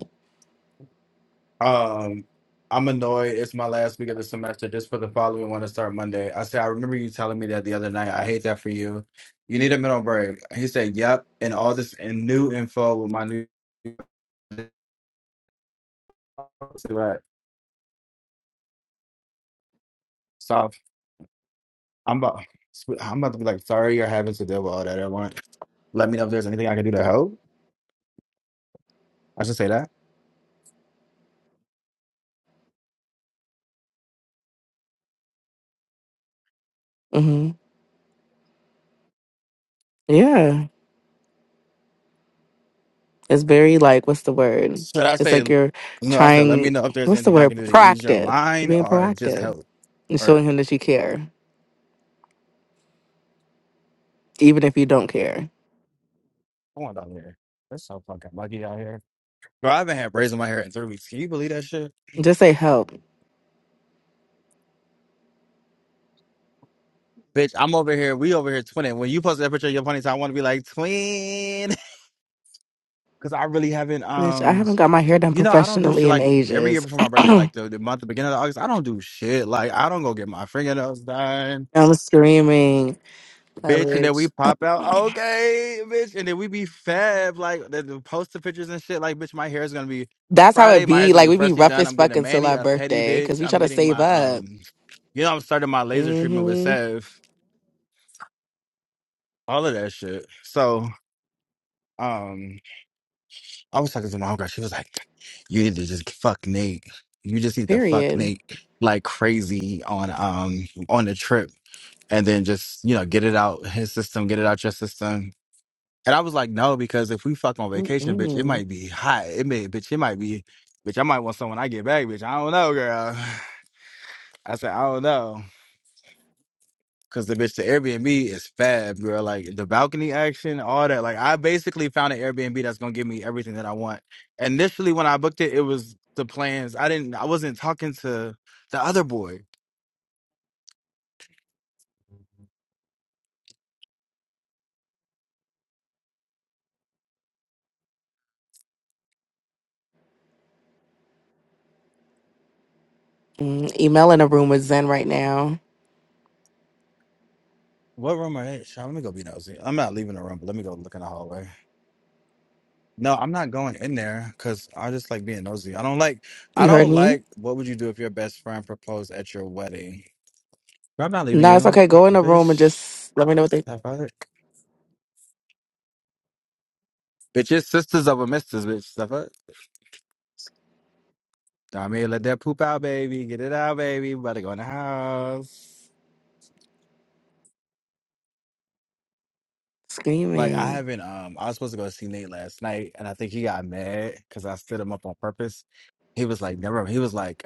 um, I'm annoyed. It's my last week of the semester. Just for the following one to start Monday. I said, I remember you telling me that the other night. I hate that for you. You need a mental break. He said, yep. And all this and new info with my new. right, so I'm about I'm about to be like, sorry you're having to deal with all that at once. Let me know if there's anything I can do to help. I should say that.
hmm Yeah. It's very like, what's the word?
Should I
It's
say
like you're
no, I said let me
trying,
know if there's
what's the
anything I
word?
can do to ease your
Proactive. You're
mind
being
or just
proactive
help.
and showing
Or
him that you care, even if you don't care.
come on down here. That's so fucking lucky out here. Bro, I haven't had braids in my hair in three weeks. Can you believe that shit?
Just say help.
Bitch, I'm over here. We over here twinning. When you post that picture of your ponytail, I want to be like twin, because I really haven't.
Bitch, I
Um,
haven't got my hair done
you know, I don't do
professionally
shit
in
like every year
ages.
before my birthday,
I
like the, the month, the beginning of August. I don't do shit. Like I don't go get my fingernails done,
was screaming.
bitch, and then
coverage.
we pop out. Okay, bitch, and then we be fab. Like the, the poster pictures and shit. Like bitch, my hair is gonna be
That's how it
Friday. My hair's
be.
gonna
Like
be
we be
freshly
rough
done.
as
I'm getting
fuck
a
until
mani,
our
a pedi,
birthday because
bitch.
we try
I'm
to
getting
save
my
up.
um, you know, I'm starting my laser treatment with
hmm
Sev. All of that shit. So. Um, I was talking to my homegirl. She was like, "You need to just fuck Nate. You just need to fuck
Period.
Nate like crazy on um on the trip, and then just you know get it out his system, get it out your system." And I was like, "No, because if we fuck on vacation, bitch, it
Mm-mm.
might be hot. It may, bitch, it might be, bitch, I might want someone I get back, bitch. I don't know, girl." I said, "I don't know." Cause the bitch, the Airbnb is fab, girl. Like the balcony action, all that. Like I basically found an Airbnb that's gonna give me everything that I want. Initially, when I booked it, it was the plans. I didn't. I wasn't talking to the other boy.
Mm, Email in the room with Zen right now.
What room are they? Sean, let me go be nosy. I'm not leaving the room, but let me go look in the hallway. No, I'm not going in there because I just like being nosy. I don't like. I
You heard
don't
me?
like. What would you do if your best friend proposed at your wedding? Girl, I'm not leaving
No, it's
you,
okay. Go in the room and
bitch.
just let me know what they
Stop it. Bitch, your sisters over misters, bitch. Stop it. Dame, let that poop out, baby. Get it out, baby. We about to go in the house. Like I
screaming.
haven't. Um, I was supposed to go see Nate last night, and I think he got mad because I stood him up on purpose. He was like, never. He was like,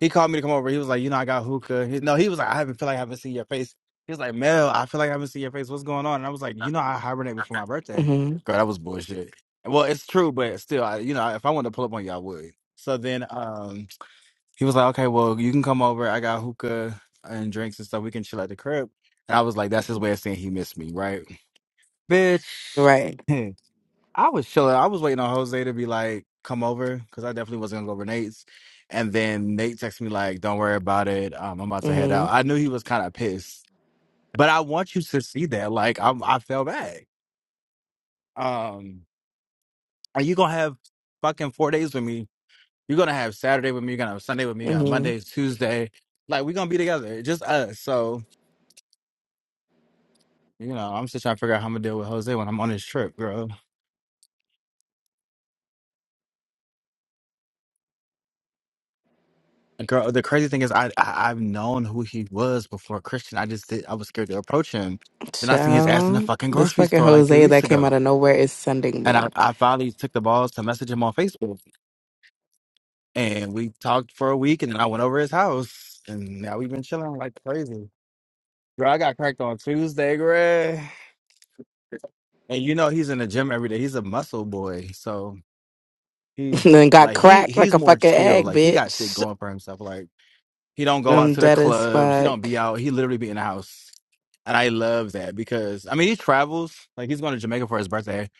he called me to come over. He was like, you know, I got hookah. He, no, he was like, I haven't feel like I haven't seen your face. He was like, Mel, I feel like I haven't seen your face. What's going on? And I was like, you know, I hibernate before my birthday.
hmm
Girl, that was bullshit. Well, it's true, but still, I, you know, if I wanted to pull up on you, I would. So then, um. He was like, okay, well, you can come over. I got hookah and drinks and stuff. We can chill at the crib. And I was like, that's his way of saying he missed me, right? Bitch,
Right.
I was chilling. I was waiting on Jose to be like, come over, because I definitely wasn't gonna go over Nate's. And then Nate texted me like, don't worry about it. Um, I'm about to head
hmm
out. I knew he was kind of pissed, but I want you to see that. Like, I'm, I fell back. Um, are you gonna have fucking four days with me You're gonna have Saturday with me. You're gonna have Sunday with me. You're gonna have
hmm
Monday, Tuesday. Like we're gonna be together, just us. So you know, I'm still trying to figure out how I'm gonna deal with Jose when I'm on this trip, girl. And Girl, the crazy thing is, I, I I've known who he was before Christian. I just did. I was scared to approach him. Then I seen his ass in the
Ciao.
fucking
This
grocery
fucking
store like three
Jose
weeks
that came out
ago,
of nowhere is sending
and I,
me.
I finally took the balls to message him on Facebook, and we talked for a week, and then I went over his house, and now we've been chilling like crazy. Girl, I got cracked on Tuesday, girl. And you know he's in the gym every day. He's a muscle boy. So he
And then got
like he
cracked like
he's
a
more
fucking
chill.
egg,
Like he got shit
bitch.
going for himself. Like he don't go out
I'm
to the
dead as
clubs. He
fuck.
don't be out. He literally be in the house. And I love that because I mean he travels. Like he's going to Jamaica for his birthday.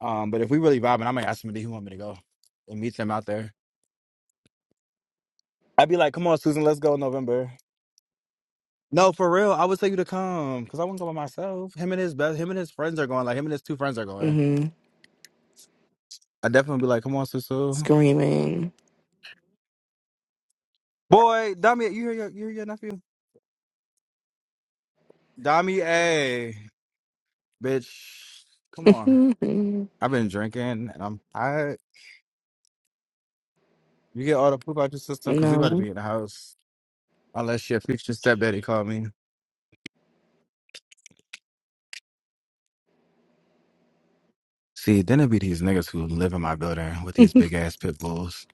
Um, but if we really vibing, I might ask him do he want me to go and meet him out there. I'd be like, come on, Susan, let's go in November. No, for real. I would tell you to come because I wouldn't go by myself. Him and his best, him and his friends are going. Like him and his two friends are going.
Mm-hmm.
I definitely be like, come on, Susu.
Screaming.
Boy, Dami, you hear your you hear your nephew? Dami, hey, bitch, come on. I've been drinking and I'm tired. You get all the poop out your system because we about to
no.
be in the house. Unless your future stepdaddy called me. See, then it be these niggas who live in my building with these big ass pit bulls.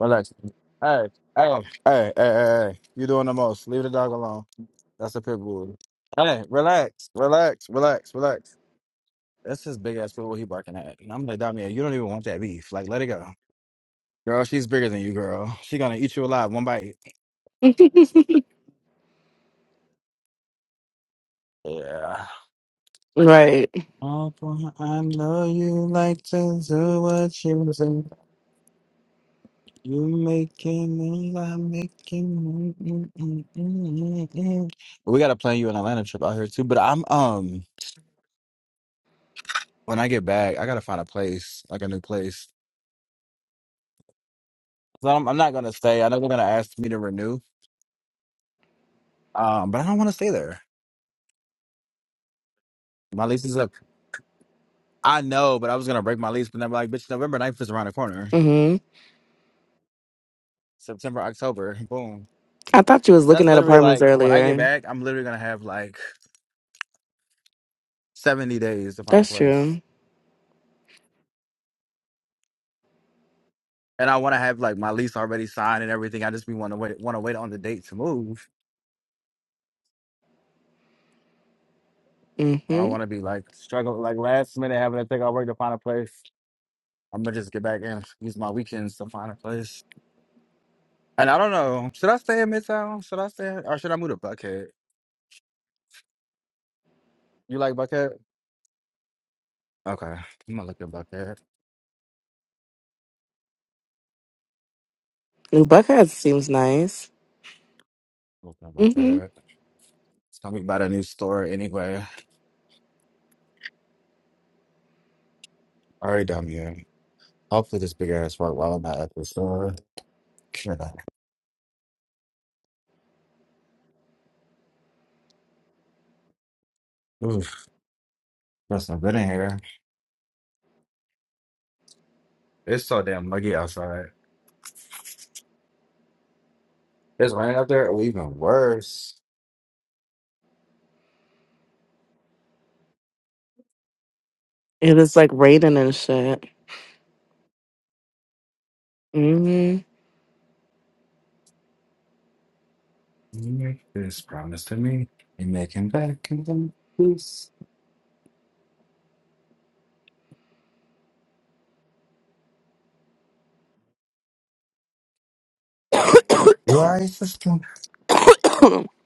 Relax. Hey, hey, hey, hey, hey, hey. You doing the most. Leave the dog alone. That's a pit bull. Hey, relax, relax, relax, relax. That's his big ass pit bull he barking at. And I'm like, Dami, you don't even want that beef. Like, let it go. Girl, she's bigger than you, girl. She gonna eat you alive, one bite. Yeah.
Right.
Oh, boy, I know you like to do what you do. You making me, I'm making me. We gotta plan you an Atlanta trip out here too. But I'm um, when I get back, I gotta find a place, like a new place. So I'm, I'm not gonna stay. I know they're gonna ask me to renew. Um, but I don't want to stay there. My lease is up. I know, but I was gonna break my lease, but then I'm like, bitch, November ninth is around the corner.
hmm
September, October, boom.
I thought you was looking
That's
at
literally
apartments
like when I get
earlier.
back, I'm literally gonna have like 70 days to find a
That's
place.
true.
And I wanna have like my lease already signed and everything. I just be wanna wait wanna wait on the date to move. I don't
Mm-hmm.
wanna be like struggle like last minute having to take out work to find a place. I'm gonna just get back and use my weekends to find a place. And I don't know. Should I stay in Midtown? Should I stay or should I move to Buckhead? You like Buckhead? Okay. I'm gonna look at Buckhead.
New Buckhead seems nice.
Look at
Mm-hmm.
Buckhead. It's gonna be by the new store anyway. All right, down here. Hopefully this big ass work while I'm at the store. Yeah. Oof, that's not good in here. It's so damn muggy outside. It's raining up there, or even worse.
It is like raining and shit. Mm-hmm.
Make this promise to me. You make him back and then peace. You are a sister.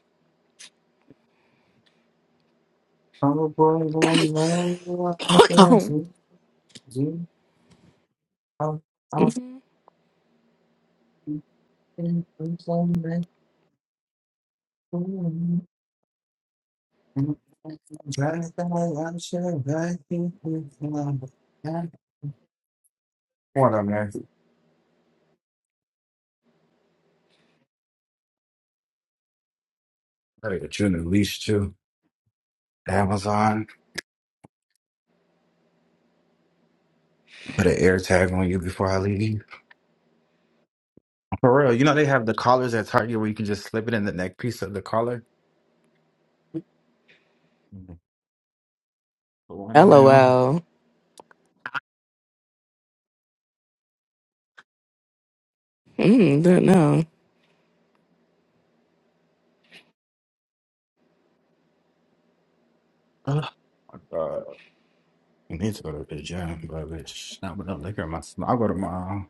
I'm a boy, I know I can't see you. I'm
Mhm.
often from some night home. And I'm trying to I'm sure I think you can. What up, man? Better get you in the leash, too. Amazon. Put an air tag on you before I leave. For real, you know they have the collars at Target where you can just slip it in the neck piece of the collar. Mhm. But why not now?
LOL. Mm, don't know.
Ugh. My God! I need to go to the gym, but bitch, not with no liquor in my stomach. I'll go tomorrow.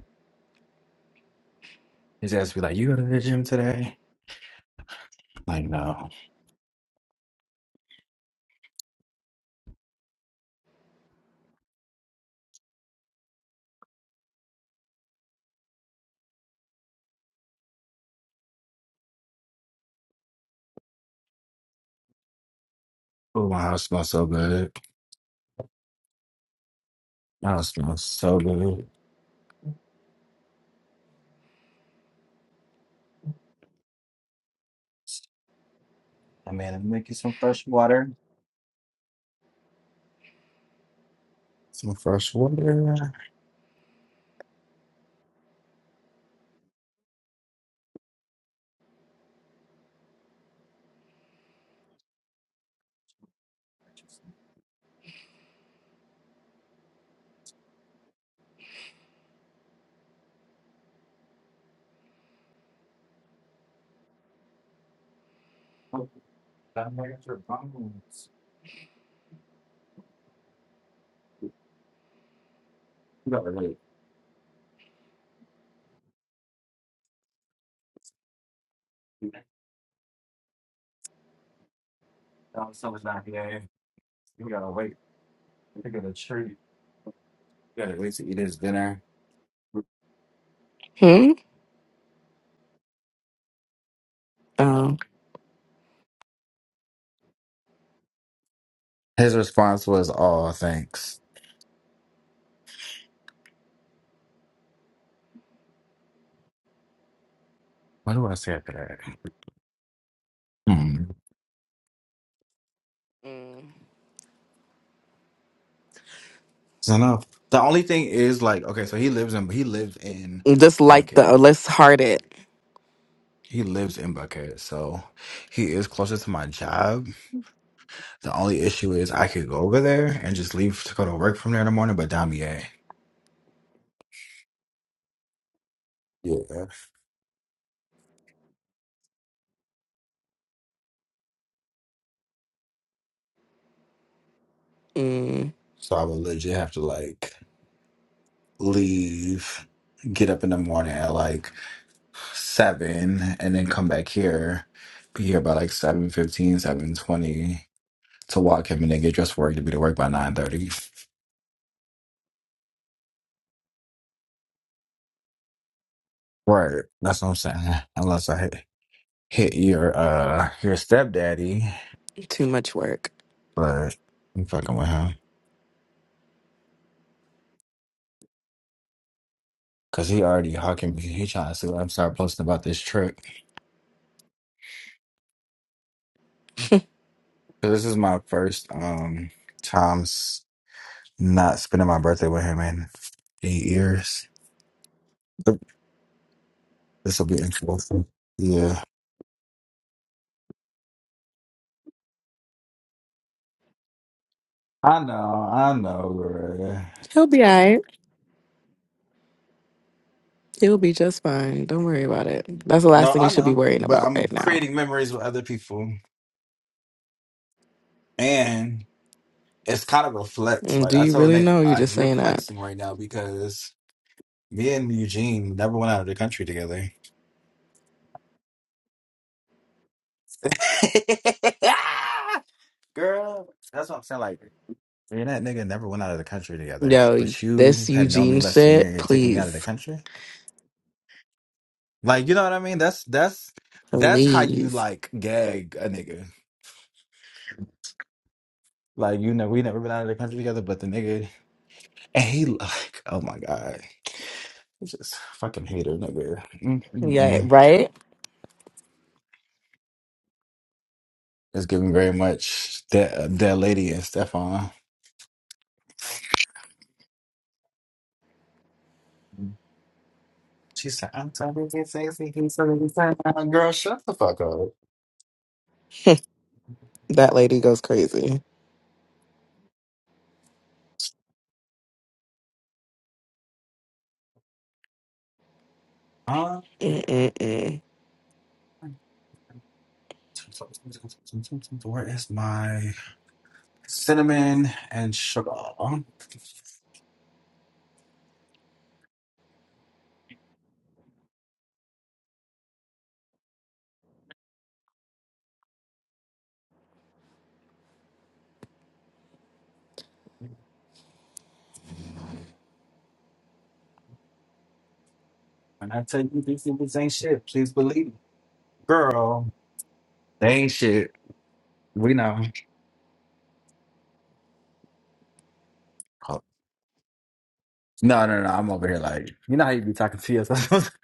His ass be like, "You go to the gym today?" Like, no. Oh, my house smells so good. My house smells so good. I mean, I'm make you some fresh water. Some fresh water. Oh, that nigga's your bones. You gotta wait. Oh, someone's not here. You gotta wait. You got a treat. You Gotta wait to eat his dinner.
Hmm? Oh.
His response was, "Oh, thanks." What do I say after that? Hmm.
Mm.
It's enough. The only thing is, like, okay, so he lives in he lived in
Just like the,
Buckhead.
uh, let's heart it.
He lives in Buckhead, so he is closer to my job. The only issue is I could go over there and just leave to go to work from there in the morning, but damn yeah, yeah.
Mm,
So I would legit have to like leave, get up in the morning at like seven, and then come back here, be here by like seven fifteen, seven twenty. to walk him and then get dressed for work to be to work by nine thirty. Right. That's what I'm saying. Unless I hit, hit your uh your stepdaddy,
too much work.
but I'm fucking with him because he already hawking me. He trying to see what I'm start posting about this trip. So this is my first um times not spending my birthday with him in eight years. Yep. This will be interesting. Yeah, I know, I know. Gloria.
He'll be all right. It'll be just fine. Don't worry about it. That's the last
No,
thing you
I
should be
know,
worrying
but
about
I'm
right now.
creating memories with other people, and it's kind of a flex.
And
Like
do
I
you
told
really
Nick,
know you're
uh,
just
you're
saying that?
flexing right now because me and Eugene never went out of the country together. Girl, that's what I'm saying. Like me and that nigga never went out of the country together,
Yo,
but you
this
have known me
Eugene
less than a year.
shit,
and You're taking me out of the
please.
country. Like you know what I mean? That's that's that's how you
Please.
like gag a nigga. Like you know, we never been out of the country together, but the nigga and he like, oh my god, I just fucking hate her nigga.
Yeah, right?
It's giving very much that uh, that lady and Stefan. She said, "I'm so busy, sexy, he's so busy, sexy." Uh, Girl, shut the fuck up.
that lady goes crazy.
Uh,
Mm-mm-mm.
where is my cinnamon and sugar? When I tell you these niggas ain't shit, please believe me. Girl, they ain't shit. We know. No, no, no. I'm over here like, you know how you be talking to yourself.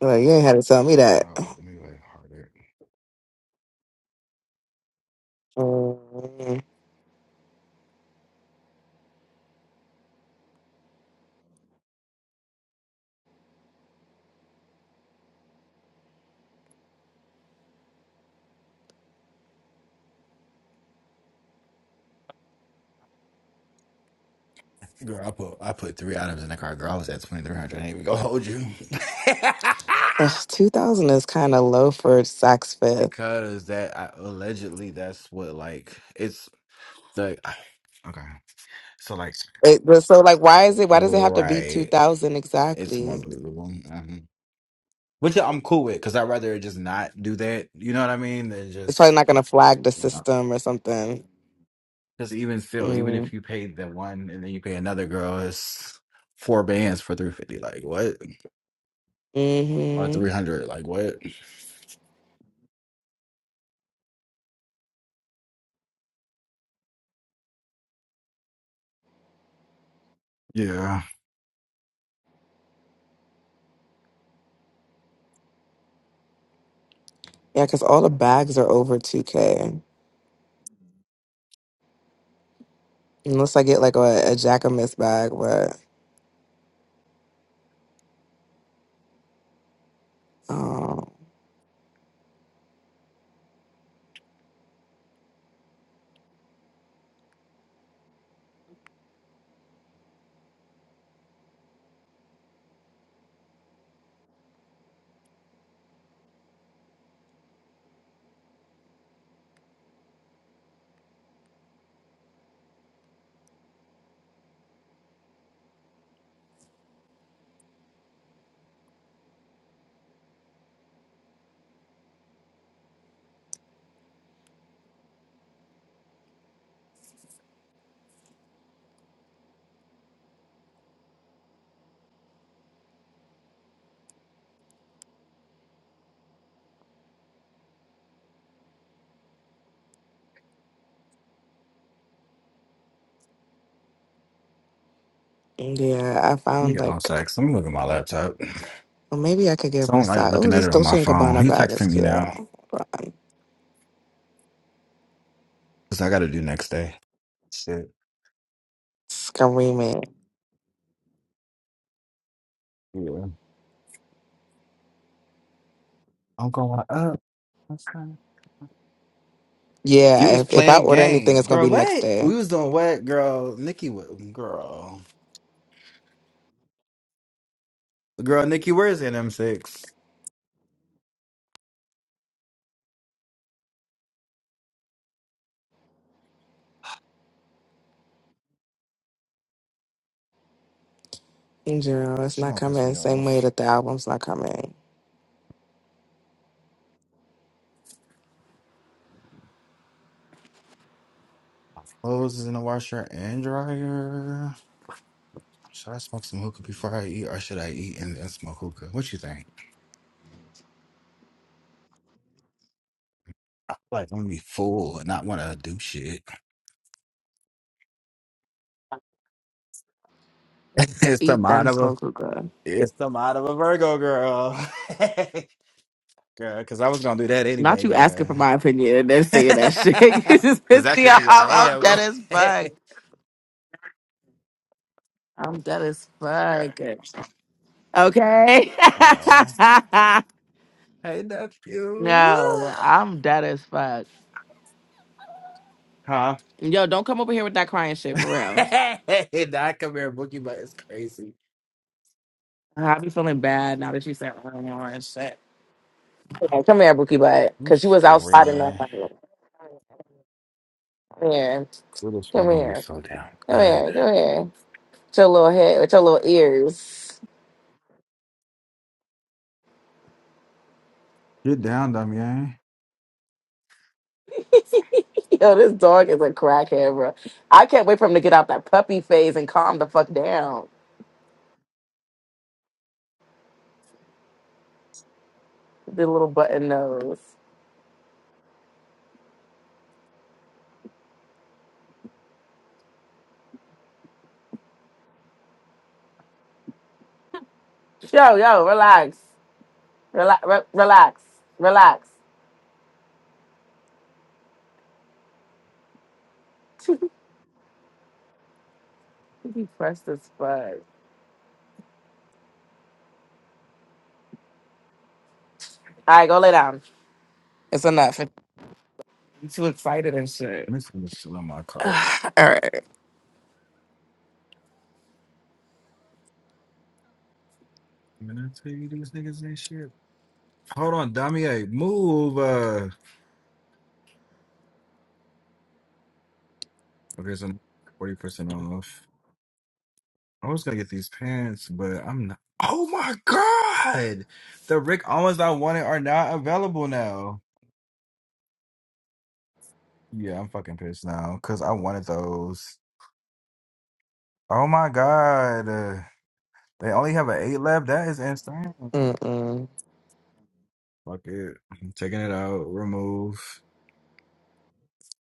Well, you ain't had to tell me that.
Oh wait, let me like harder.
Mm.
girl, I put I put three items in the car. Girl, I was at twenty three hundred. I ain't even gonna hold you
Ugh, 2000 is kind of low for Saks Fifth.
because that I, allegedly that's what like it's like Okay. so like
It, but so, like, why is it? Why does it have to be
right.
2000
It's more
exactly?
believable, Mhm. which I'm cool with because I'd rather just not do that. You know what I mean? Than
It's probably
just.
not going to flag the system or something.
Because even still, even
Mm.
if you paid the one and then you pay another girl, it's four bands for three fifty. Like what? Or three hundred? Like what? Yeah.
Yeah, because all the bags are over 2K. Unless I get like a, a Jacquemus bag, but um, yeah, I
Let me
found
get on
like,
sex. Let me look at my laptop.
well, maybe I could get
So I don't like
Versace. Oh,
looking at
this
it on my
Dolce& and
phone.
Gabbana
He
bag is
texting me
cute.
now.
Hold on.
Cause I got to do next day. Shit.
Screaming.
Yeah. I'm going up. That's fine. You
Yeah,
was
if, if I
playing
order anything,
games,
it's going to
girl.
be next
What?
day.
We was doing what, girl? Nikki, wa- girl, girl, Nikki, where's NM6?
In general, it's
She
not
gonna piss
coming.
me
Same way
off.
that the album's not coming.
Clothes is in the washer and dryer. Should I smoke some hookah before I eat, or should I eat and then smoke hookah? What you think? I feel like I'm gonna be full and not wanna do shit. it's the
Eat
mind
then
of a
smoke hookah.
it's the mind of a Virgo girl, girl. Because I was gonna do that
Not
anyway,
you
girl.
asking for my opinion and then saying that shit. you just
Because
pissed
that's
me
just
off.
who
I'm,
I
I'm
am, girl.
dead as fuck. I'm dead as fuck. Okay.
Aw. hey nephew,
no, I'm dead as fuck.
huh?
Yo, don't come over here with that crying shit for real.
hey, nah, come here, boogie, but it's crazy.
I be feeling bad now that you said "Oh, no," and shit. Okay, Come here, Bookie Butt,
I'm
because you was outside in the
screaming.
Come here.
We're just- we're
Come
gonna be
here.
so down
Come
good.
here. Come here. With your little head, with your little ears.
Get down, dumb
Yo, this dog is a crackhead, bro. I can't wait for him to get out that puppy phase and calm the fuck down. The little button nose. Yo, yo, relax. Relax. Re- relax. Relax. You be pressed as fuck. All right, go lay down. It's enough. You too excited.
This one's still in my
All
cart.
right.
Man, I tell you, these niggas ain't shit. Hold on, Damier, move. Uh, okay, so forty percent off. I was gonna get these pants, but I'm not. Oh my god, the Rick Owens I wanted are not available now. Yeah, I'm fucking pissed now because I wanted those. Oh my god, uh, they only have an eight left. That is insane.
Mm-mm.
Fuck it, I'm taking it out. Remove.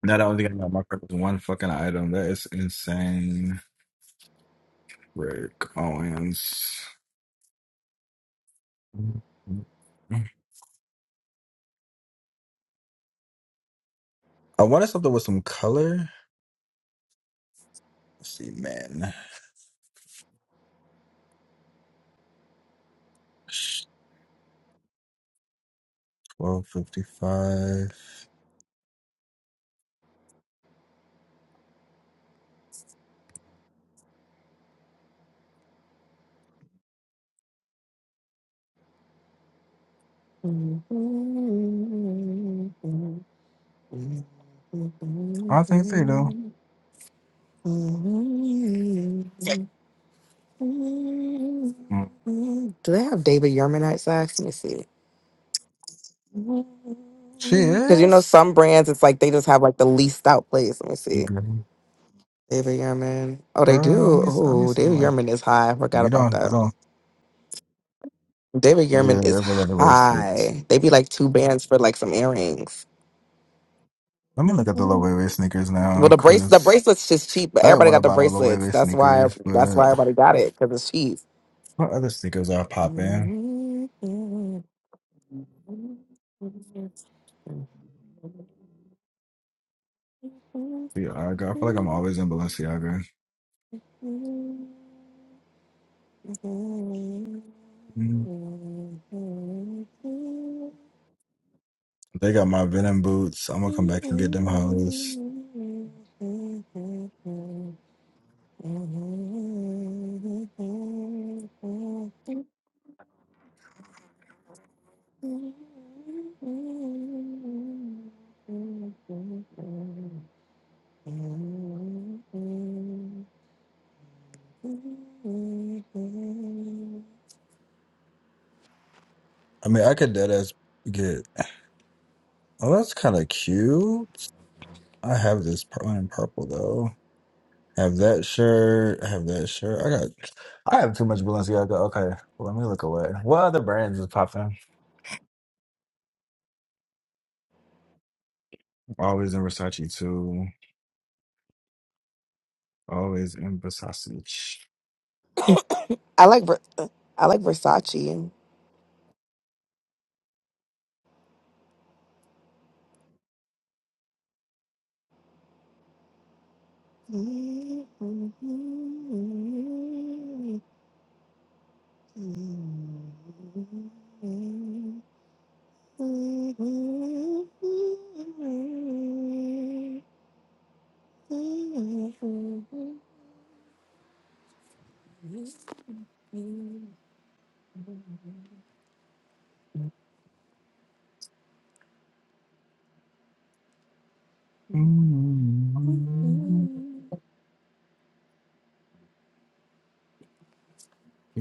Now the only thing I got in my cart is one fucking item. That is insane. Rick Owens. I wanted something with some color. Let's see, man. Twelve fifty-five. I think they do. Mm.
Do they have David Yerman outside? Let me see.
She
Because you know,
is.
some brands, it's like they just have like the leased out place. Let me see.
Mhm.
David Yerman. Oh, they
Girl, I'm
do.
be, I'm be
Oh,
seeing
David
like
Yerman is high. I forgot
we
about
don't,
that.
we don't.
David
Yeah,
Gearman is
every other the is.
high. They be like two bands for like some earrings.
Let me look at the low
Well,
way sneakers now,
the brace the
cause
bracelets just cheap, but
I didn't
everybody
want to
got the
buy no low
bracelets.
way
That's why
sneakers,
that's
but
why everybody got it because it's cheap.
what other sneakers are popping? Balenciaga. I feel like I'm always in Balenciaga. They got my Venom boots. I'm gonna come back and get them hoes. I mean, I could dead ass get. Oh, that's kind of cute. I have this pur- one in purple though. Have that shirt. I have that shirt. I got. I have too much Balenciaga. Okay, let me look away. What other brands is popping? Always in Versace too. Always in Versace.
I like Ver- I like Versace. Yeah,
mm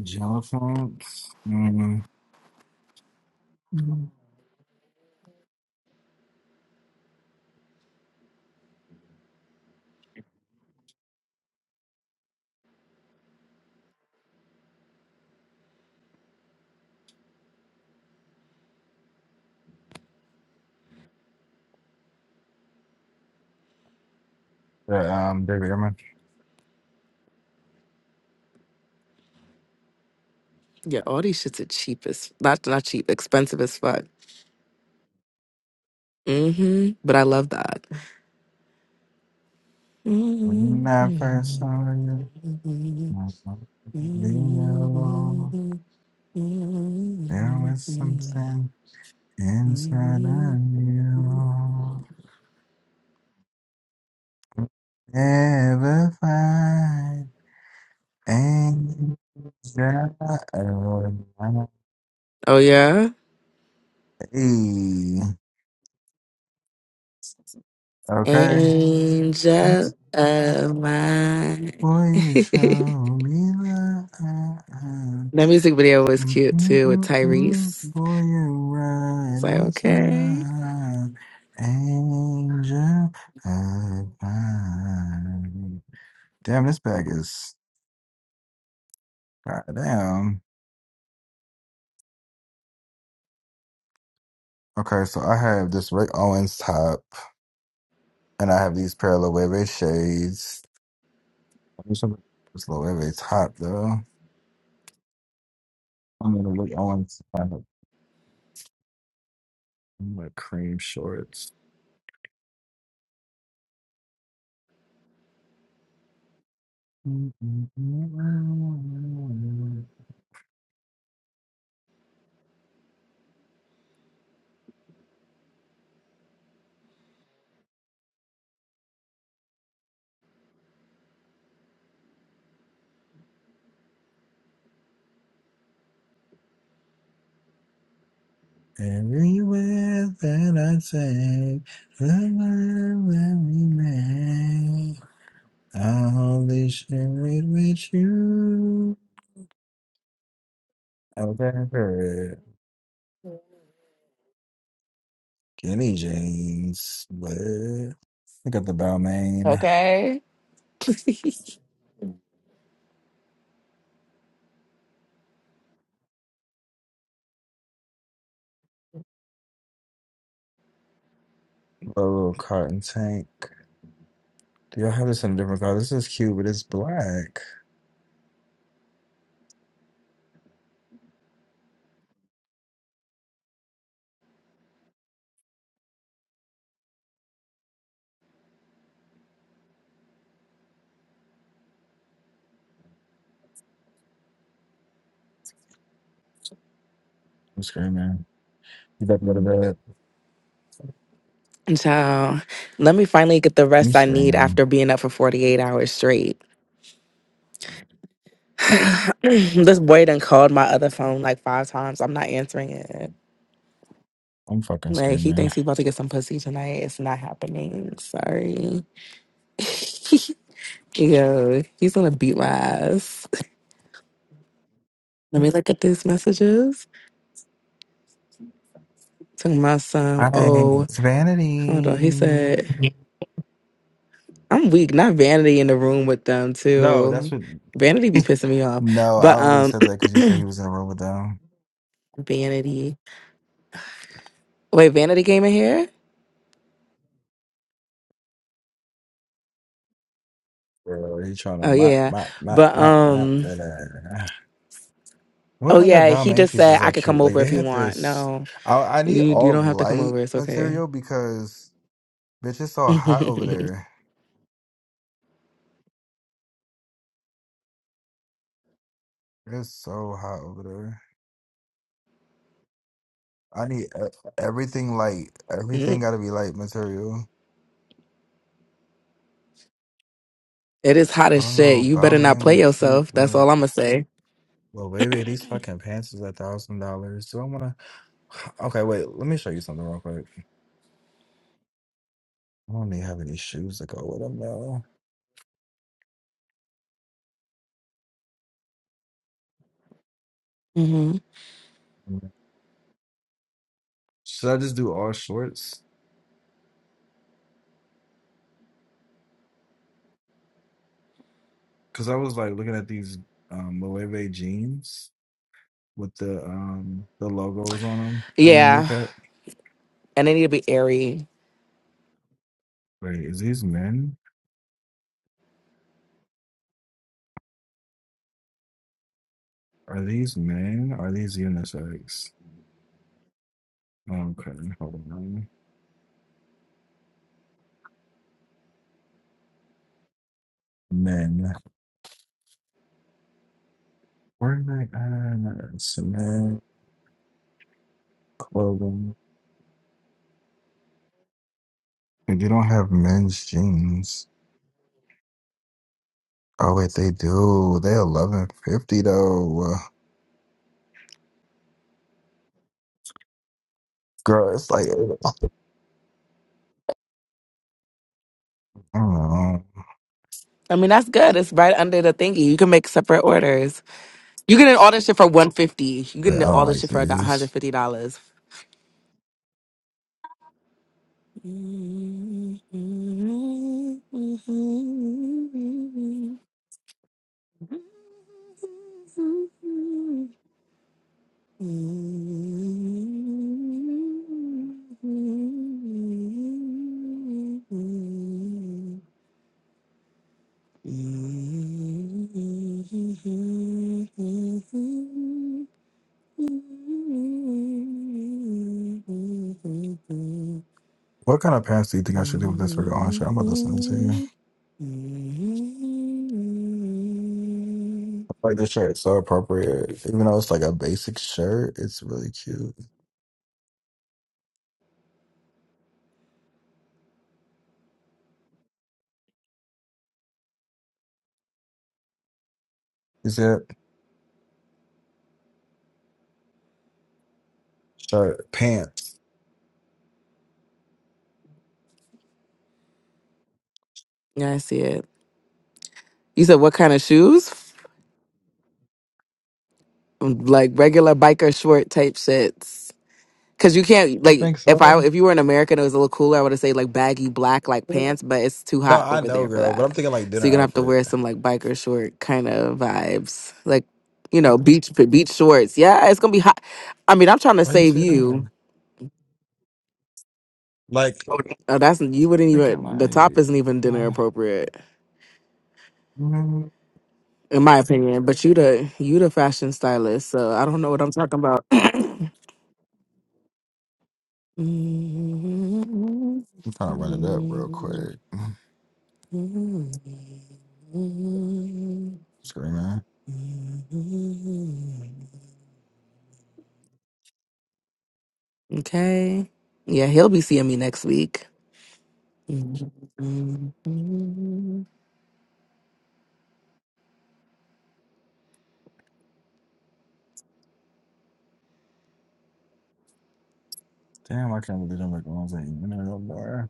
Jello mm Yeah, um, David Irman.
all these shits are cheap as not not cheap, expensive as fuck. hmm But I love that.
When I first saw you. You know, there was something inside of you. Never find anxiety.
Oh yeah,
Okay.
angel of mine.
Will you show me love?
that music video was cute too with
Mm-mm-mm-mm,
Tyrese.
boy, you're
I was
right
like,
on
okay,
time. Angel of mine. Damn, this bag is goddamn. Okay, so I have this Rick Owens top, and I have these pair of Loewe shades. I wish I would- This Loewe top, though. I'm gonna Rick Owens top. I'm gonna like cream shorts. Mm, mm, mm, mm, mm, mm. Everywhere that I take, the love that we make, I'll be sharing with you. I'll never Kenny James, but I got the Balmain, a
okay.
little cotton tank. Do y'all have this in a different color? This is cute, but it's black. I'm screaming. You better go to bed.
And So let me finally get the
I'm
rest I need
screaming.
after being up for 48 hours straight. this boy done called my other phone like five times. I'm not answering it.
I'm fucking
Like he
screaming.
thinks he's about to get some pussy tonight. It's not happening. Sorry. Yo, he's gonna beat my ass. Let me look at these messages. To my son,
I ain't
oh,
It's
hold on. He said,
vanity.
I'm weak. Not vanity in the room with them
No, that's
too.
what.
Vanity be pissing me off.
no, I
But
only
um
said that because you said he was in a room with them.
vanity. Wait, Vanity came in here?
Bro, he trying to
Oh
mop,
yeah.
mop, mop,
But
mop, mop.
um
Uh, What
oh
other
yeah, he
Balmain
just said
pieces
I
are
could come
cute? Like
over
they
if you
had
want.
this.
No.
I I need
You you
all
don't have to come
light
over. It's okay.
material because bitch, it's so hot over
it
there. It's so hot over there. I need e- everything light. Everything got to be light material.
is hot
I
as
don't
shit.
know.
You better not
Balmain
play
be cute,
yourself. That's
but
all I'm gonna say.
well, baby, these fucking pants is a thousand dollars. Do I want to? Okay, wait. Let me show you something real quick. I don't even have any shoes to go with them now.
hmm
Mm. Should I just do all shorts? Because I was like looking at these um Loewe jeans with the um the logos on them on the
Yeah.
kneecap.
And they need to be airy.
Wait, is these men? Are these men? Are these unisex? Okay, hold on. Men. Where did I add some men clothing? If you don't have men's jeans. Oh wait, they do. They're eleven fifty though. Girl, it's like, I don't know.
I mean that's good. It's right under the thingy. You can make separate orders. You can get all this shit for one fifty. You
Like,
can
I
get all
don't
this
like
shit for about hundred
this.
fifty dollars.
What kind of pants do you think I should do with this for on shirt? I'm about to send it to you. Like, this shirt is so appropriate. Even though it's like a basic shirt, it's really cute. Is it shirt, pants?
Yeah, I see it. You said what kind of shoes? like regular biker short type shits. Cause you can't
You
like
think
if I
so?
if you were an American, it was a little cooler. I would have say like baggy black like pants,
No,
but it's too hot
I
over
know,
there for
girl, but I'm
that.
thinking like
So
dinner
you're gonna have to
outfit.
wear some like biker short kind of vibes, like you know beach beach shorts. Yeah, it's gonna be hot. I mean, I'm trying to
Why you
save
say that?
you.
Like,
Oh, that's you wouldn't
thinking
even the top isn't even
like,
dinner
uh,
appropriate in my opinion. But you the you the fashion stylist, so I don't know what I'm talking about. Okay.
I'm trying to run it up real quick. Screaming.
Yeah, he'll be seeing me next week. Let me
Damn, I can't believe I'm like, I was like, you know, no more.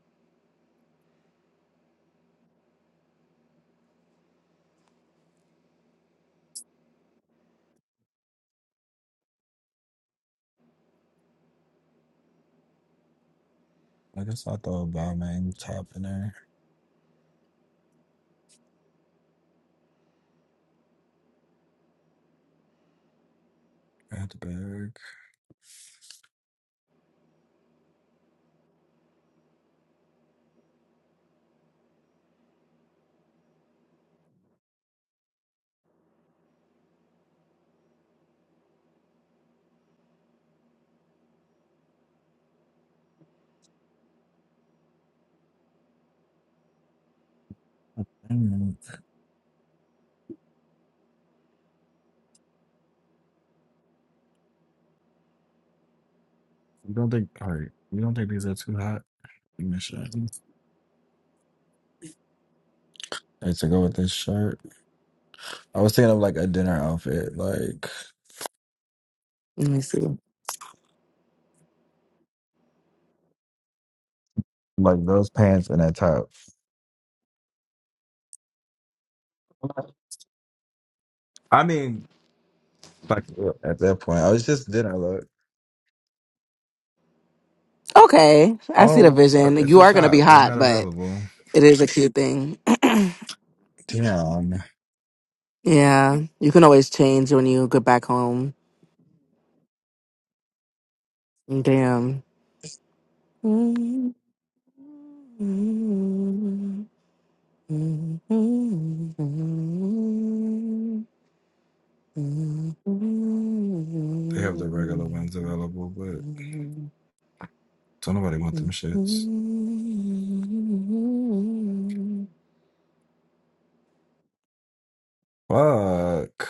Like, I guess I throw a Balmain top in there. Add the bag. Mm, You don't think? All right. You don't think these are too hot? Give me a shot. Like to go with this shirt. I was thinking of like a dinner outfit, like
see.
like those pants and that top. I mean, like yeah, at that point, I was just dinner look.
Okay. I see the
Oh fuck!
vision.
It's
You
a
are going to be
chop. They're
hot,
not
but
available.
it is a cute thing.
Damn.
yeah. You can always change when you get back home. Damn. All right,
They have the regular ones available, but don't nobody want them shits. Fuck.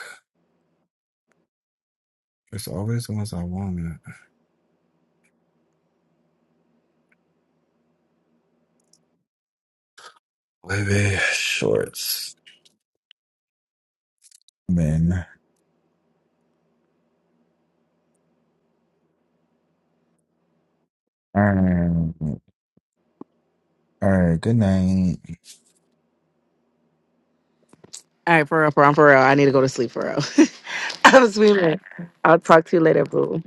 It's always the ones I want. Baby shorts. Men. All right, good night.
for real, for real, for real. I need to go to sleep for real. I'm sweet. I'll talk to you later, boo.